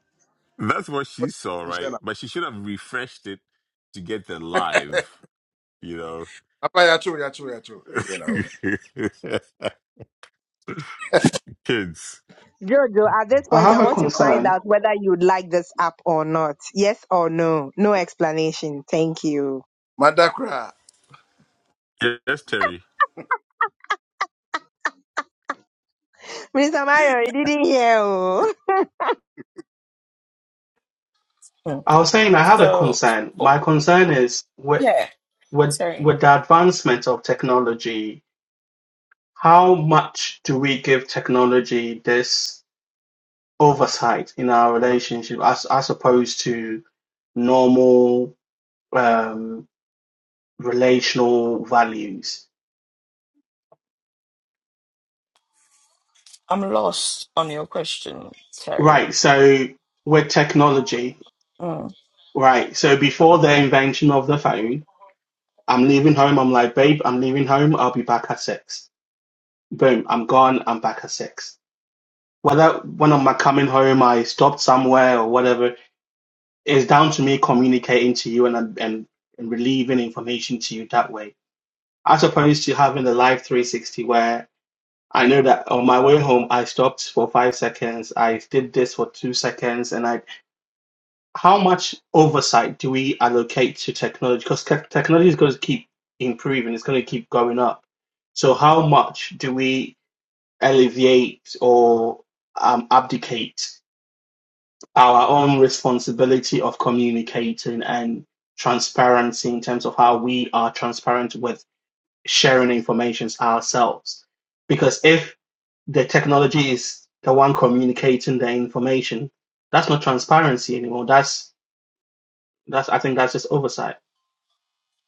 [SPEAKER 8] That's what she
[SPEAKER 3] What
[SPEAKER 8] saw,
[SPEAKER 3] concerned
[SPEAKER 8] right? But she should have refreshed it to get the live, you know.
[SPEAKER 3] about? Papa yeah true yeah true yeah true. Eh, You know
[SPEAKER 8] Kids.
[SPEAKER 5] Jojo, at this
[SPEAKER 2] I
[SPEAKER 5] point, I
[SPEAKER 2] have a
[SPEAKER 5] want to find
[SPEAKER 2] concern.
[SPEAKER 5] out whether you'd like this app or not. Yes or no? No explanation. Thank you.
[SPEAKER 3] Madakra
[SPEAKER 8] Yes, Terry.
[SPEAKER 5] Mr. Mario, you didn't hear. oh.
[SPEAKER 1] Mm.
[SPEAKER 2] I was saying I have a
[SPEAKER 1] So,
[SPEAKER 2] concern.
[SPEAKER 1] for-
[SPEAKER 2] My concern is with
[SPEAKER 1] yeah,
[SPEAKER 2] with
[SPEAKER 1] Terry,
[SPEAKER 2] with the advancement of technology, how much do we give technology this oversight in our relationship as as opposed to normal um, relational values?
[SPEAKER 1] I'm lost on your question, Terry.
[SPEAKER 2] Right. So with technology,
[SPEAKER 1] Hmm.
[SPEAKER 2] right. So before the invention of the phone, I'm leaving home. I'm like, babe, I'm leaving home. I'll be back at six. Boom. I'm gone. I'm back at six whether when I'm coming home, I stopped somewhere or whatever, it's down to me communicating to you and and, and relieving information to you that way, as opposed to having the live 360 where I know that on my way home I stopped for five seconds, I did this for two seconds, and I. How much oversight do we allocate to technology? Because te- technology is going to keep improving, it's going to keep going up. So how much do we alleviate or um, abdicate our own responsibility of communicating and transparency in terms of how we are transparent with sharing information ourselves. Because if the technology is the one communicating the information, that's not transparency anymore. That's that's I think that's just oversight.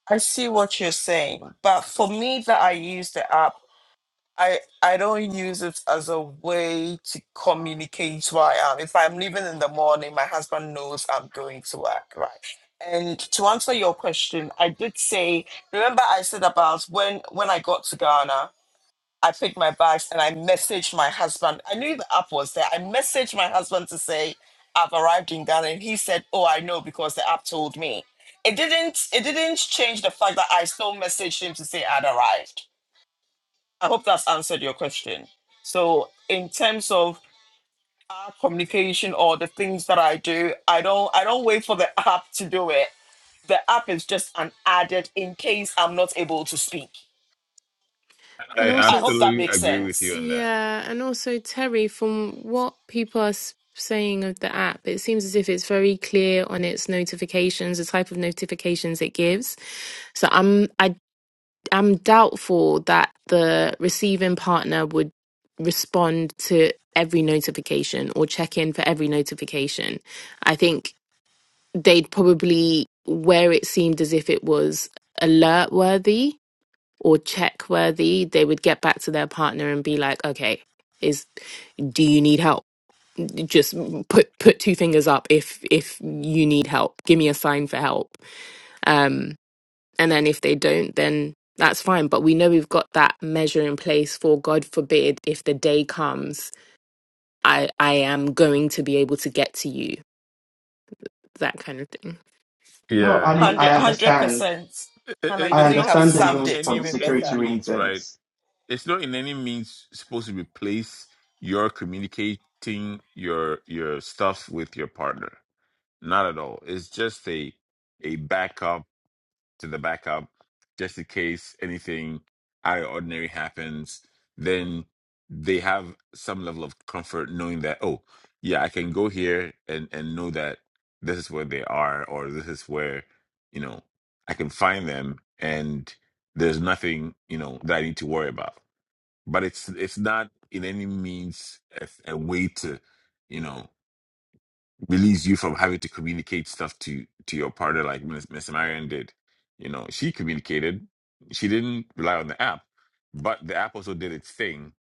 [SPEAKER 1] I see what you're saying, but for me that I use the app, I I don't use it as a way to communicate where I am. If I'm leaving in the morning, my husband knows I'm going to work, right? And to answer your question, I did say, remember I said about when when I got to Ghana, I picked my bags and I messaged my husband. I knew the app was there. I messaged my husband to say I've arrived in Ghana, and he said, "Oh, I know because the app told me." It didn't. It didn't change the fact that I still messaged him to say I'd arrived. I hope that's answered your question. So, in terms of our communication or the things that I do, I don't. I don't wait for the app to do it. The app is just an added in case I'm not able to speak.
[SPEAKER 6] And
[SPEAKER 8] I
[SPEAKER 6] also,
[SPEAKER 1] I hope
[SPEAKER 6] it's,
[SPEAKER 1] that
[SPEAKER 8] absolutely
[SPEAKER 1] makes
[SPEAKER 8] agree with
[SPEAKER 1] sense.
[SPEAKER 8] you on that.
[SPEAKER 6] yeah, and also Terry, from what people are s- saying of the app, it seems as if it's very clear on its notifications, the type of notifications it gives. So I'm, I I'm doubtful that the receiving partner would respond to every notification or check in for every notification. I think they'd probably, where it seemed as if it was alert worthy or check worthy, they would get back to their partner and be like, okay, is do you need help just put put two fingers up if if you need help give me a sign for help Um and then if they don't, then that's fine. But we know we've got that measure in place for God forbid if the day comes, I, I am going to be able to get to you, that kind of thing.
[SPEAKER 2] No,
[SPEAKER 8] Yeah,
[SPEAKER 2] I mean
[SPEAKER 1] Hundred,
[SPEAKER 2] I
[SPEAKER 1] hundred
[SPEAKER 2] understand.
[SPEAKER 1] percent.
[SPEAKER 8] I- I-
[SPEAKER 1] Hannah,
[SPEAKER 8] I-
[SPEAKER 1] you
[SPEAKER 2] I
[SPEAKER 8] it's
[SPEAKER 1] couldn't
[SPEAKER 8] not
[SPEAKER 1] have
[SPEAKER 2] understand
[SPEAKER 8] in
[SPEAKER 2] the
[SPEAKER 8] in
[SPEAKER 1] summed
[SPEAKER 2] need
[SPEAKER 1] it
[SPEAKER 2] for the
[SPEAKER 8] any
[SPEAKER 1] even
[SPEAKER 8] any
[SPEAKER 1] better.
[SPEAKER 2] security
[SPEAKER 8] means, right?
[SPEAKER 2] reasons.
[SPEAKER 8] It's not in any means supposed to replace your communicating your your stuff with your partner. Not at all. It's just a a backup to the backup just in case anything out of ordinary happens. Then they have some level of comfort knowing that, oh, yeah, I can go here and, and know that this is where they are or this is where, you know, I can find them and there's nothing, you know, that I need to worry about. But it's it's not in any means a, a way to, you know, relieves you from having to communicate stuff to to your partner like Miss, Miss Marion did. You know, she communicated. She didn't rely on the app, but the app also did its thing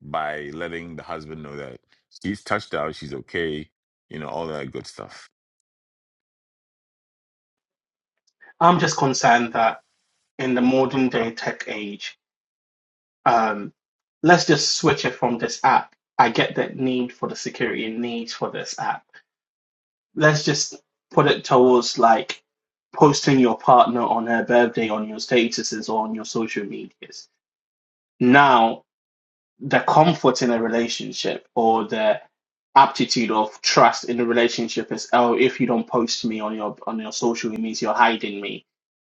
[SPEAKER 8] by letting the husband know that she's touched out, she's okay, you know, all that good stuff.
[SPEAKER 2] I'm just concerned that in the modern day tech age um, let's just switch it from this app. I get that need for the security needs for this app. Let's just put it towards like posting your partner on her birthday on your statuses or on your social medias. Now, the comfort in a relationship or the aptitude of trust in a relationship is oh, if you don't post me on your on your social, it means you're hiding me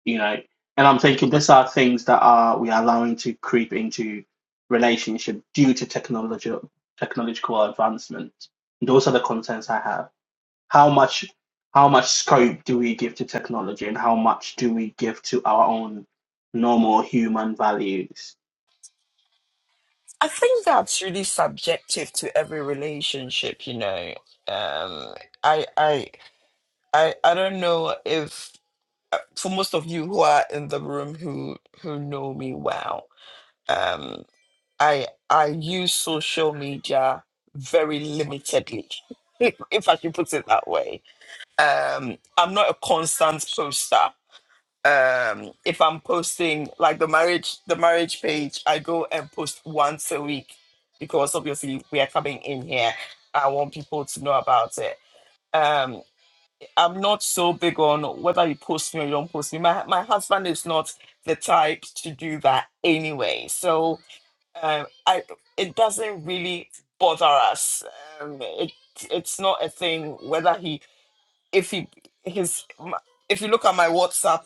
[SPEAKER 2] you know and i'm thinking these are things that are we are allowing to creep into relationship due to technology technological advancement those are the concerns i have how much how much scope do we give to technology and how much do we give to our own normal human values
[SPEAKER 1] I think that's really subjective to every relationship, you know. Um, I, I, I, I don't know if uh, for most of you who are in the room who who know me well, um, I I use social media very limitedly, if I can put it that way. Um, I'm not a constant poster. um if i'm posting like the marriage the marriage page i go and post once a week because obviously we are coming in here i want people to know about it um i'm not so big on whether you post me or you don't post me my, my husband is not the type to do that anyway so um i it doesn't really bother us um it it's not a thing whether he if he his if you look at my whatsapp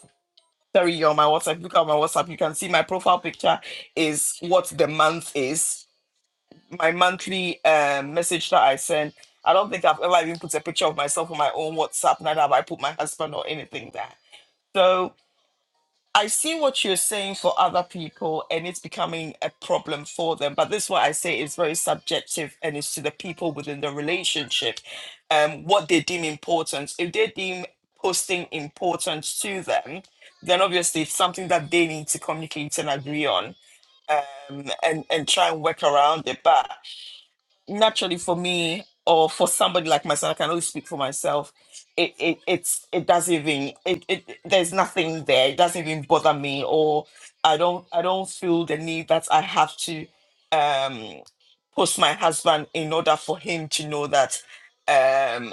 [SPEAKER 1] Terry, you on my WhatsApp. Look at my WhatsApp. You can see my profile picture is what the month is. My monthly um, message that I send. I don't think I've ever even put a picture of myself on my own WhatsApp, neither have I put my husband or anything there. So I see what you're saying for other people and it's becoming a problem for them. But this is what I say is very subjective and it's to the people within the relationship, um, what they deem important. If they deem posting important to them, then obviously it's something that they need to communicate and agree on um, and, and try and work around it. But naturally for me or for somebody like myself, I can only speak for myself. It it it's it doesn't even it, it it- there's nothing there. It doesn't even bother me or I don't I don't feel the need that I have to um post my husband in order for him to know that um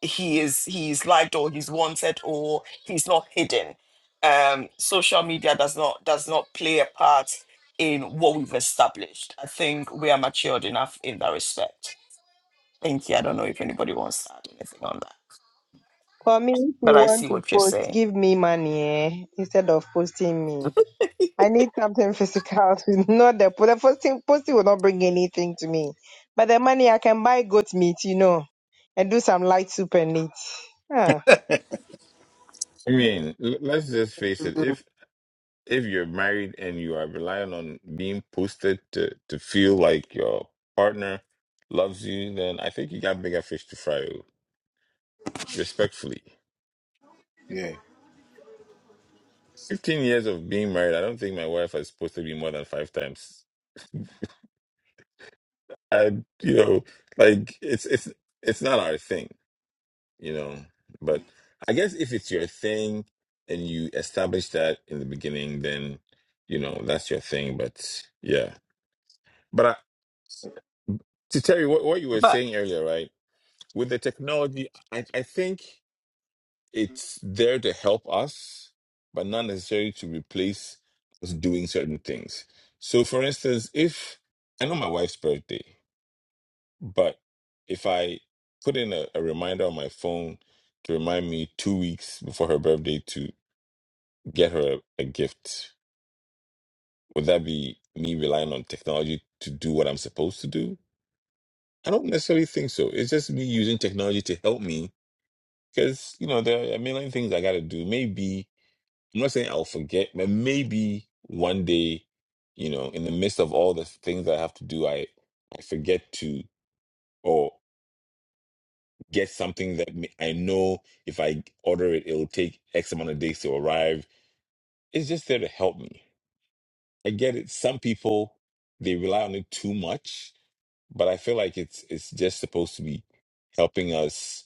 [SPEAKER 1] he is he's liked or he's wanted or he's not hidden um social media does not does not play a part in what we've established i think we are matured enough in that respect thank you i don't know if anybody wants to add anything on that
[SPEAKER 5] For me, if you
[SPEAKER 1] but i
[SPEAKER 5] want
[SPEAKER 1] see
[SPEAKER 5] to
[SPEAKER 1] what you're
[SPEAKER 5] post,
[SPEAKER 1] saying
[SPEAKER 5] give me money eh, instead of posting me. I need something physical. to- not the, the posting. Posting will not bring anything to me. But the money, I can buy goat meat, you know, and do some light soup and eat. Ah,
[SPEAKER 8] I mean, l- let's just face it. If if you're married and you are relying on being posted to to feel like your partner loves you, then I think you got bigger fish to fry. oh, Respectfully.
[SPEAKER 3] yeah.
[SPEAKER 8] 15 years of being married, I don't think my wife is supposed to be more than five times. I, you know, like it's it's it's not our thing, you know. But I guess if it's your thing and you establish that in the beginning, then you know that's your thing. But yeah, but I, to tell you what, what you were
[SPEAKER 1] But.
[SPEAKER 8] saying earlier, right? With the technology, I I think. it's there to help us, but not necessarily to replace us doing certain things. So, for instance, if I know my wife's birthday, but if I put in a, a reminder on my phone to remind me two weeks before her birthday to get her a, a gift, would that be me relying on technology to do what I'm supposed to do? I don't necessarily think so. It's just me using technology to help me because, you know, there are a million things I got to do. Maybe I'm not saying I'll forget, but maybe one day, you know, in the midst of all the things I have to do, I I forget to or get something that ma- I know if I order it, it'll take X amount of days to arrive. It's just there to help me. I get it. Some people they rely on it too much but I feel like it's it's just supposed to be helping us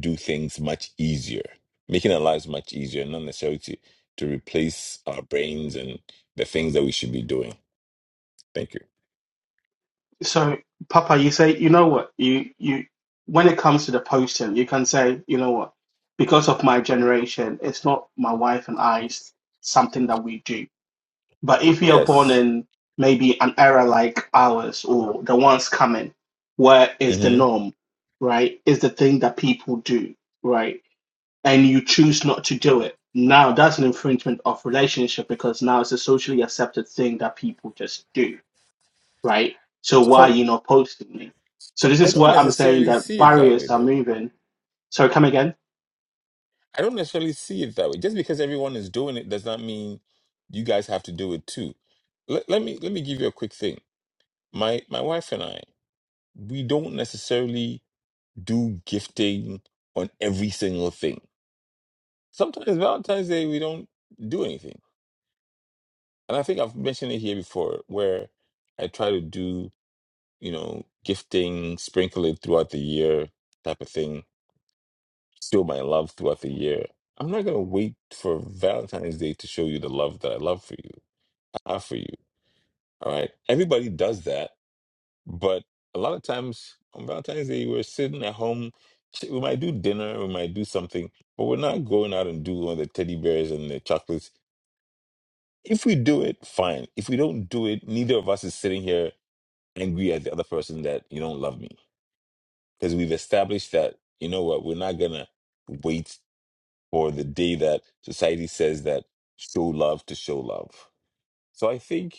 [SPEAKER 8] do things much easier, making our lives much easier, not necessarily to, to replace our brains and the things that we should be doing. Thank you.
[SPEAKER 2] so papa you say you know what you you when it comes to the posting you can say you know what because of my generation it's not my wife and i it's something that we do But if you're born
[SPEAKER 8] Yes.
[SPEAKER 2] in maybe an era like ours or the ones coming, where is the
[SPEAKER 8] hmm
[SPEAKER 2] norm, right? Is the thing that people do, right? And you choose not to do it. Now that's an infringement of relationship because now it's a socially accepted thing that people just do, right? So why are
[SPEAKER 8] So
[SPEAKER 2] you not posting me? So
[SPEAKER 8] I
[SPEAKER 2] this
[SPEAKER 8] I
[SPEAKER 2] is
[SPEAKER 8] don't
[SPEAKER 2] what I'm saying
[SPEAKER 8] necessarily
[SPEAKER 2] that
[SPEAKER 8] see it that way,
[SPEAKER 2] barriers are
[SPEAKER 8] though.
[SPEAKER 2] moving. So come again.
[SPEAKER 8] I don't necessarily see it that way. Just because everyone is doing it does not mean you guys have to do it too. Let, let me let me give you a quick thing. My my wife and I, we don't necessarily do gifting on every single thing. Sometimes Valentine's Day we don't do anything. And I think I've mentioned it here before where I try to do, you know, gifting, sprinkle it throughout the year type of thing, show my love throughout the year. I'm not gonna wait for Valentine's Day to show you the love that I love for you, I have for you. All right. Everybody does that But a lot of times on Valentine's Day, we're sitting at home. ch- We might do dinner, we might do something, but we're not going out and doing all the teddy bears and the chocolates. If we do it, fine. If we don't do it, neither of us is sitting here angry at the other person that you don't love me. Because we've established that, you know what, we're not going to wait for the day that society says that show love to show love. So I think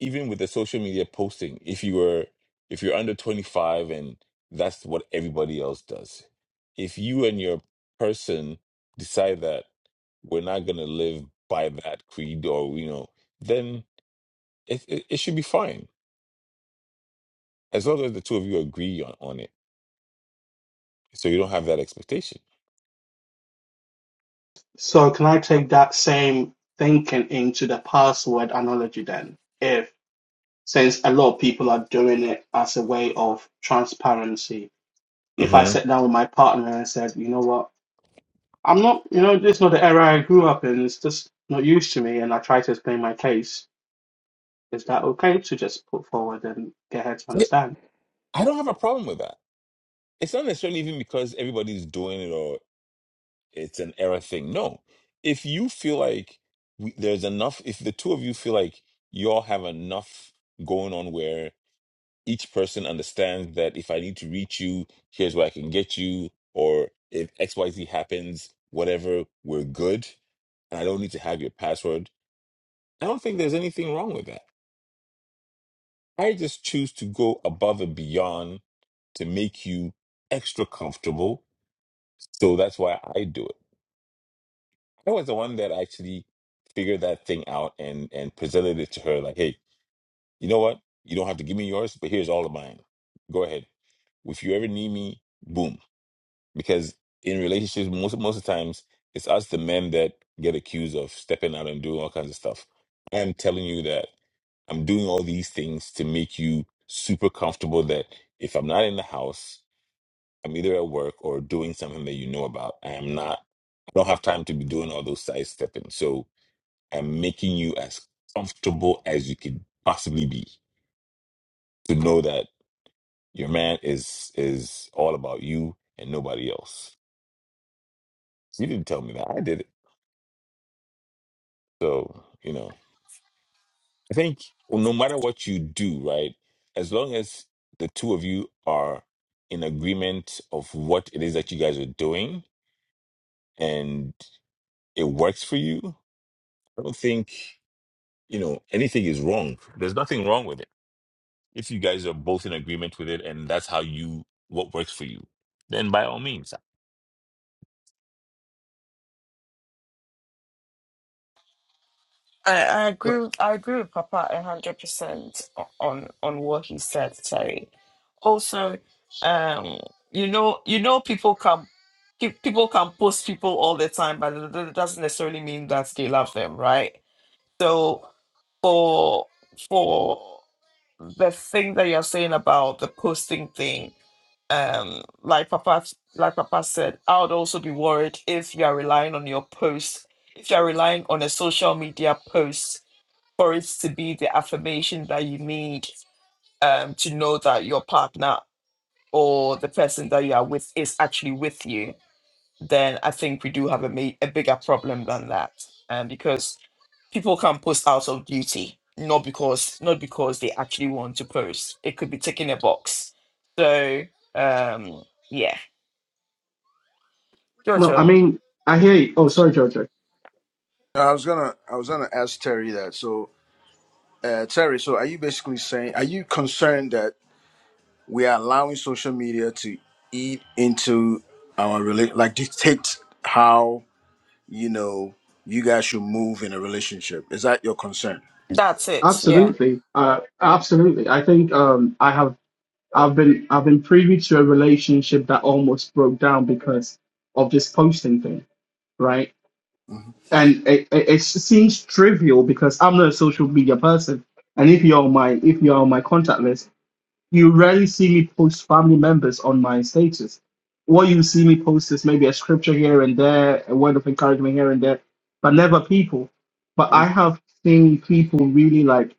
[SPEAKER 8] even with the social media posting, if you were if you're under 25 and that's what everybody else does, if you and your person decide that we're not going to live by that creed or you know, then it, it it should be fine as long as the two of you agree on, on it, so you don't have that expectation.
[SPEAKER 2] So can I take that same thinking into the password analogy then? If since a lot of people are doing it as a way of transparency. If I
[SPEAKER 8] hmm
[SPEAKER 2] sat down with my partner and said, you know what, I'm not, you know, this is not the era I grew up in, it's just not used to me, and I try to explain my case, is that okay to just put forward and get her to understand?
[SPEAKER 8] I don't have a problem with that. It's not necessarily even because everybody's doing it or. it's an error thing. No, if you feel like we, there's enough, if the two of you feel like y'all have enough going on where each person understands that if I need to reach you, here's where I can get you, or if X Y Z happens, whatever, we're good, and I don't need to have your password. I don't think there's anything wrong with that. I just choose to go above and beyond to make you extra comfortable. So that's why I do it. I was the one that actually figured that thing out and and presented it to her like, hey, you know what? You don't have to give me yours, but here's all of mine. Go ahead. If you ever need me, boom. Because in relationships, most most of the times, it's us the men that get accused of stepping out and doing all kinds of stuff. I'm telling you that I'm doing all these things to make you super comfortable that if I'm not in the house, I'm either at work or doing something that you know about. I am not I don't have time to be doing all those side stepping. So and making you as comfortable as you could possibly be to know that your man is is all about you and nobody else. So You didn't tell me that. I did it. So, you know, I think no matter what you do, right? As long as the two of you are in agreement of what it is that you guys are doing and it works for you, I don't think, you know, anything is wrong. There's nothing wrong with it If you guys are both in agreement with it and that's how you what works for you, then by all means.
[SPEAKER 1] I, I agree. With, I agree with Papa a hundred percent o- on on what he said, Terry. Also, um, you know, you know, people can pe- people can post people all the time, but it it doesn't necessarily mean that they love them, right? So, for for the thing that you're saying about the posting thing, um, like Papa like Papa said, I would also be worried if you are relying on your post, if you are relying on a social media post for it to be the affirmation that you need um, to know that your partner or the person that you are with is actually with you, then I think we do have a, ma- a bigger problem than that. Um, because people can post out of duty, not because not because they actually want to post. It could be ticking a box. So um, yeah,
[SPEAKER 2] No, I
[SPEAKER 1] Jojo,
[SPEAKER 2] mean, I hear you. Oh, sorry, Jojo.
[SPEAKER 3] I was gonna I was gonna ask Terry that. So uh, Terry, so are you basically saying are you concerned that? we are allowing social media to eat into our relation, like dictate how you know you guys should move in a relationship. Is that your concern?
[SPEAKER 1] that's it. Yeah.
[SPEAKER 2] Absolutely. Uh, absolutely. I think um, I have. I've been I've been privy to a relationship that almost broke down because of this posting thing, right?
[SPEAKER 3] hmm
[SPEAKER 2] and it, it, it seems trivial because I'm not a social media person. And if you're on my if you're on my contact list, you rarely see me post family members on my status. What you see me post is maybe a scripture here and there, a word of encouragement here and there, but never people. But I have seen people really like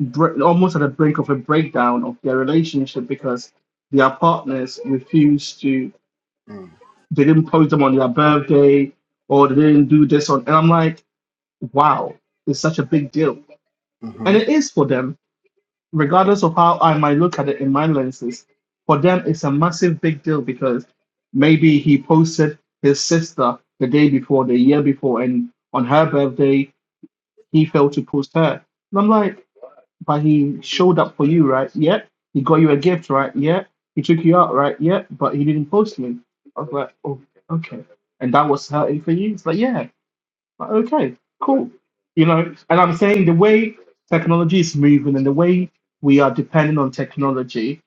[SPEAKER 2] bre- almost at the brink of a breakdown of their relationship because their partners refused to.
[SPEAKER 3] hmm
[SPEAKER 2] They didn't post them on their birthday, or they didn't do this on. And I'm like wow, it's such a big deal. And
[SPEAKER 3] hmm
[SPEAKER 2] it is for them, regardless of how I might look at it in my lenses, for them, it's a massive big deal because maybe he posted his sister the day before, the year before, and on her birthday, he failed to post her. And I'm like, but he showed up for you, right? Yeah. He got you a gift, right? Yeah. He took you out, right? Yeah. But he didn't post me. I was like, oh, okay. And that was her for you? It's like, yeah. Like, Okay, cool. You know, and I'm saying the way technology is moving and the way we are depending on technology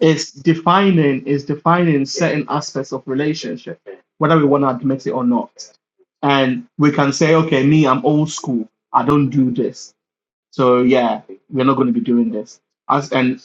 [SPEAKER 2] is defining is defining certain aspects of relationship, whether we want to admit it or not. And we can say, okay, me, I'm old school. I don't do this. So yeah, we're not going to be doing this. As and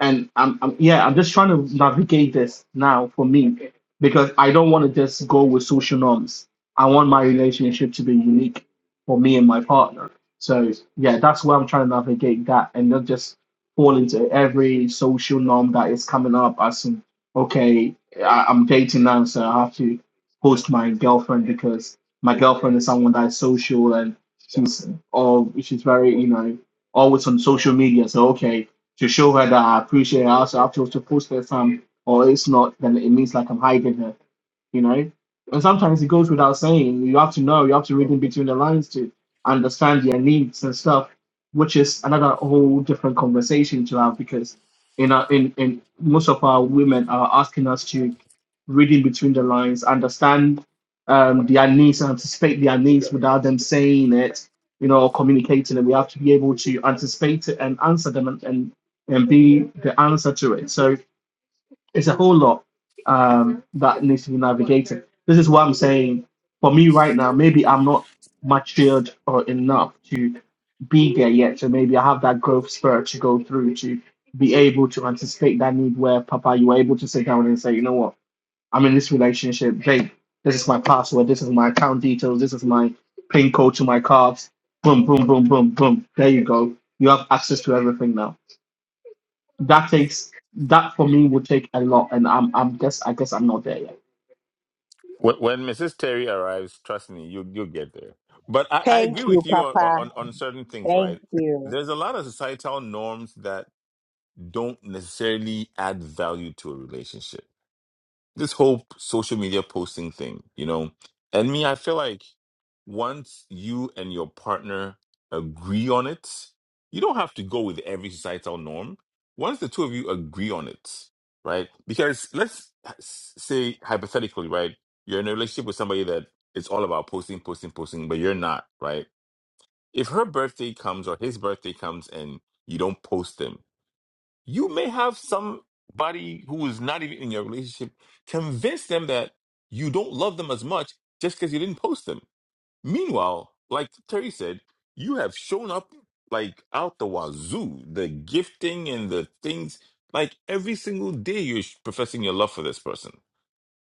[SPEAKER 2] and I'm, I'm yeah i'm just trying to navigate this now for me because i don't want to just go with social norms i want my relationship to be unique for me and my partner so yeah that's where i'm trying to navigate that and not just fall into every social norm that is coming up as in, okay I, i'm dating now so i have to post my girlfriend because my girlfriend is someone that is social and she's or she's very you know always on social media so okay to show her that I appreciate her. So I feel to post her some, or it's not, then it means like I'm hiding her you know. And sometimes it goes without saying. You have to know, you have to read in between the lines to understand their needs and stuff, which is another whole different conversation to have because in our, in in most of our women are asking us to read in between the lines, understand um, their needs, and anticipate their needs without them saying it, you know, or communicating it. We have to be able to anticipate it and answer them and and, and be the answer to it. So it's a whole lot um, that needs to be navigated. This is what I'm saying. For me right now, maybe I'm not matured or enough to be there yet. So maybe I have that growth spur to go through to be able to anticipate that need where Papa, you were able to sit down and say, you know what, I'm in this relationship, babe. This is my password. This is my account details. This is my pin code to my cards. Boom, boom, boom, boom, boom. There you go. You have access to everything now that takes that for me would take a lot and i'm i'm guess i guess i'm not there yet
[SPEAKER 8] When, when Mrs. Terry arrives, trust me, you you'll get there. But I, I agree
[SPEAKER 5] thank you,
[SPEAKER 8] with you on,
[SPEAKER 5] Papa.
[SPEAKER 8] on on certain things,
[SPEAKER 5] Thank
[SPEAKER 8] right?
[SPEAKER 5] you.
[SPEAKER 8] There's a lot of societal norms that don't necessarily add value to a relationship. This whole social media posting thing, you know, and me, I feel like. once you and your partner agree on it, you don't have to go with every societal norm. Once the two of you agree on it, right? Because let's s- say hypothetically, right? You're in a relationship with somebody that it's all about posting, posting, posting, but you're not, right? If her birthday comes or his birthday comes and you don't post them, you may have somebody who is not even in your relationship convince them that you don't love them as much just because you didn't post them Meanwhile, like Terry said, you have shown up like out the wazoo, the gifting and the things. Like every single day, you're sh- professing your love for this person,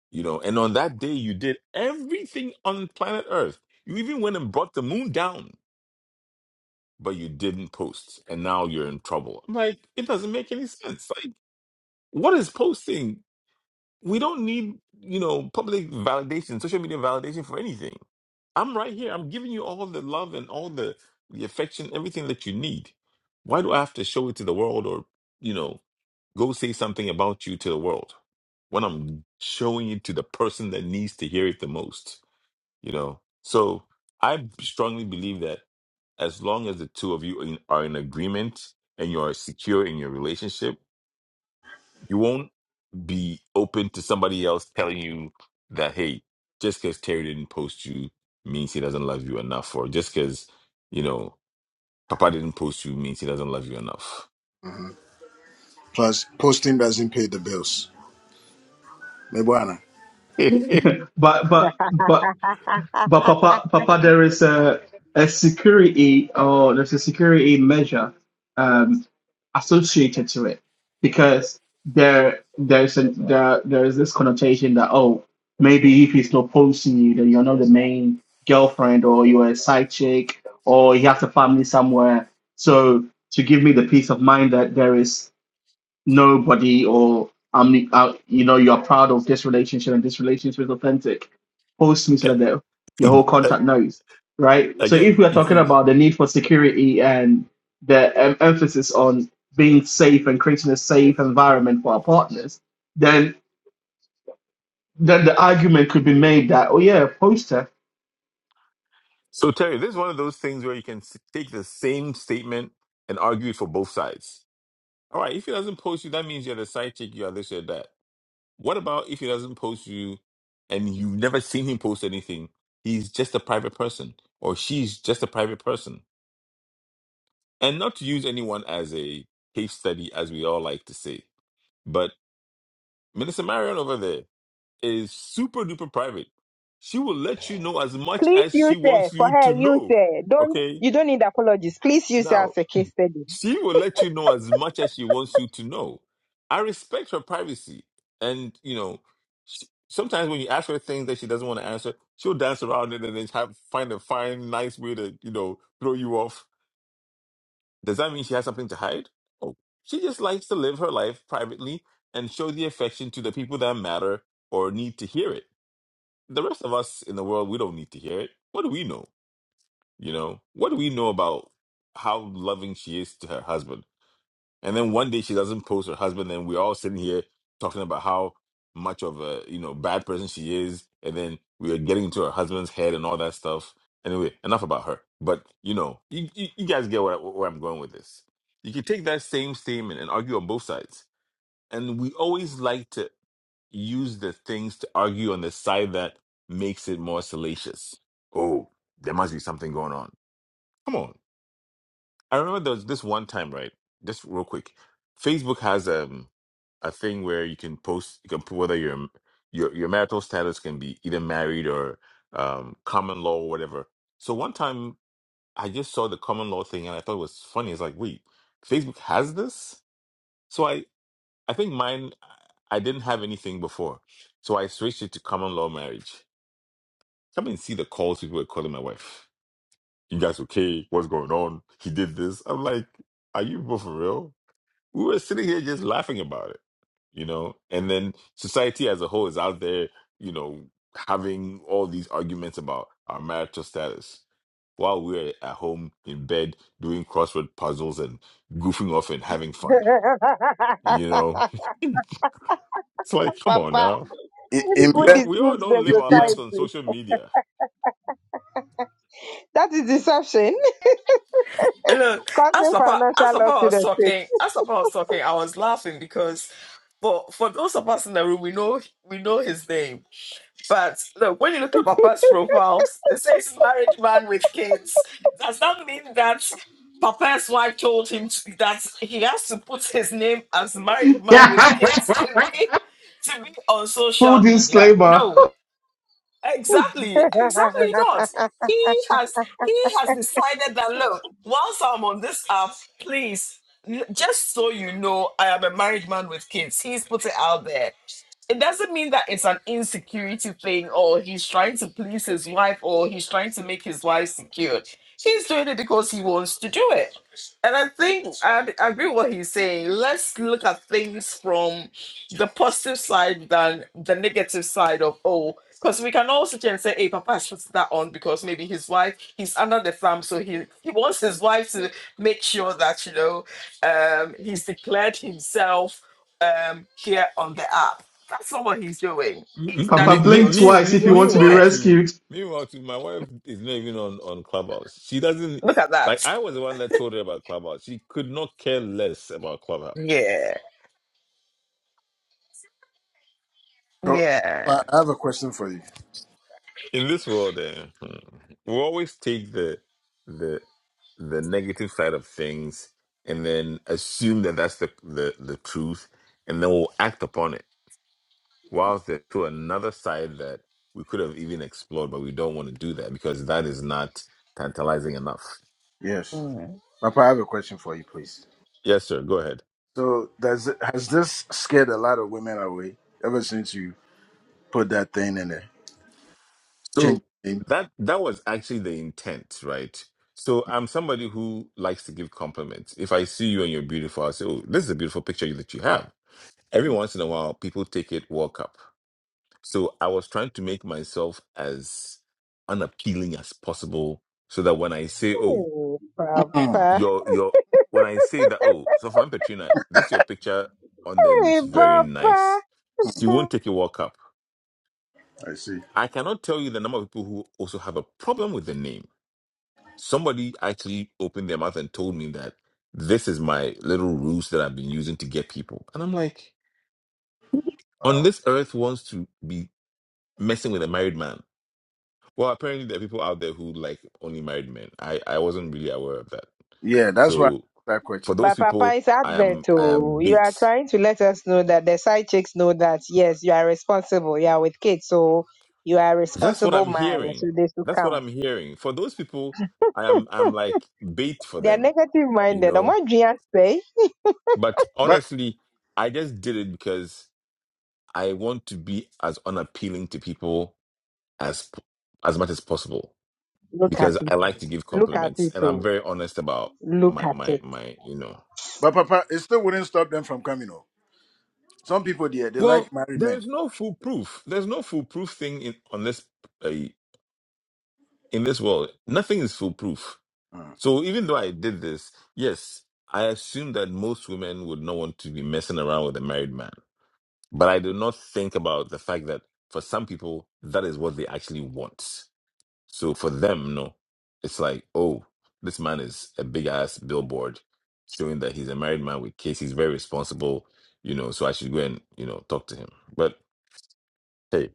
[SPEAKER 8] you know. And on that day, you did everything on planet Earth. You even went and brought the moon down, but you didn't post, and now you're in trouble. I'm like, it doesn't make any sense. Like, what is posting? We don't need, you know, public validation, social media validation for anything. I'm right here. I'm giving you all the love and all the, the affection, everything that you need. Why do I have to show it to the world or, you know, go say something about you to the world when I'm showing it to the person that needs to hear it the most, you know? So I strongly believe that as long as the two of you in, are in agreement and you are secure in your relationship, you won't be open to somebody else telling you that hey, just because Terry didn't post you means he doesn't love you enough, or just because you know Papa didn't post you means he doesn't love you enough.
[SPEAKER 3] Plus, posting doesn't pay the bills. Mebuana,
[SPEAKER 2] but but but but papa papa there is a a security or there's a security measure um associated to it because there there's a there there is this connotation that oh maybe if he's not posting you then you're not the main girlfriend or you're a side chick or he has a family somewhere so to give me the peace of mind that there is nobody or I'm uh, you know you're proud of this relationship and this relationship is authentic. Post me so that the- your whole contact knows, right? So if
[SPEAKER 8] Again,
[SPEAKER 2] we are
[SPEAKER 8] you
[SPEAKER 2] talking
[SPEAKER 8] see,
[SPEAKER 2] about the need for security and the um, emphasis on being safe and creating a safe environment for our partners, then then the argument could be made that oh yeah, post her.
[SPEAKER 8] so Terry, this is one of those things where you can s- take the same statement and argue it for both sides. All right, if he doesn't post you, that means you're the side chick, you are this, you're that. What about if he doesn't post you and you've never seen him post anything? He's just a private person or she's just a private person. And not to use anyone as a case study, as we all like to say, but Minister Marion over there is super duper private. She will let you know as much
[SPEAKER 5] Please
[SPEAKER 8] as she
[SPEAKER 5] use her.
[SPEAKER 8] wants
[SPEAKER 5] For
[SPEAKER 8] you
[SPEAKER 5] her,
[SPEAKER 8] to
[SPEAKER 5] use
[SPEAKER 8] know.
[SPEAKER 5] her. Don't
[SPEAKER 8] Okay.
[SPEAKER 5] you don't need apologies. Please use her
[SPEAKER 8] now.
[SPEAKER 5] as a case study.
[SPEAKER 8] She will let you know as much as she wants you to know. I respect her privacy. And, you know, she, sometimes when you ask her things that she doesn't want to answer, she'll dance around it and then have, find a fine, nice way to, you know, throw you off. Does that mean she has something to hide? Oh, she just likes to live her life privately and show the affection to the people that matter or need to hear it. The rest of us in the world, we don't need to hear it. What do we know? You know, what do we know about how loving she is to her husband? And then one day she doesn't post her husband, and we're all sitting here talking about how much of a you know bad person she is, and then we are getting into her husband's head and all that stuff. Anyway, enough about her. But you know, you you, you guys get where, I- where I'm going with this. You can take that same statement and argue on both sides, and we always like to use the things to argue on the side that makes it more salacious. Oh, there must be something going on. Come on I remember there was this one time, right? Just real quick, Facebook has um a thing where you can post you can put whether your your your marital status can be either married or um common law or whatever. So one time I just saw the common law thing and I thought it was funny. It's like, wait, Facebook has this? So I I think mine I didn't have anything before, so I switched it to common law marriage. Come and see the calls people were calling my wife. You guys okay? What's going on? He did this. I'm like, are you both for real? we were sitting here just laughing about it, you know. And then society as a whole is out there, you know, having all these arguments about our marital status while we're at home in bed doing crossword puzzles and goofing off and having fun. You know, it's like, come on
[SPEAKER 5] Papa.
[SPEAKER 8] now.
[SPEAKER 3] in, in
[SPEAKER 8] We
[SPEAKER 5] People
[SPEAKER 8] all,
[SPEAKER 3] bed,
[SPEAKER 5] deceive
[SPEAKER 8] we all don't
[SPEAKER 5] the
[SPEAKER 8] live our
[SPEAKER 3] it-
[SPEAKER 8] lives on
[SPEAKER 5] society.
[SPEAKER 8] social media.
[SPEAKER 5] That is deception.
[SPEAKER 1] Look, as
[SPEAKER 5] Causing
[SPEAKER 1] Papa, as
[SPEAKER 5] financial
[SPEAKER 1] Papa
[SPEAKER 5] loss to
[SPEAKER 1] was
[SPEAKER 5] the
[SPEAKER 1] talking, as Papa, I was laughing because you know we know him. It says married man with kids. Does that mean that Papa's wife told him to, that he has to put his name as married man with kids to be to be on
[SPEAKER 2] Full
[SPEAKER 1] social media?
[SPEAKER 2] disclaimer:
[SPEAKER 1] No, exactly, exactly
[SPEAKER 5] state.
[SPEAKER 1] not. He has he has decided that look, whilst I'm on this app, please, l- just so you know, I am a married man with kids. He's put it out there it doesn't mean that it's an insecurity thing or he's trying to please his wife or he's trying to make his wife secure. He's doing it because he wants to do it. And I think I, I agree with what he's saying. Let's look at things from the positive side than the negative side of oh, because we can also sit and say, hey, Papa has put that on because maybe his wife, he's under the thumb, so he, he wants his wife to make sure that, you know, um, he's declared himself um, here on the app that's not what he's doing. He's
[SPEAKER 8] M-
[SPEAKER 1] done
[SPEAKER 2] Papa
[SPEAKER 8] me,
[SPEAKER 1] it
[SPEAKER 8] me,
[SPEAKER 2] blink
[SPEAKER 8] me,
[SPEAKER 1] because
[SPEAKER 2] twice
[SPEAKER 1] he
[SPEAKER 8] me,
[SPEAKER 2] if you
[SPEAKER 1] wants
[SPEAKER 2] want
[SPEAKER 1] to
[SPEAKER 2] to
[SPEAKER 1] do
[SPEAKER 2] be
[SPEAKER 8] meanwhile,
[SPEAKER 1] it.
[SPEAKER 8] to
[SPEAKER 2] rescued.
[SPEAKER 8] meanwhile, to my wife is not even on on Clubhouse. She doesn't
[SPEAKER 1] Look at
[SPEAKER 8] like.
[SPEAKER 1] that.
[SPEAKER 8] I was the one that told her about Clubhouse. She could not care less about Clubhouse.
[SPEAKER 1] Yeah.
[SPEAKER 3] so,
[SPEAKER 1] Yeah.
[SPEAKER 3] I have a question for you.
[SPEAKER 8] In this world, eh, hmm, we always take the the the negative side of things and then assume that that's the the, the truth, and then we'll act upon it. Whilst there's to another side that we could have even explored, but we don't want to do that because that is not tantalizing enough.
[SPEAKER 3] Yes,
[SPEAKER 1] Mm.
[SPEAKER 3] Papa, I have a question for you, please.
[SPEAKER 8] Yes, sir. Go ahead.
[SPEAKER 3] So, does it- has this scared a lot of women away ever since you put that thing in there? Change.
[SPEAKER 8] So
[SPEAKER 3] the name?
[SPEAKER 8] that that was actually the intent, right? So I'm somebody who likes to give compliments. If I see you and you're beautiful, I say, "Oh, this is a beautiful picture that you have." Every once in a while, people take it, walk up. So I was trying to make myself as unappealing as possible, so that when I say, "Oh,
[SPEAKER 5] hey,
[SPEAKER 3] Mm,
[SPEAKER 5] Papa.
[SPEAKER 8] your your," when I say that, "Oh, so from Petrina, this your picture on there looks
[SPEAKER 5] Hey,
[SPEAKER 8] very
[SPEAKER 5] Papa.
[SPEAKER 8] nice," she won't take a walk up.
[SPEAKER 3] I see.
[SPEAKER 8] I cannot tell you the number of people who also have a problem with the name somebody actually opened their mouth and told me that this is my little ruse that I've been using to get people. And I'm like, on
[SPEAKER 3] Wow.
[SPEAKER 8] this earth wants to be messing with a married man. Well, apparently there are people out there who like only married men. I, I wasn't really aware of that.
[SPEAKER 3] Yeah, that's why I
[SPEAKER 8] So
[SPEAKER 3] asked that
[SPEAKER 8] for
[SPEAKER 3] question.
[SPEAKER 8] those
[SPEAKER 5] But Papa
[SPEAKER 8] people,
[SPEAKER 5] is
[SPEAKER 8] I
[SPEAKER 5] advert.
[SPEAKER 8] am I
[SPEAKER 5] Oh,
[SPEAKER 8] am
[SPEAKER 5] you are
[SPEAKER 8] bait.
[SPEAKER 5] trying to let us know that the side chicks know that yes, you are responsible. You are with kids, so you are a
[SPEAKER 8] That's what
[SPEAKER 5] responsible
[SPEAKER 8] I'm
[SPEAKER 5] man. So
[SPEAKER 8] hearing.
[SPEAKER 5] they should
[SPEAKER 8] That's what
[SPEAKER 5] come.
[SPEAKER 8] I'm hearing. For those people, I am I'm like bait for
[SPEAKER 5] They are
[SPEAKER 8] them,
[SPEAKER 5] negative
[SPEAKER 8] you
[SPEAKER 5] minded. And
[SPEAKER 8] know.
[SPEAKER 5] what do you say?
[SPEAKER 8] But
[SPEAKER 3] But
[SPEAKER 8] honestly, I just did it because I want to be as unappealing to people as as much as possible
[SPEAKER 5] Look at
[SPEAKER 8] because I
[SPEAKER 5] it.
[SPEAKER 8] like
[SPEAKER 5] all,
[SPEAKER 8] to give
[SPEAKER 5] Look at
[SPEAKER 8] compliments
[SPEAKER 5] it.
[SPEAKER 8] and I'm
[SPEAKER 5] all,
[SPEAKER 8] very honest about
[SPEAKER 5] Look
[SPEAKER 8] my
[SPEAKER 5] at
[SPEAKER 8] my
[SPEAKER 5] it.
[SPEAKER 8] my you know.
[SPEAKER 3] but Papa, it still wouldn't stop them from coming home. Some people there, they like
[SPEAKER 8] Well,
[SPEAKER 3] married
[SPEAKER 8] there
[SPEAKER 3] men.
[SPEAKER 8] is no foolproof. There's no foolproof thing in on this uh, in this world. Nothing is foolproof.
[SPEAKER 3] Mm.
[SPEAKER 8] So even though I did this, yes, I assume that most women would not want to be messing around with a married man. But I do not think about the fact that for some people that is what they actually want. So for them, no, it's like, oh, this man is a big ass billboard showing that he's a married man with kids. He's very responsible, you know. So I should go and you know talk to him. But hey,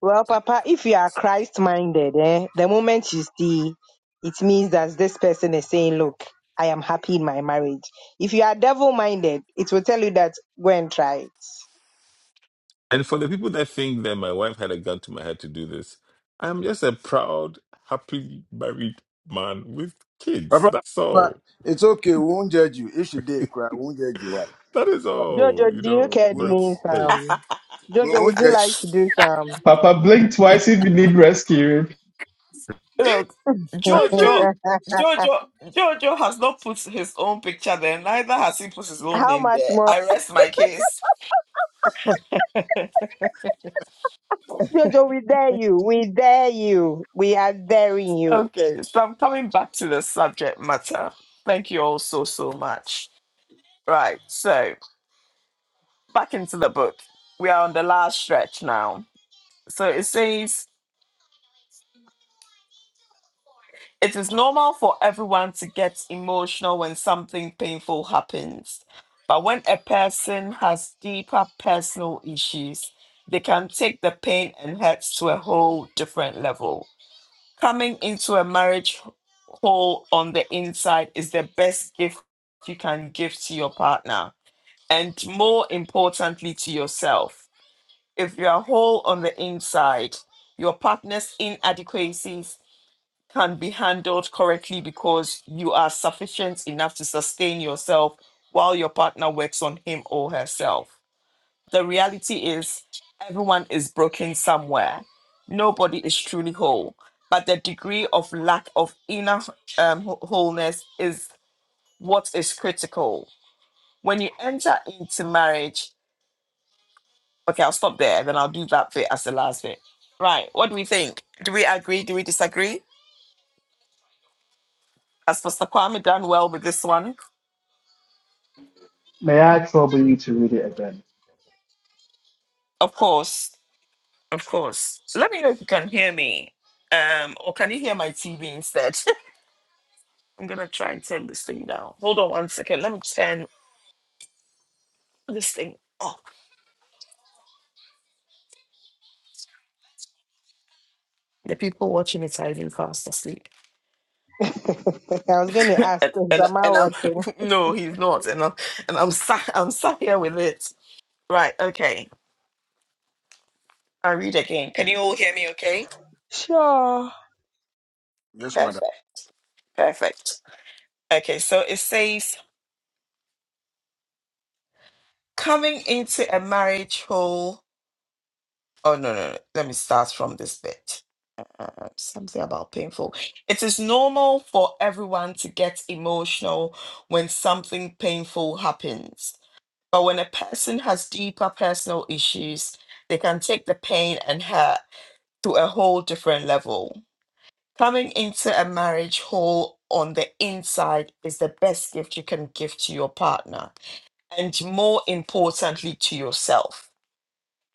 [SPEAKER 5] Well, Papa, if you are Christ minded, eh, the moment you see, it means that this person is saying, Look, I am happy in my marriage. If you are devil minded, it will tell you that go and try it.
[SPEAKER 8] and for the people that think that my wife had a gun to my head to do this, I'm just a proud, happily married man with kids.
[SPEAKER 3] Papa,
[SPEAKER 8] That's
[SPEAKER 3] Papa,
[SPEAKER 8] all.
[SPEAKER 3] it's okay. We won't judge you. If she did cry, we won't judge you. Why?
[SPEAKER 8] That is all,
[SPEAKER 5] Jojo,
[SPEAKER 8] you
[SPEAKER 5] do you
[SPEAKER 8] know.
[SPEAKER 5] care
[SPEAKER 3] We no-
[SPEAKER 8] But
[SPEAKER 5] doing
[SPEAKER 8] hey,
[SPEAKER 5] some?
[SPEAKER 3] we
[SPEAKER 5] Jojo,
[SPEAKER 3] won't
[SPEAKER 5] would you
[SPEAKER 3] judge.
[SPEAKER 5] like to do some?
[SPEAKER 2] Papa blink twice if you need rescuing.
[SPEAKER 1] Look,
[SPEAKER 3] That's
[SPEAKER 1] Jojo,
[SPEAKER 3] right.
[SPEAKER 1] Jojo, Jojo has not put his own picture there. Neither has he put his own
[SPEAKER 5] How
[SPEAKER 1] name
[SPEAKER 5] much
[SPEAKER 1] there.
[SPEAKER 5] more?
[SPEAKER 1] I rest my case.
[SPEAKER 5] Jojo, we dare you. We dare you. We are daring you.
[SPEAKER 1] Okay, so I'm coming back to the subject matter. Thank you all so, so much. Right, so back into the book. We are on the last stretch now. So it says It is normal for everyone to get emotional when something painful happens. But when a person has deeper personal issues, they can take the pain and hurts to a whole different level. Coming into a marriage whole on the inside is the best gift you can give to your partner and more importantly to yourself. If you are whole on the inside, your partner's inadequacies can be handled correctly because you are sufficient enough to sustain yourself while your partner works on him or herself. The reality is, everyone is broken somewhere. Nobody is truly whole. But the degree of lack of inner um, wh- wholeness is what is critical. When you enter into marriage, okay, I'll stop there, then I'll do that bit as the last bit. Right, what do we think? Do we agree? Do we disagree? Has Pastor Kwame done well with this one?
[SPEAKER 2] May I trouble you to read it again?
[SPEAKER 1] Of course, of course. Let me know if you can hear me. Um, or can you hear my TV instead? I'm gonna try and turn this thing down. Hold on one second. Let me turn this thing off. The people's asleep,
[SPEAKER 5] I was going to ask,
[SPEAKER 1] and,
[SPEAKER 5] is
[SPEAKER 1] and
[SPEAKER 5] am I
[SPEAKER 1] and I'm
[SPEAKER 5] watching?
[SPEAKER 1] no, he's not, and I'm and I'm sat I'm sat here with it. Right. Okay. I read again. Can you all hear me? Okay.
[SPEAKER 5] Sure.
[SPEAKER 3] Yes, madam.
[SPEAKER 1] Perfect. Perfect. Okay. So it says coming into a marriage hole. Oh no no. no. Let me start from this bit uh, something about painful. It is normal for everyone to get emotional when something painful happens. But when a person has deeper personal issues, they can take the pain and hurt to a whole different level. Coming into a marriage whole on the inside is the best gift you can give to your partner and more importantly to yourself.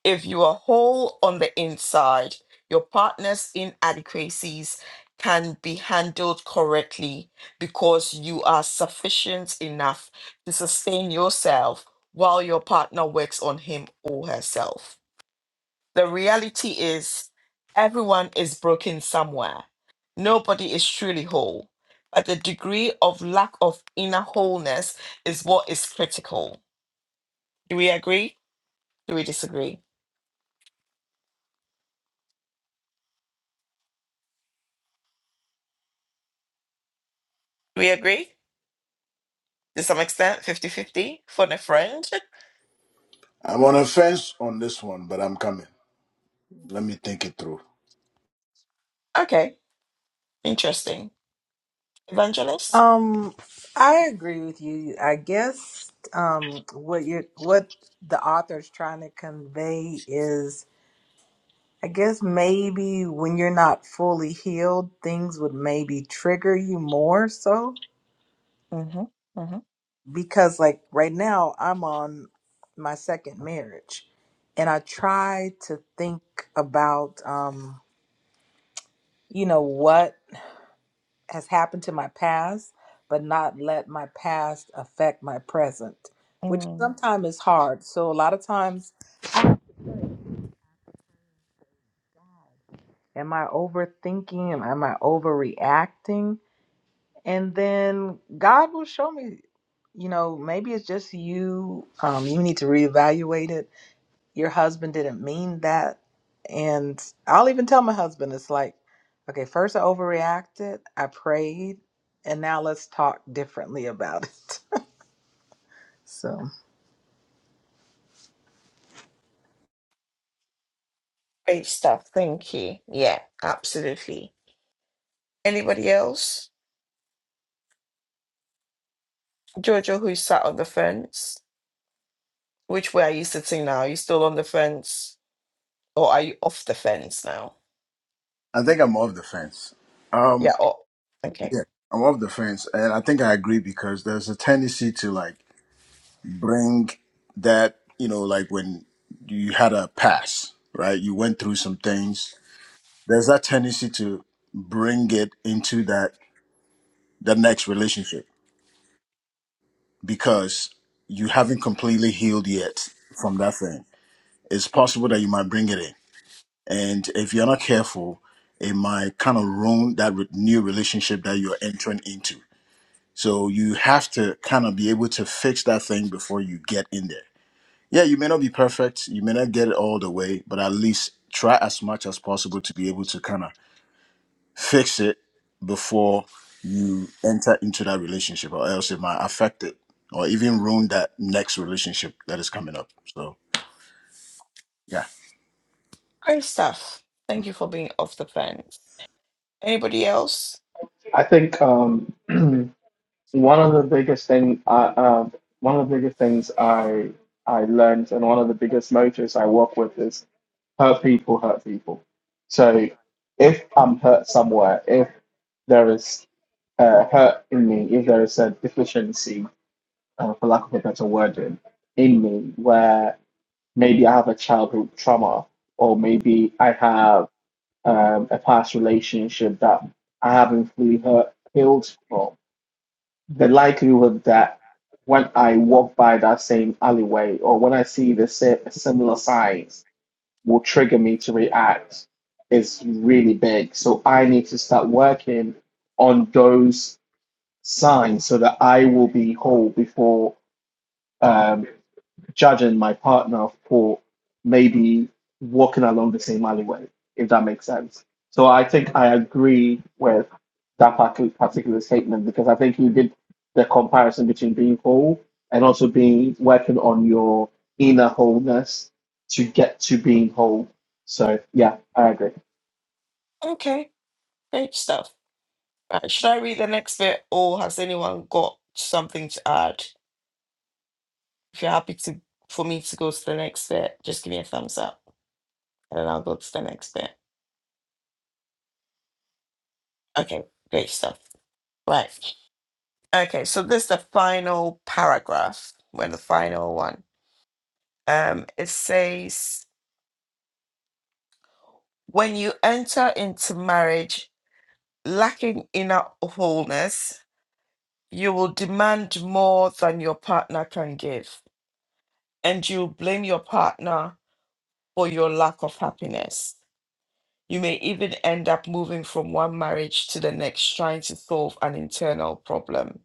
[SPEAKER 1] If you are whole on the inside, your partner's inadequacies can be handled correctly because you are sufficient enough to sustain yourself while your partner works on him or herself. The reality is, everyone is broken somewhere. Nobody is truly whole, but the degree of lack of inner wholeness is what is critical. Do we agree? Do we disagree? Do we agree? to some extent fifty-fifty for the friend.
[SPEAKER 3] I'm on a fence on this one, but I'm coming. Let me think it through.
[SPEAKER 1] Okay, interesting. Evangelist?
[SPEAKER 7] um i agree with you i guess um what you're what the author's trying to convey is. I guess maybe when you're not fully healed, things would maybe trigger you more so.
[SPEAKER 1] Mm-hmm. Mm-hmm.
[SPEAKER 7] Because, like, right now, I'm on my second marriage, and I try to think about, um, you know, what has happened to my past, but not let my past affect my present, which
[SPEAKER 1] Mm.
[SPEAKER 7] sometimes is hard. So, a lot of times, am I overthinking? Am, am I overreacting? and then God will show me, you know, maybe it's just you. Um, you need to reevaluate it. Your husband didn't mean that. And I'll even tell my husband, it's like, okay, first I overreacted, I prayed, and now let's talk differently about it. So,
[SPEAKER 1] Great stuff. Thank you. Yeah, absolutely. Anybody else? Jojo, who sat on the fence? Which way are you sitting now? Are you still on the fence or are you off the fence now?
[SPEAKER 3] I think I'm off the fence.
[SPEAKER 1] Yeah,
[SPEAKER 3] Um,
[SPEAKER 1] oh, okay.
[SPEAKER 3] yeah, I'm off the fence, and I think I agree because there's a tendency to like bring that, you know, like when you had a pass, right? You went through some things. There's that tendency to bring it into that the next relationship because you haven't completely healed yet from that thing. It's possible that you might bring it in. And if you're not careful, it might kind of ruin that re- new relationship that you're entering into. So you have to kind of be able to fix that thing before you get in there Yeah, you may not be perfect, you may not get it all the way, but at least try as much as possible to be able to kind of fix it before you enter into that relationship, or else it might affect it or even ruin that next relationship that is coming up. So, yeah.
[SPEAKER 1] Great stuff. Thank you for being off the fence. Anybody else?
[SPEAKER 2] I think um, one of the biggest thing, I, uh, one of the biggest things I I learned, and one of the biggest motives I work with is hurt people, hurt people. So if I'm hurt somewhere, if there is uh, hurt in me, if there is a deficiency, uh, for lack of a better wording, in me, where maybe I have a childhood trauma, or maybe I have um, a past relationship that I haven't fully hurt, healed from, the likelihood that when I walk by that same alleyway or when I see the sa- similar signs will trigger me to react is really big. So I need to start working on those signs so that I will be whole before um, judging my partner for maybe walking along the same alleyway, if that makes sense. So I think I agree with that partic- particular statement because I think you did the comparison between being whole and also being working on your inner wholeness to get to being whole. So yeah, I agree.
[SPEAKER 1] Okay, great stuff. Right, should I read the next bit or has anyone got something to add? If you're happy to for me to go to the next bit, just give me a thumbs up and then I'll go to the next bit. Okay, great stuff. Right. Okay, so this is the final paragraph. We're in the final one. Um, it says, when you enter into marriage lacking inner wholeness, you will demand more than your partner can give, and you blame your partner for your lack of happiness You may even end up moving from one marriage to the next, trying to solve an internal problem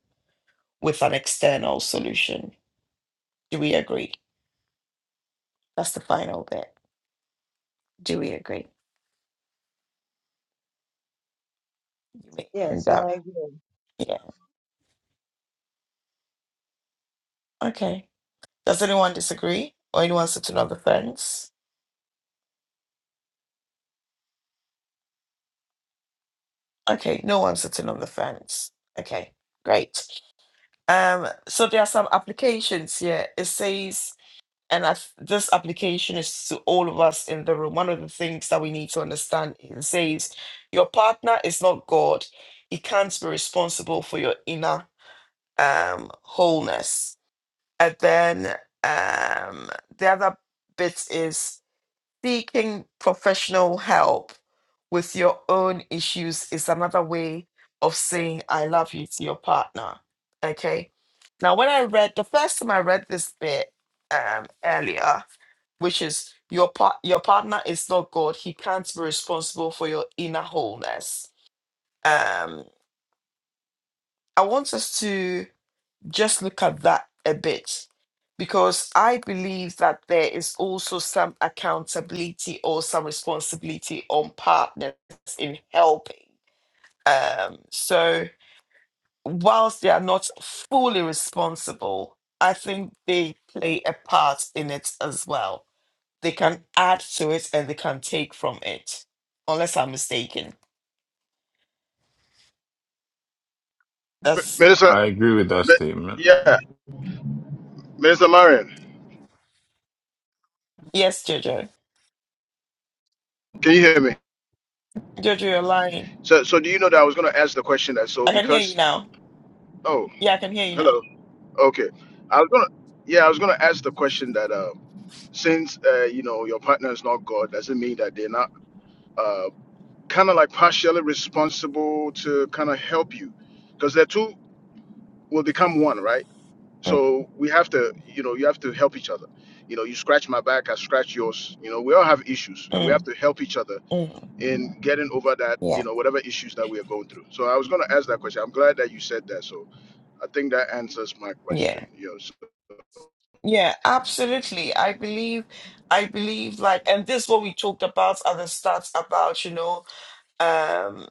[SPEAKER 1] with an external solution. Do we agree? That's the final bit. Do we agree? You may
[SPEAKER 5] Yes,
[SPEAKER 1] end up,
[SPEAKER 5] I agree.
[SPEAKER 1] yeah. Okay. Does anyone disagree? Or anyone sitting on the fence? Okay, no one sitting on the fence. Okay, great. Um, so there are some applications here. It says And I, th- this application is to all of us in the room. One of the things that we need to understand is it says your partner is not God. He can't be responsible for your inner um, wholeness. And then um, the other bit is seeking professional help with your own issues is another way of saying I love you to your partner. Okay. Now, when I read the first time I read this bit um, earlier, which is your part, your partner is not God. He can't be responsible for your inner wholeness. Um, I want us to just look at that a bit because I believe that there is also some accountability or some responsibility on partners in helping. Um, so, whilst they are not fully responsible, I think they play a part in it as well. They can add to it and they can take from it, unless I'm mistaken.
[SPEAKER 3] M-
[SPEAKER 1] That's
[SPEAKER 3] Minister,
[SPEAKER 8] I agree with that
[SPEAKER 3] Mi-
[SPEAKER 8] statement.
[SPEAKER 3] yeah, Minister Marion,
[SPEAKER 1] yes, Jojo.
[SPEAKER 3] can you hear me?
[SPEAKER 1] Jojo, you're lying.
[SPEAKER 3] So, so do you know that I was going to ask the question that so
[SPEAKER 1] I can hear you
[SPEAKER 3] because
[SPEAKER 1] now.
[SPEAKER 3] oh
[SPEAKER 1] Yeah, I can hear you now.
[SPEAKER 3] hello okay I was gonna yeah I was gonna ask the question that uh, since uh, you know your partner is not God doesn't mean that they're not uh, kind of like partially responsible to kind of help you because the two will become one right
[SPEAKER 1] Mm,
[SPEAKER 3] so we have to you know you have to help each other you know you scratch my back i scratch yours you know we all have issues and we have
[SPEAKER 1] mm,
[SPEAKER 3] to help each other
[SPEAKER 1] mm.
[SPEAKER 3] in getting over that you
[SPEAKER 1] Yeah,
[SPEAKER 3] know whatever issues that we are going through so i was going to ask that question i'm glad that you said that so i think that answers my question
[SPEAKER 1] yeah,
[SPEAKER 3] you know so,
[SPEAKER 1] yeah, absolutely. I believe, I believe, like, and this is what we talked about at the start about, you know, um,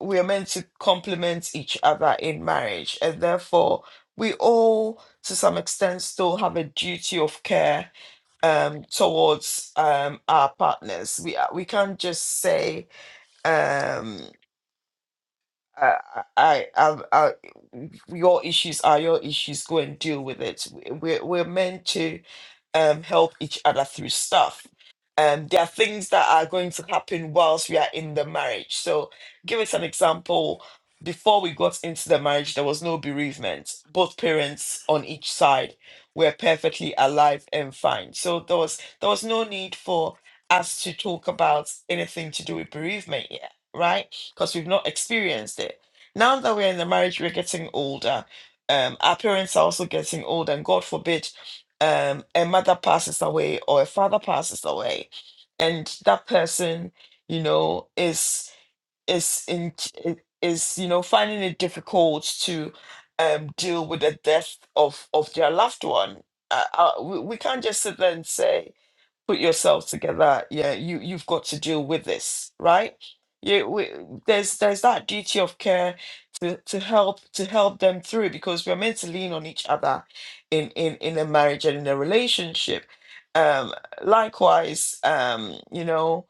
[SPEAKER 1] we are meant to complement each other in marriage, and therefore we all, to some extent, still have a duty of care um towards um our partners. We are- we can't just say. um I, I, I, I, your issues are your issues. Go and deal with it. We're, we're meant to um, help each other through stuff. Um, there are things that are going to happen whilst we are in the marriage. So, give us an example. Before we got into the marriage, there was no bereavement. Both parents on each side were perfectly alive and fine. So there was there was no need for us to talk about anything to do with bereavement yet, right? because we've not experienced it. Now that we're in the marriage, we're getting older. Um, our parents are also getting older, and God forbid, um, a mother passes away or a father passes away, and that person, you know, is is in is you know finding it difficult to um, deal with the death of of their loved one. Uh, uh, we, we can't just sit there and say put yourself together. Yeah, you you've got to deal with this, right? You, we, there's there's that duty of care to, to help to help them through because we're meant to lean on each other in in in a marriage and in a relationship. Um, likewise, um, you know,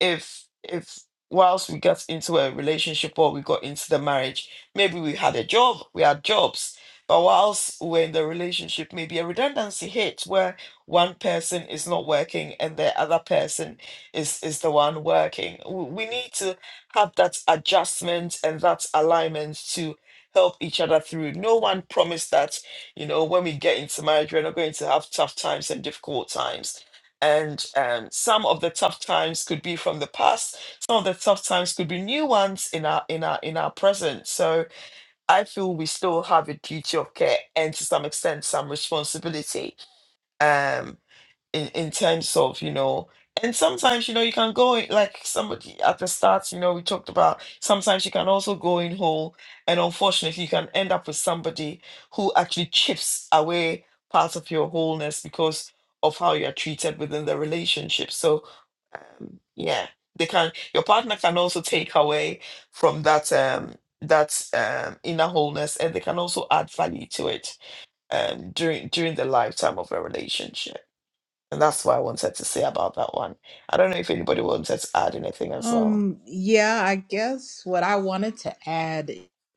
[SPEAKER 1] if if whilst we got into a relationship or we got into the marriage, maybe we had a job, we had jobs. But whilst we're in the relationship, maybe a redundancy hit where one person is not working and the other person is is the one working. W- We need to have that adjustment and that alignment to help each other through. No one promised that, you know, when we get into marriage, we're not going to have tough times and difficult times and um, some of the tough times could be from the past some of the tough times could be new ones in our in our in our present so i feel we still have a duty of care and to some extent some responsibility Um in in terms of you know and sometimes you know you can go in, like somebody at the start you know we talked about sometimes you can also go in whole and unfortunately you can end up with somebody who actually chips away part of your wholeness because of how you're treated within the relationship so um, yeah they can your partner can also take away from that um that um inner wholeness and they can also add value to it um during during the lifetime of a relationship and that's what I wanted to say about that one. I don't know if anybody wanted to add anything as well.
[SPEAKER 7] Um, yeah, I guess what I wanted to add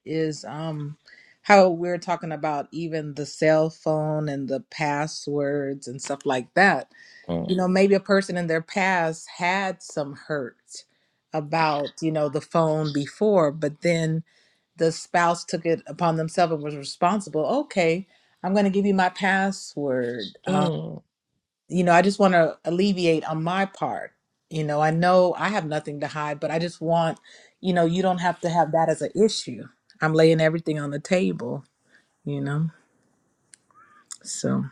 [SPEAKER 7] is um how we're talking about even the cell phone and the passwords and stuff like that. you
[SPEAKER 1] Mm,
[SPEAKER 7] know maybe a person in their past had some hurt about you know the phone before but then the spouse took it upon themselves and was responsible okay i'm going to give you my password um,
[SPEAKER 1] mm.
[SPEAKER 7] you know i just want to alleviate on my part you know i know i have nothing to hide but i just want you know you don't have to have that as an issue i'm laying everything on the table you know so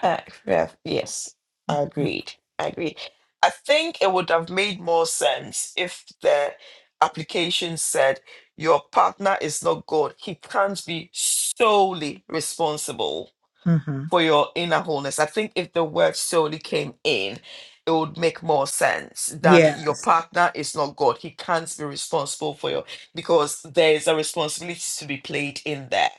[SPEAKER 1] Uh, yeah, yes, I agreed. I agree. I think it would have made more sense if the application said your partner is not God. He can't be solely responsible
[SPEAKER 7] mhm.
[SPEAKER 1] for your inner wholeness. I think if the word solely came in, it would make more sense than your
[SPEAKER 7] yes
[SPEAKER 1] partner is not God. He can't be responsible for your because there's a responsibility to be played in there.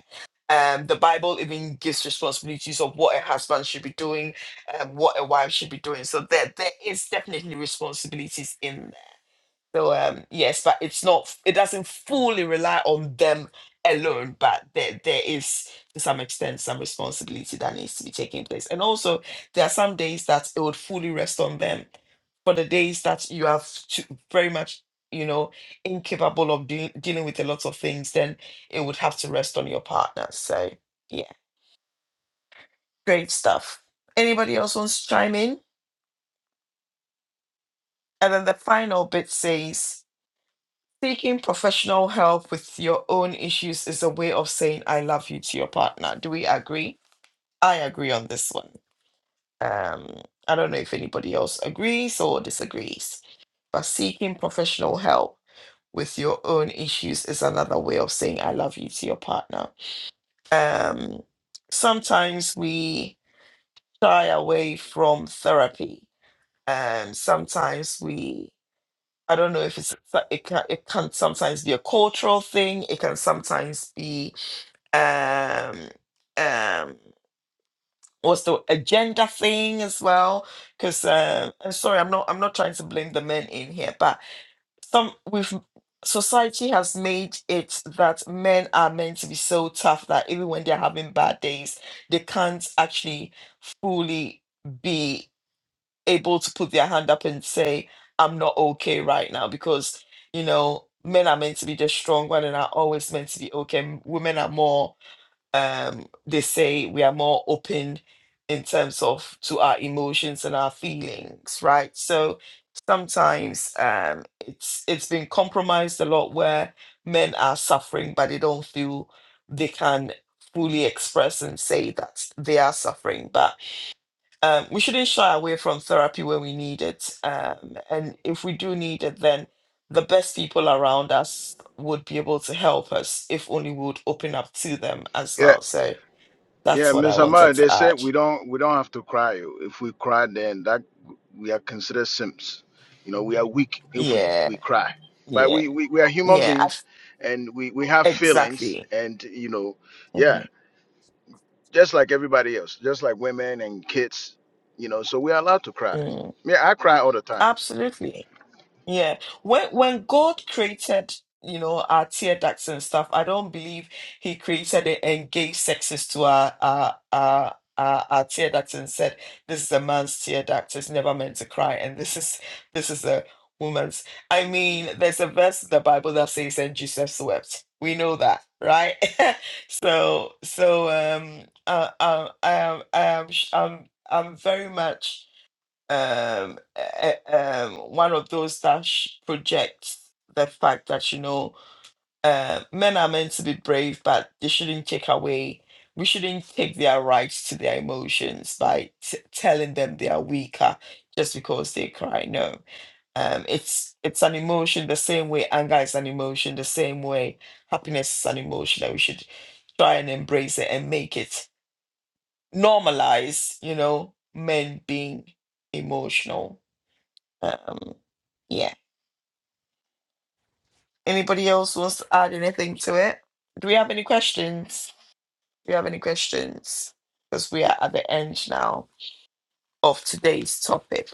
[SPEAKER 1] Um, the Bible even gives responsibilities of what a husband should be doing, um, what a wife should be doing. So there, there is definitely responsibilities in there. So um yes, but it's not it doesn't fully rely on them alone, but there there is to some extent some responsibility that needs to be taking place. And also there are some days that it would fully rest on them. For the days that you have to very much, you know, incapable of doing dealing with a lot of things, then it will yeah. Great. Anything? And then the final seeking professional help with your issues is a way of saying I love you to you. Do we? I um I agrees or disagrees, but seeking professional help with your own issues is another way of saying I love you to your partner. Um, sometimes we shy away from therapy. Um, sometimes we, I don't know if it's, it can, it can sometimes be a cultural thing. It can sometimes be um um what's the agenda thing as well because um i'm sorry i'm not i'm not trying to blame the men in here but some we've society has made it that men are meant to be so tough that even when they're having bad days, they can't actually fully be able to put their hand up and say, I'm not okay right now because you know men are meant to be just strong, women are always meant to be okay. Women are more um, they say we are more open in terms of to our emotions and our feelings, right? So sometimes um, it's it's been compromised a lot where men are suffering, but they don't feel they can fully express and say that they are suffering. But um, we shouldn't shy away from therapy when we need it, um, and if we do need it, then the best people around us would be able to help us if only we would open up to them as
[SPEAKER 3] yeah.
[SPEAKER 1] well. So
[SPEAKER 3] Yeah,
[SPEAKER 1] that's what I
[SPEAKER 3] Miss
[SPEAKER 1] wanted
[SPEAKER 3] Amara, they
[SPEAKER 1] to
[SPEAKER 3] said
[SPEAKER 1] add.
[SPEAKER 3] we don't we don't have to cry. If we cry, then that we are considered simps. You know, we are weak if we,
[SPEAKER 1] Yeah,
[SPEAKER 3] we cry. But
[SPEAKER 1] yeah,
[SPEAKER 3] we, we, we are human
[SPEAKER 1] yeah. I f-
[SPEAKER 3] beings and we, we have feelings
[SPEAKER 1] exactly.
[SPEAKER 3] and you know, yeah,
[SPEAKER 1] Mm,
[SPEAKER 3] just like everybody else, just like women and kids, you know, so we are allowed to cry.
[SPEAKER 1] mm,
[SPEAKER 3] Yeah, I cry all the time.
[SPEAKER 1] absolutely. Yeah. When when God created, you know, our tear ducts and stuff, I don't believe he created it and gave sexes to our our our our, our tear ducts and said, This is a man's tear duct, it's never meant to cry, and this is this is a woman's. I mean, there's a verse in the Bible that says, and Jesus wept. We know that, right? so so um uh, uh, I am I am sh- I'm I'm very much um, uh, um, one of those that sh- projects the fact that you know uh, men are meant to be brave, but they shouldn't take away. We shouldn't take their rights to their emotions by t- telling them they are weaker just because they cry. No, um, it's it's an emotion the same way anger is an emotion, the same way happiness is an emotion that we should try and embrace it and make it normalize. You know, men being emotional um, yeah. Anybody else wants to add anything to it? Do we have any questions? Do you have any questions? Because we are at the end now of today's topic.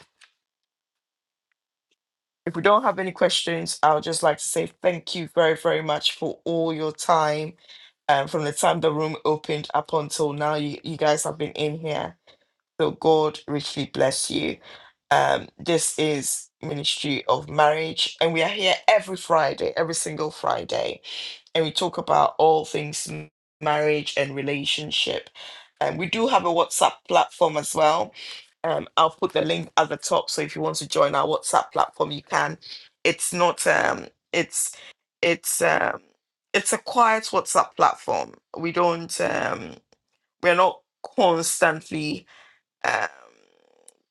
[SPEAKER 1] If we don't have any questions, I would just like to say thank you very, very much for all your time. Um, from the time the room opened up until now, you, you guys have been in here. So God richly bless you. Um, this is Ministry of Marriage, and we are here every Friday, every single Friday, and we talk about all things m- marriage and relationship. And we do have a WhatsApp platform as well. Um, I'll put the link at the top, so if you want to join our WhatsApp platform, you can. It's not um, it's it's um, it's a quiet WhatsApp platform. We don't um, we're not constantly um,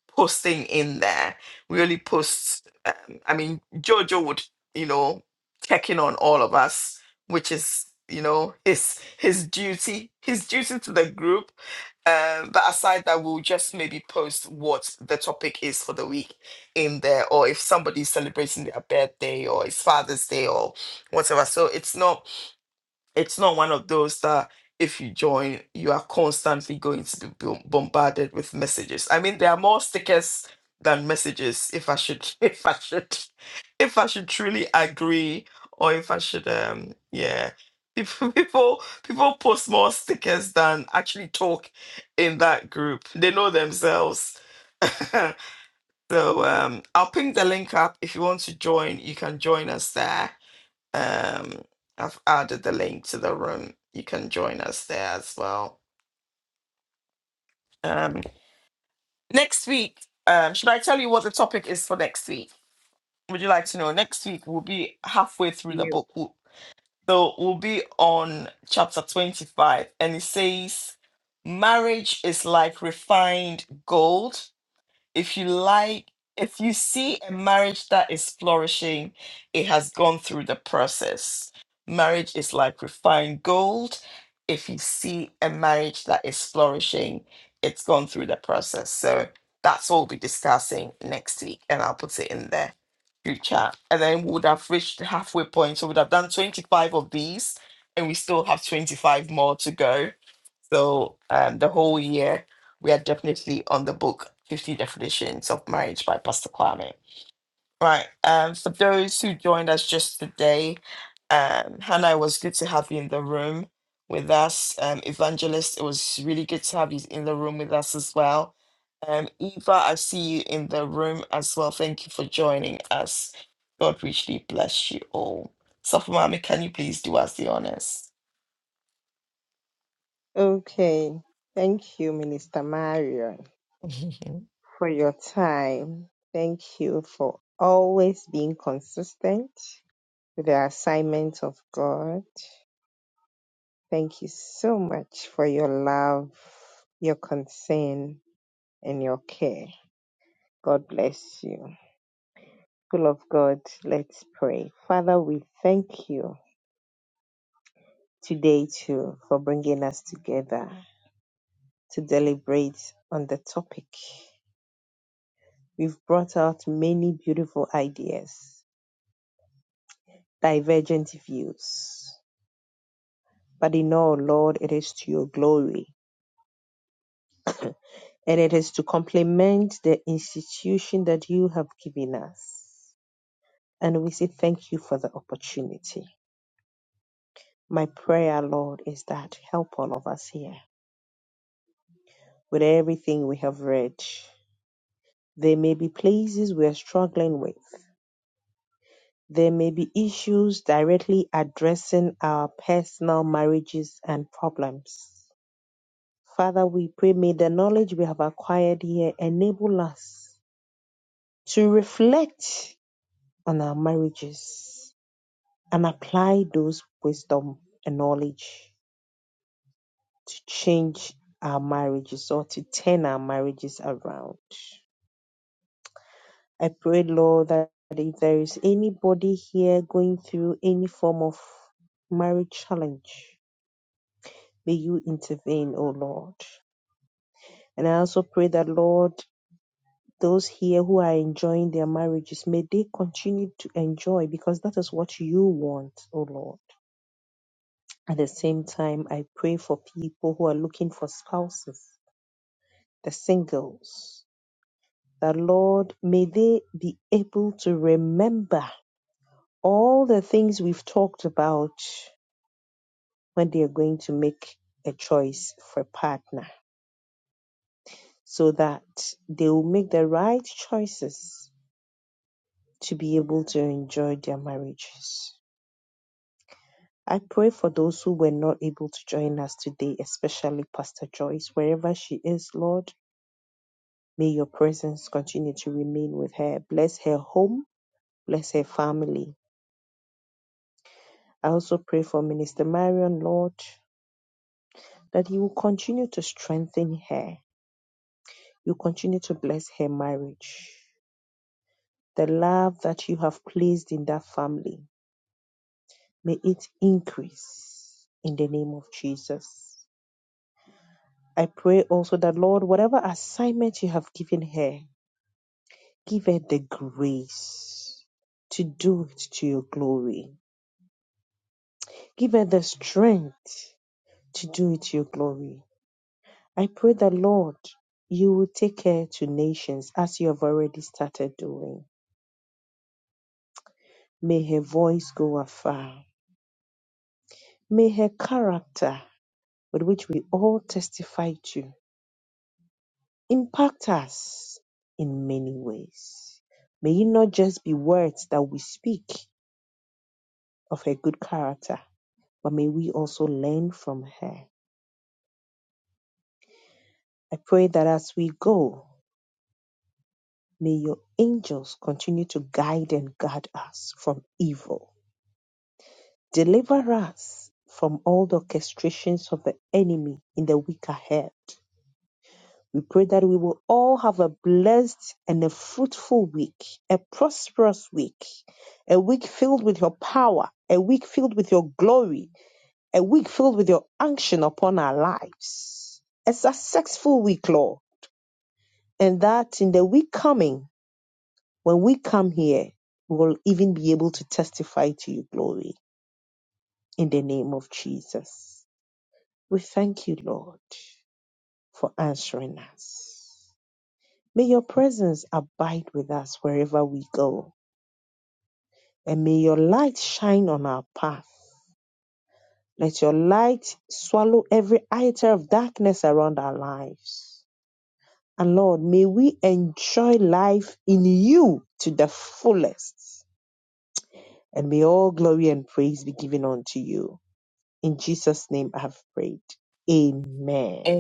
[SPEAKER 1] posting in there. We only post. Um, I mean, Jojo would, you know, check in on all of us, which is, you know, his his duty, his duty to the group. Um, but aside that, we'll just maybe post what the topic is for the week in there, or if somebody's celebrating their birthday or it's Father's Day or whatever. So it's not it's not one of those that if you join, you are constantly going to be bom- bombarded with messages. I mean, there are more stickers than messages. If I should, if I should, if I should truly agree, or if I should, um, yeah, people, people, people post more stickers than actually talk in that group. They know themselves. so um, I'll ping the link up if you want to join. You can join us there um, I've added the link to the room. You can join us there as well. Um, next week, um, should I tell you what the topic is for next week? Would you like to know? Next week, we'll be halfway through the
[SPEAKER 5] You.
[SPEAKER 1] book. We'll- So we'll be on chapter 25, and it says, Marriage is like refined gold. if you like, if you see a marriage that is flourishing, it has gone through the process. Marriage is like refined gold. If you see a marriage that is flourishing, it's gone through the process. So that's what we'll be discussing next week, and I'll put it in there, group chat. And then we would have reached the halfway point. So we'd have done 25 of these, and we still have 25 more to go so um, the whole year, we are definitely on the book 50 Definitions of Marriage by Pastor Kwame. Right. Um, for those who joined us just today, um, Hannah, it was good to have you in the room with us. Um, Evangelist, it was really good to have you in the room with us as well. Um, Eva, I see you in the room as well. Thank you for joining us. God richly bless you all. So, Mami, can you please do us the honors?
[SPEAKER 5] Okay. Thank you, Minister Marion, for your time. Thank you for always being consistent with the assignment of God. Thank you so much for your love, your concern, and your care. God bless you. Full of God, let's pray. Father, we thank you. today too for bringing us together to deliberate on the topic. We've brought out many beautiful ideas, divergent views, but in all, Lord, it is to your glory and it is to complement the institution that you have given us. And we say thank you for the opportunity. My prayer, Lord, is that help all of us here with everything we have read. There may be places we are struggling with There may be issues directly addressing our personal marriages and problems. Father, we pray may the knowledge we have acquired here enable us to reflect on our marriages and apply those wisdom and knowledge to change our marriages or to turn our marriages around. I pray, Lord, that if there is anybody here going through any form of marriage challenge, May you intervene, O Lord. And I also pray that, Lord, those here who are enjoying their marriages, may they continue to enjoy because that is what you want, O Lord. At the same time, I pray for people who are looking for spouses, the singles, that, Lord, may they be able to remember all the things we've talked about when they are going to make a choice for a partner so that they will make the right choices to be able to enjoy their marriages. I pray for those who were not able to join us today, especially Pastor Joyce, wherever she is, Lord. May your presence continue to remain with her. Bless her home, bless her family. I also pray for Minister Marion, Lord, that you will continue to strengthen her. You continue to bless her marriage. The love that you have placed in that family, may it increase in the name of Jesus. I pray also that, Lord, whatever assignment you have given her, give her the grace to do it to your glory. Give her the strength to do it to your glory. I pray that, Lord, you will take her to nations as you have already started doing. May her voice go afar. May her character, with which we all testify to, impact us in many ways. May it not just be words that we speak, of her good character, but may we also learn from her. I pray that as we go, may your angels continue to guide and guard us from evil. Deliver us from all the orchestrations of the enemy in the week ahead. We pray that we will all have a blessed and a fruitful week, a prosperous week, a week filled with your power, a week filled with your glory, a week filled with your unction upon our lives. A successful week, Lord. And that in the week coming, when we come here, we will even be able to testify to your glory in the name of Jesus. We thank you, Lord, for answering us. May your presence abide with us wherever we go, and may your light shine on our path. Let your light swallow every iota of darkness around our lives. And Lord, may we enjoy life in you to the fullest. And may all glory and praise be given unto you. In Jesus' name I have prayed. Amen.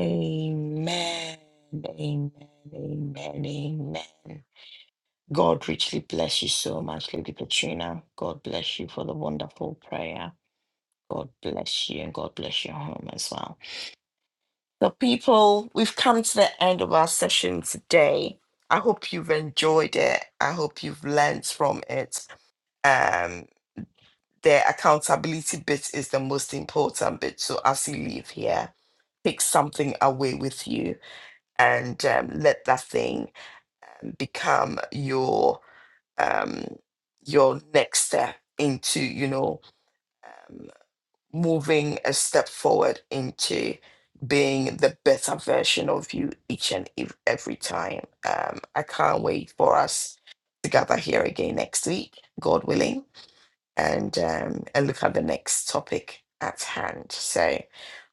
[SPEAKER 1] Amen. Amen. Amen. God richly bless you so much, Lady Petrina. God bless you for the wonderful prayer. God bless you and God bless your home as well. So, people, we've come to the end of our session today. I hope you've enjoyed it. I hope you've learned from it. Um, the accountability bit is the most important bit. So, as you leave here, take something away with you and um, let that thing become your um your next step into you know um, moving a step forward into being the better version of you each and ev- every time um i can't wait for us to gather here again next week god willing and um and look at the next topic at hand so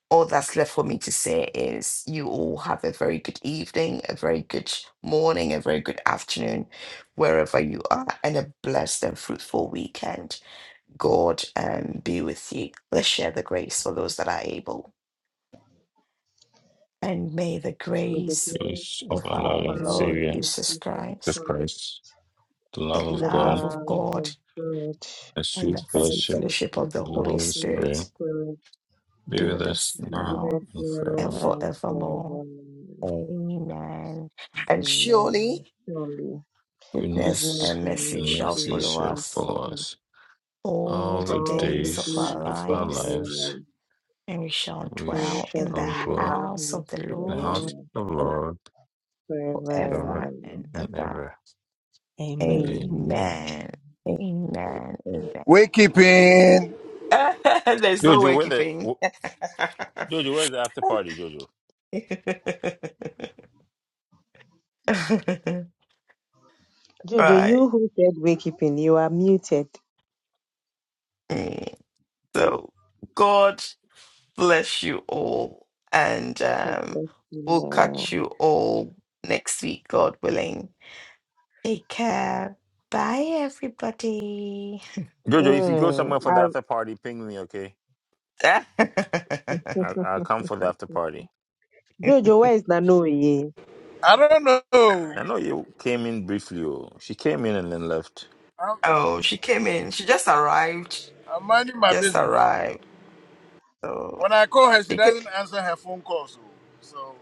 [SPEAKER 1] all that's left for me to say is you all have a very good evening, a very good morning, a very good afternoon, wherever you are, and a blessed and fruitful weekend. God um, be with you. Let's share the grace for those that are able. And may the
[SPEAKER 5] May the
[SPEAKER 1] grace
[SPEAKER 5] grace
[SPEAKER 8] Yes, of
[SPEAKER 1] of
[SPEAKER 8] our
[SPEAKER 5] of
[SPEAKER 1] our
[SPEAKER 8] Lord and
[SPEAKER 5] our
[SPEAKER 1] Lord
[SPEAKER 8] Savior,
[SPEAKER 5] Lord
[SPEAKER 1] Jesus
[SPEAKER 5] Jesus
[SPEAKER 8] Jesus
[SPEAKER 1] Christ,
[SPEAKER 5] Christ,
[SPEAKER 8] Christ, the
[SPEAKER 1] the
[SPEAKER 8] love of
[SPEAKER 5] the
[SPEAKER 8] God.
[SPEAKER 1] love of
[SPEAKER 5] love of
[SPEAKER 1] God,
[SPEAKER 5] God,
[SPEAKER 8] the
[SPEAKER 1] and
[SPEAKER 8] sweet
[SPEAKER 1] the
[SPEAKER 5] and the
[SPEAKER 1] free
[SPEAKER 8] fellowship
[SPEAKER 5] sweet
[SPEAKER 1] fellowship of the
[SPEAKER 5] fellowship
[SPEAKER 8] of the
[SPEAKER 5] of
[SPEAKER 1] Holy
[SPEAKER 5] the
[SPEAKER 8] Holy
[SPEAKER 5] Holy
[SPEAKER 8] Spirit
[SPEAKER 1] Spirit
[SPEAKER 5] Spirit
[SPEAKER 8] be
[SPEAKER 1] be
[SPEAKER 8] with
[SPEAKER 1] with
[SPEAKER 8] us
[SPEAKER 1] us
[SPEAKER 5] be
[SPEAKER 8] now
[SPEAKER 5] with us
[SPEAKER 1] now
[SPEAKER 8] and
[SPEAKER 1] and
[SPEAKER 5] now
[SPEAKER 8] forevermore.
[SPEAKER 5] and
[SPEAKER 1] forevermore.
[SPEAKER 5] forevermore.
[SPEAKER 1] Amen. And surely.
[SPEAKER 5] Amen. Surely,
[SPEAKER 1] Goodness
[SPEAKER 5] goodness
[SPEAKER 8] Goodness
[SPEAKER 1] and
[SPEAKER 5] and
[SPEAKER 1] mercy
[SPEAKER 8] and
[SPEAKER 1] shall
[SPEAKER 8] mercy
[SPEAKER 5] mercy
[SPEAKER 1] follow
[SPEAKER 8] shall
[SPEAKER 5] shall
[SPEAKER 1] us
[SPEAKER 5] follow
[SPEAKER 8] follow
[SPEAKER 5] us
[SPEAKER 8] us
[SPEAKER 1] all
[SPEAKER 8] all
[SPEAKER 1] the
[SPEAKER 8] the
[SPEAKER 5] all the
[SPEAKER 1] days of
[SPEAKER 8] days
[SPEAKER 7] Lord,
[SPEAKER 1] our
[SPEAKER 5] days
[SPEAKER 8] of
[SPEAKER 5] of
[SPEAKER 8] our
[SPEAKER 5] our
[SPEAKER 1] lives,
[SPEAKER 8] lives.
[SPEAKER 5] lives,
[SPEAKER 1] and we shall
[SPEAKER 8] We
[SPEAKER 5] and we
[SPEAKER 1] dwell
[SPEAKER 5] shall
[SPEAKER 1] in the
[SPEAKER 8] shall
[SPEAKER 5] dwell in
[SPEAKER 8] dwell
[SPEAKER 5] the
[SPEAKER 1] house of
[SPEAKER 5] house of
[SPEAKER 1] the
[SPEAKER 8] in
[SPEAKER 5] the
[SPEAKER 8] the
[SPEAKER 1] Lord
[SPEAKER 7] Lord.
[SPEAKER 8] house
[SPEAKER 5] Lord
[SPEAKER 8] of the
[SPEAKER 7] for-
[SPEAKER 8] Lord
[SPEAKER 5] forever
[SPEAKER 8] ever
[SPEAKER 1] forever
[SPEAKER 5] and ever.
[SPEAKER 1] and
[SPEAKER 8] and
[SPEAKER 1] ever.
[SPEAKER 8] ever.
[SPEAKER 7] Amen.
[SPEAKER 8] Amen.
[SPEAKER 5] Amen.
[SPEAKER 1] Amen. Amen. Amen. Amen. There's no
[SPEAKER 8] Jojo,
[SPEAKER 1] way
[SPEAKER 8] where the
[SPEAKER 1] keeping.
[SPEAKER 8] wh- Jojo? Where's the after party, Jojo?
[SPEAKER 5] Jojo,
[SPEAKER 1] right.
[SPEAKER 5] you who said wakekeeping, you are muted.
[SPEAKER 1] Mm. So, God. bless you all. And
[SPEAKER 5] God
[SPEAKER 1] um,
[SPEAKER 5] bless you.
[SPEAKER 1] we'll
[SPEAKER 5] Lord.
[SPEAKER 1] catch you all next week, God willing. Take care. Bye, everybody.
[SPEAKER 8] Jojo, if you go
[SPEAKER 5] Mm.
[SPEAKER 8] somewhere for the
[SPEAKER 5] Ah,
[SPEAKER 8] after party, ping me, okay? I, I'll come for the after party.
[SPEAKER 5] Jojo, where is Nanoye?
[SPEAKER 3] I don't know.
[SPEAKER 8] I know you came in briefly. oh. She came in and then left.
[SPEAKER 3] I'm,
[SPEAKER 1] oh, she came in. She just arrived.
[SPEAKER 3] I'm minding
[SPEAKER 1] She
[SPEAKER 3] my
[SPEAKER 1] just
[SPEAKER 3] business.
[SPEAKER 1] arrived. So
[SPEAKER 3] When I call her, she
[SPEAKER 1] she came,
[SPEAKER 3] doesn't answer her phone calls. So,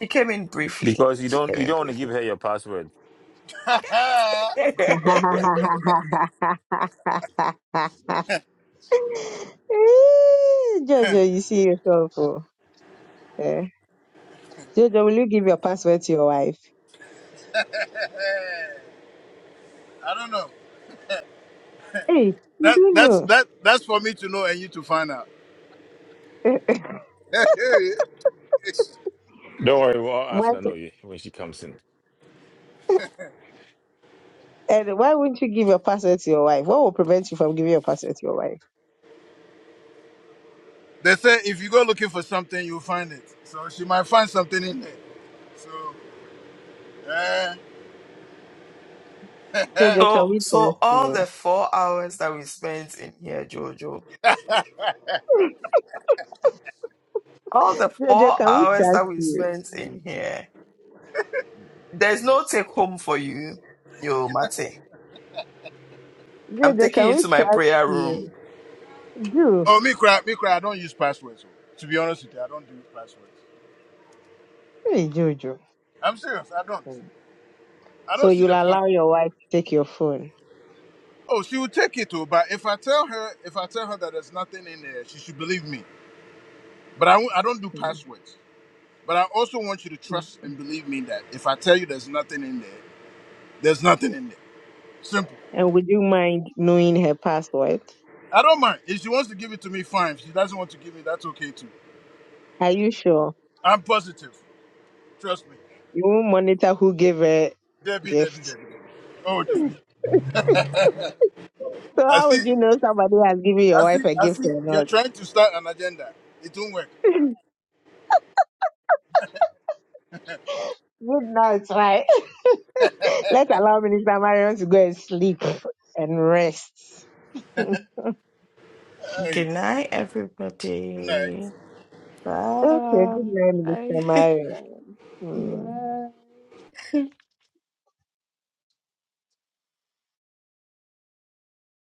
[SPEAKER 1] she came in briefly.
[SPEAKER 8] because you
[SPEAKER 1] She
[SPEAKER 8] don't
[SPEAKER 1] came
[SPEAKER 8] you
[SPEAKER 1] in
[SPEAKER 8] don't want to give
[SPEAKER 1] briefly.
[SPEAKER 8] her your password.
[SPEAKER 3] so I
[SPEAKER 5] Eh, Jojo, you see yourself. Oh. Eh. Jojo, will you give your password to your wife?
[SPEAKER 3] don't know.
[SPEAKER 5] Hey, you
[SPEAKER 3] That
[SPEAKER 5] don't
[SPEAKER 3] that's that that's for me to know and you to find out.
[SPEAKER 5] know.
[SPEAKER 8] Don't worry, we'll all ask
[SPEAKER 5] Why
[SPEAKER 8] Nanoye when she comes in.
[SPEAKER 5] And why wouldn't you give your password to your wife? What will prevent you from giving your password to your wife?
[SPEAKER 3] They say if you go looking for something, you'll find it. So she might find something in there. So eh, eh.
[SPEAKER 5] Jojo, can
[SPEAKER 1] so,
[SPEAKER 5] we
[SPEAKER 1] so
[SPEAKER 5] trust
[SPEAKER 1] all the
[SPEAKER 5] you?
[SPEAKER 1] four hours that we spent in here, Jojo, all the
[SPEAKER 5] Jojo,
[SPEAKER 1] four
[SPEAKER 5] can we
[SPEAKER 1] hours that
[SPEAKER 5] trust
[SPEAKER 1] we
[SPEAKER 5] you?
[SPEAKER 1] spent in here. There's no take home for you, yo, Mate. I'm
[SPEAKER 5] Jojo,
[SPEAKER 1] taking you
[SPEAKER 5] can we
[SPEAKER 1] to my
[SPEAKER 5] trust
[SPEAKER 1] prayer room.
[SPEAKER 5] you? Do.
[SPEAKER 3] oh me cry, me cry. I don't use passwords. oh. To be honest with you, I don't do passwords.
[SPEAKER 5] Hey, Jojo.
[SPEAKER 3] I'm serious. I don't.
[SPEAKER 5] Hmm.
[SPEAKER 3] I
[SPEAKER 5] So
[SPEAKER 3] don't see
[SPEAKER 5] you'll
[SPEAKER 3] the point.
[SPEAKER 5] allow your wife to take your phone.
[SPEAKER 3] Oh, she will take it too. But if I tell her, if I tell her that there's nothing in there, she should believe me. But I won't- I don't do passwords. But I also want you to trust and believe me that if I tell you there's nothing in there, there's nothing in there. Simple.
[SPEAKER 5] And would you mind knowing her password?
[SPEAKER 3] I don't mind. If she wants to give it to me, fine. If she doesn't want to give me, that's okay too.
[SPEAKER 5] Are you sure?
[SPEAKER 3] I'm positive. Trust me.
[SPEAKER 5] You won't monitor who gave her
[SPEAKER 3] Debbie, Debbie,
[SPEAKER 5] gift.
[SPEAKER 3] Debbie, Debbie. Oh, Debbie.
[SPEAKER 5] So
[SPEAKER 3] I
[SPEAKER 5] how
[SPEAKER 3] see.
[SPEAKER 5] would you know somebody has given your
[SPEAKER 3] I see.
[SPEAKER 5] wife a
[SPEAKER 3] I
[SPEAKER 5] gift
[SPEAKER 3] see.
[SPEAKER 5] or
[SPEAKER 3] You're
[SPEAKER 5] not?
[SPEAKER 3] trying to start an agenda. It won't work.
[SPEAKER 5] Good night, right? Let's allow Minister Marion to go and sleep and rest.
[SPEAKER 3] Hey,
[SPEAKER 1] Good night,
[SPEAKER 3] good night.
[SPEAKER 1] everybody.
[SPEAKER 5] Okay, good night,
[SPEAKER 1] Bye.
[SPEAKER 5] Mr. Mario. Mm.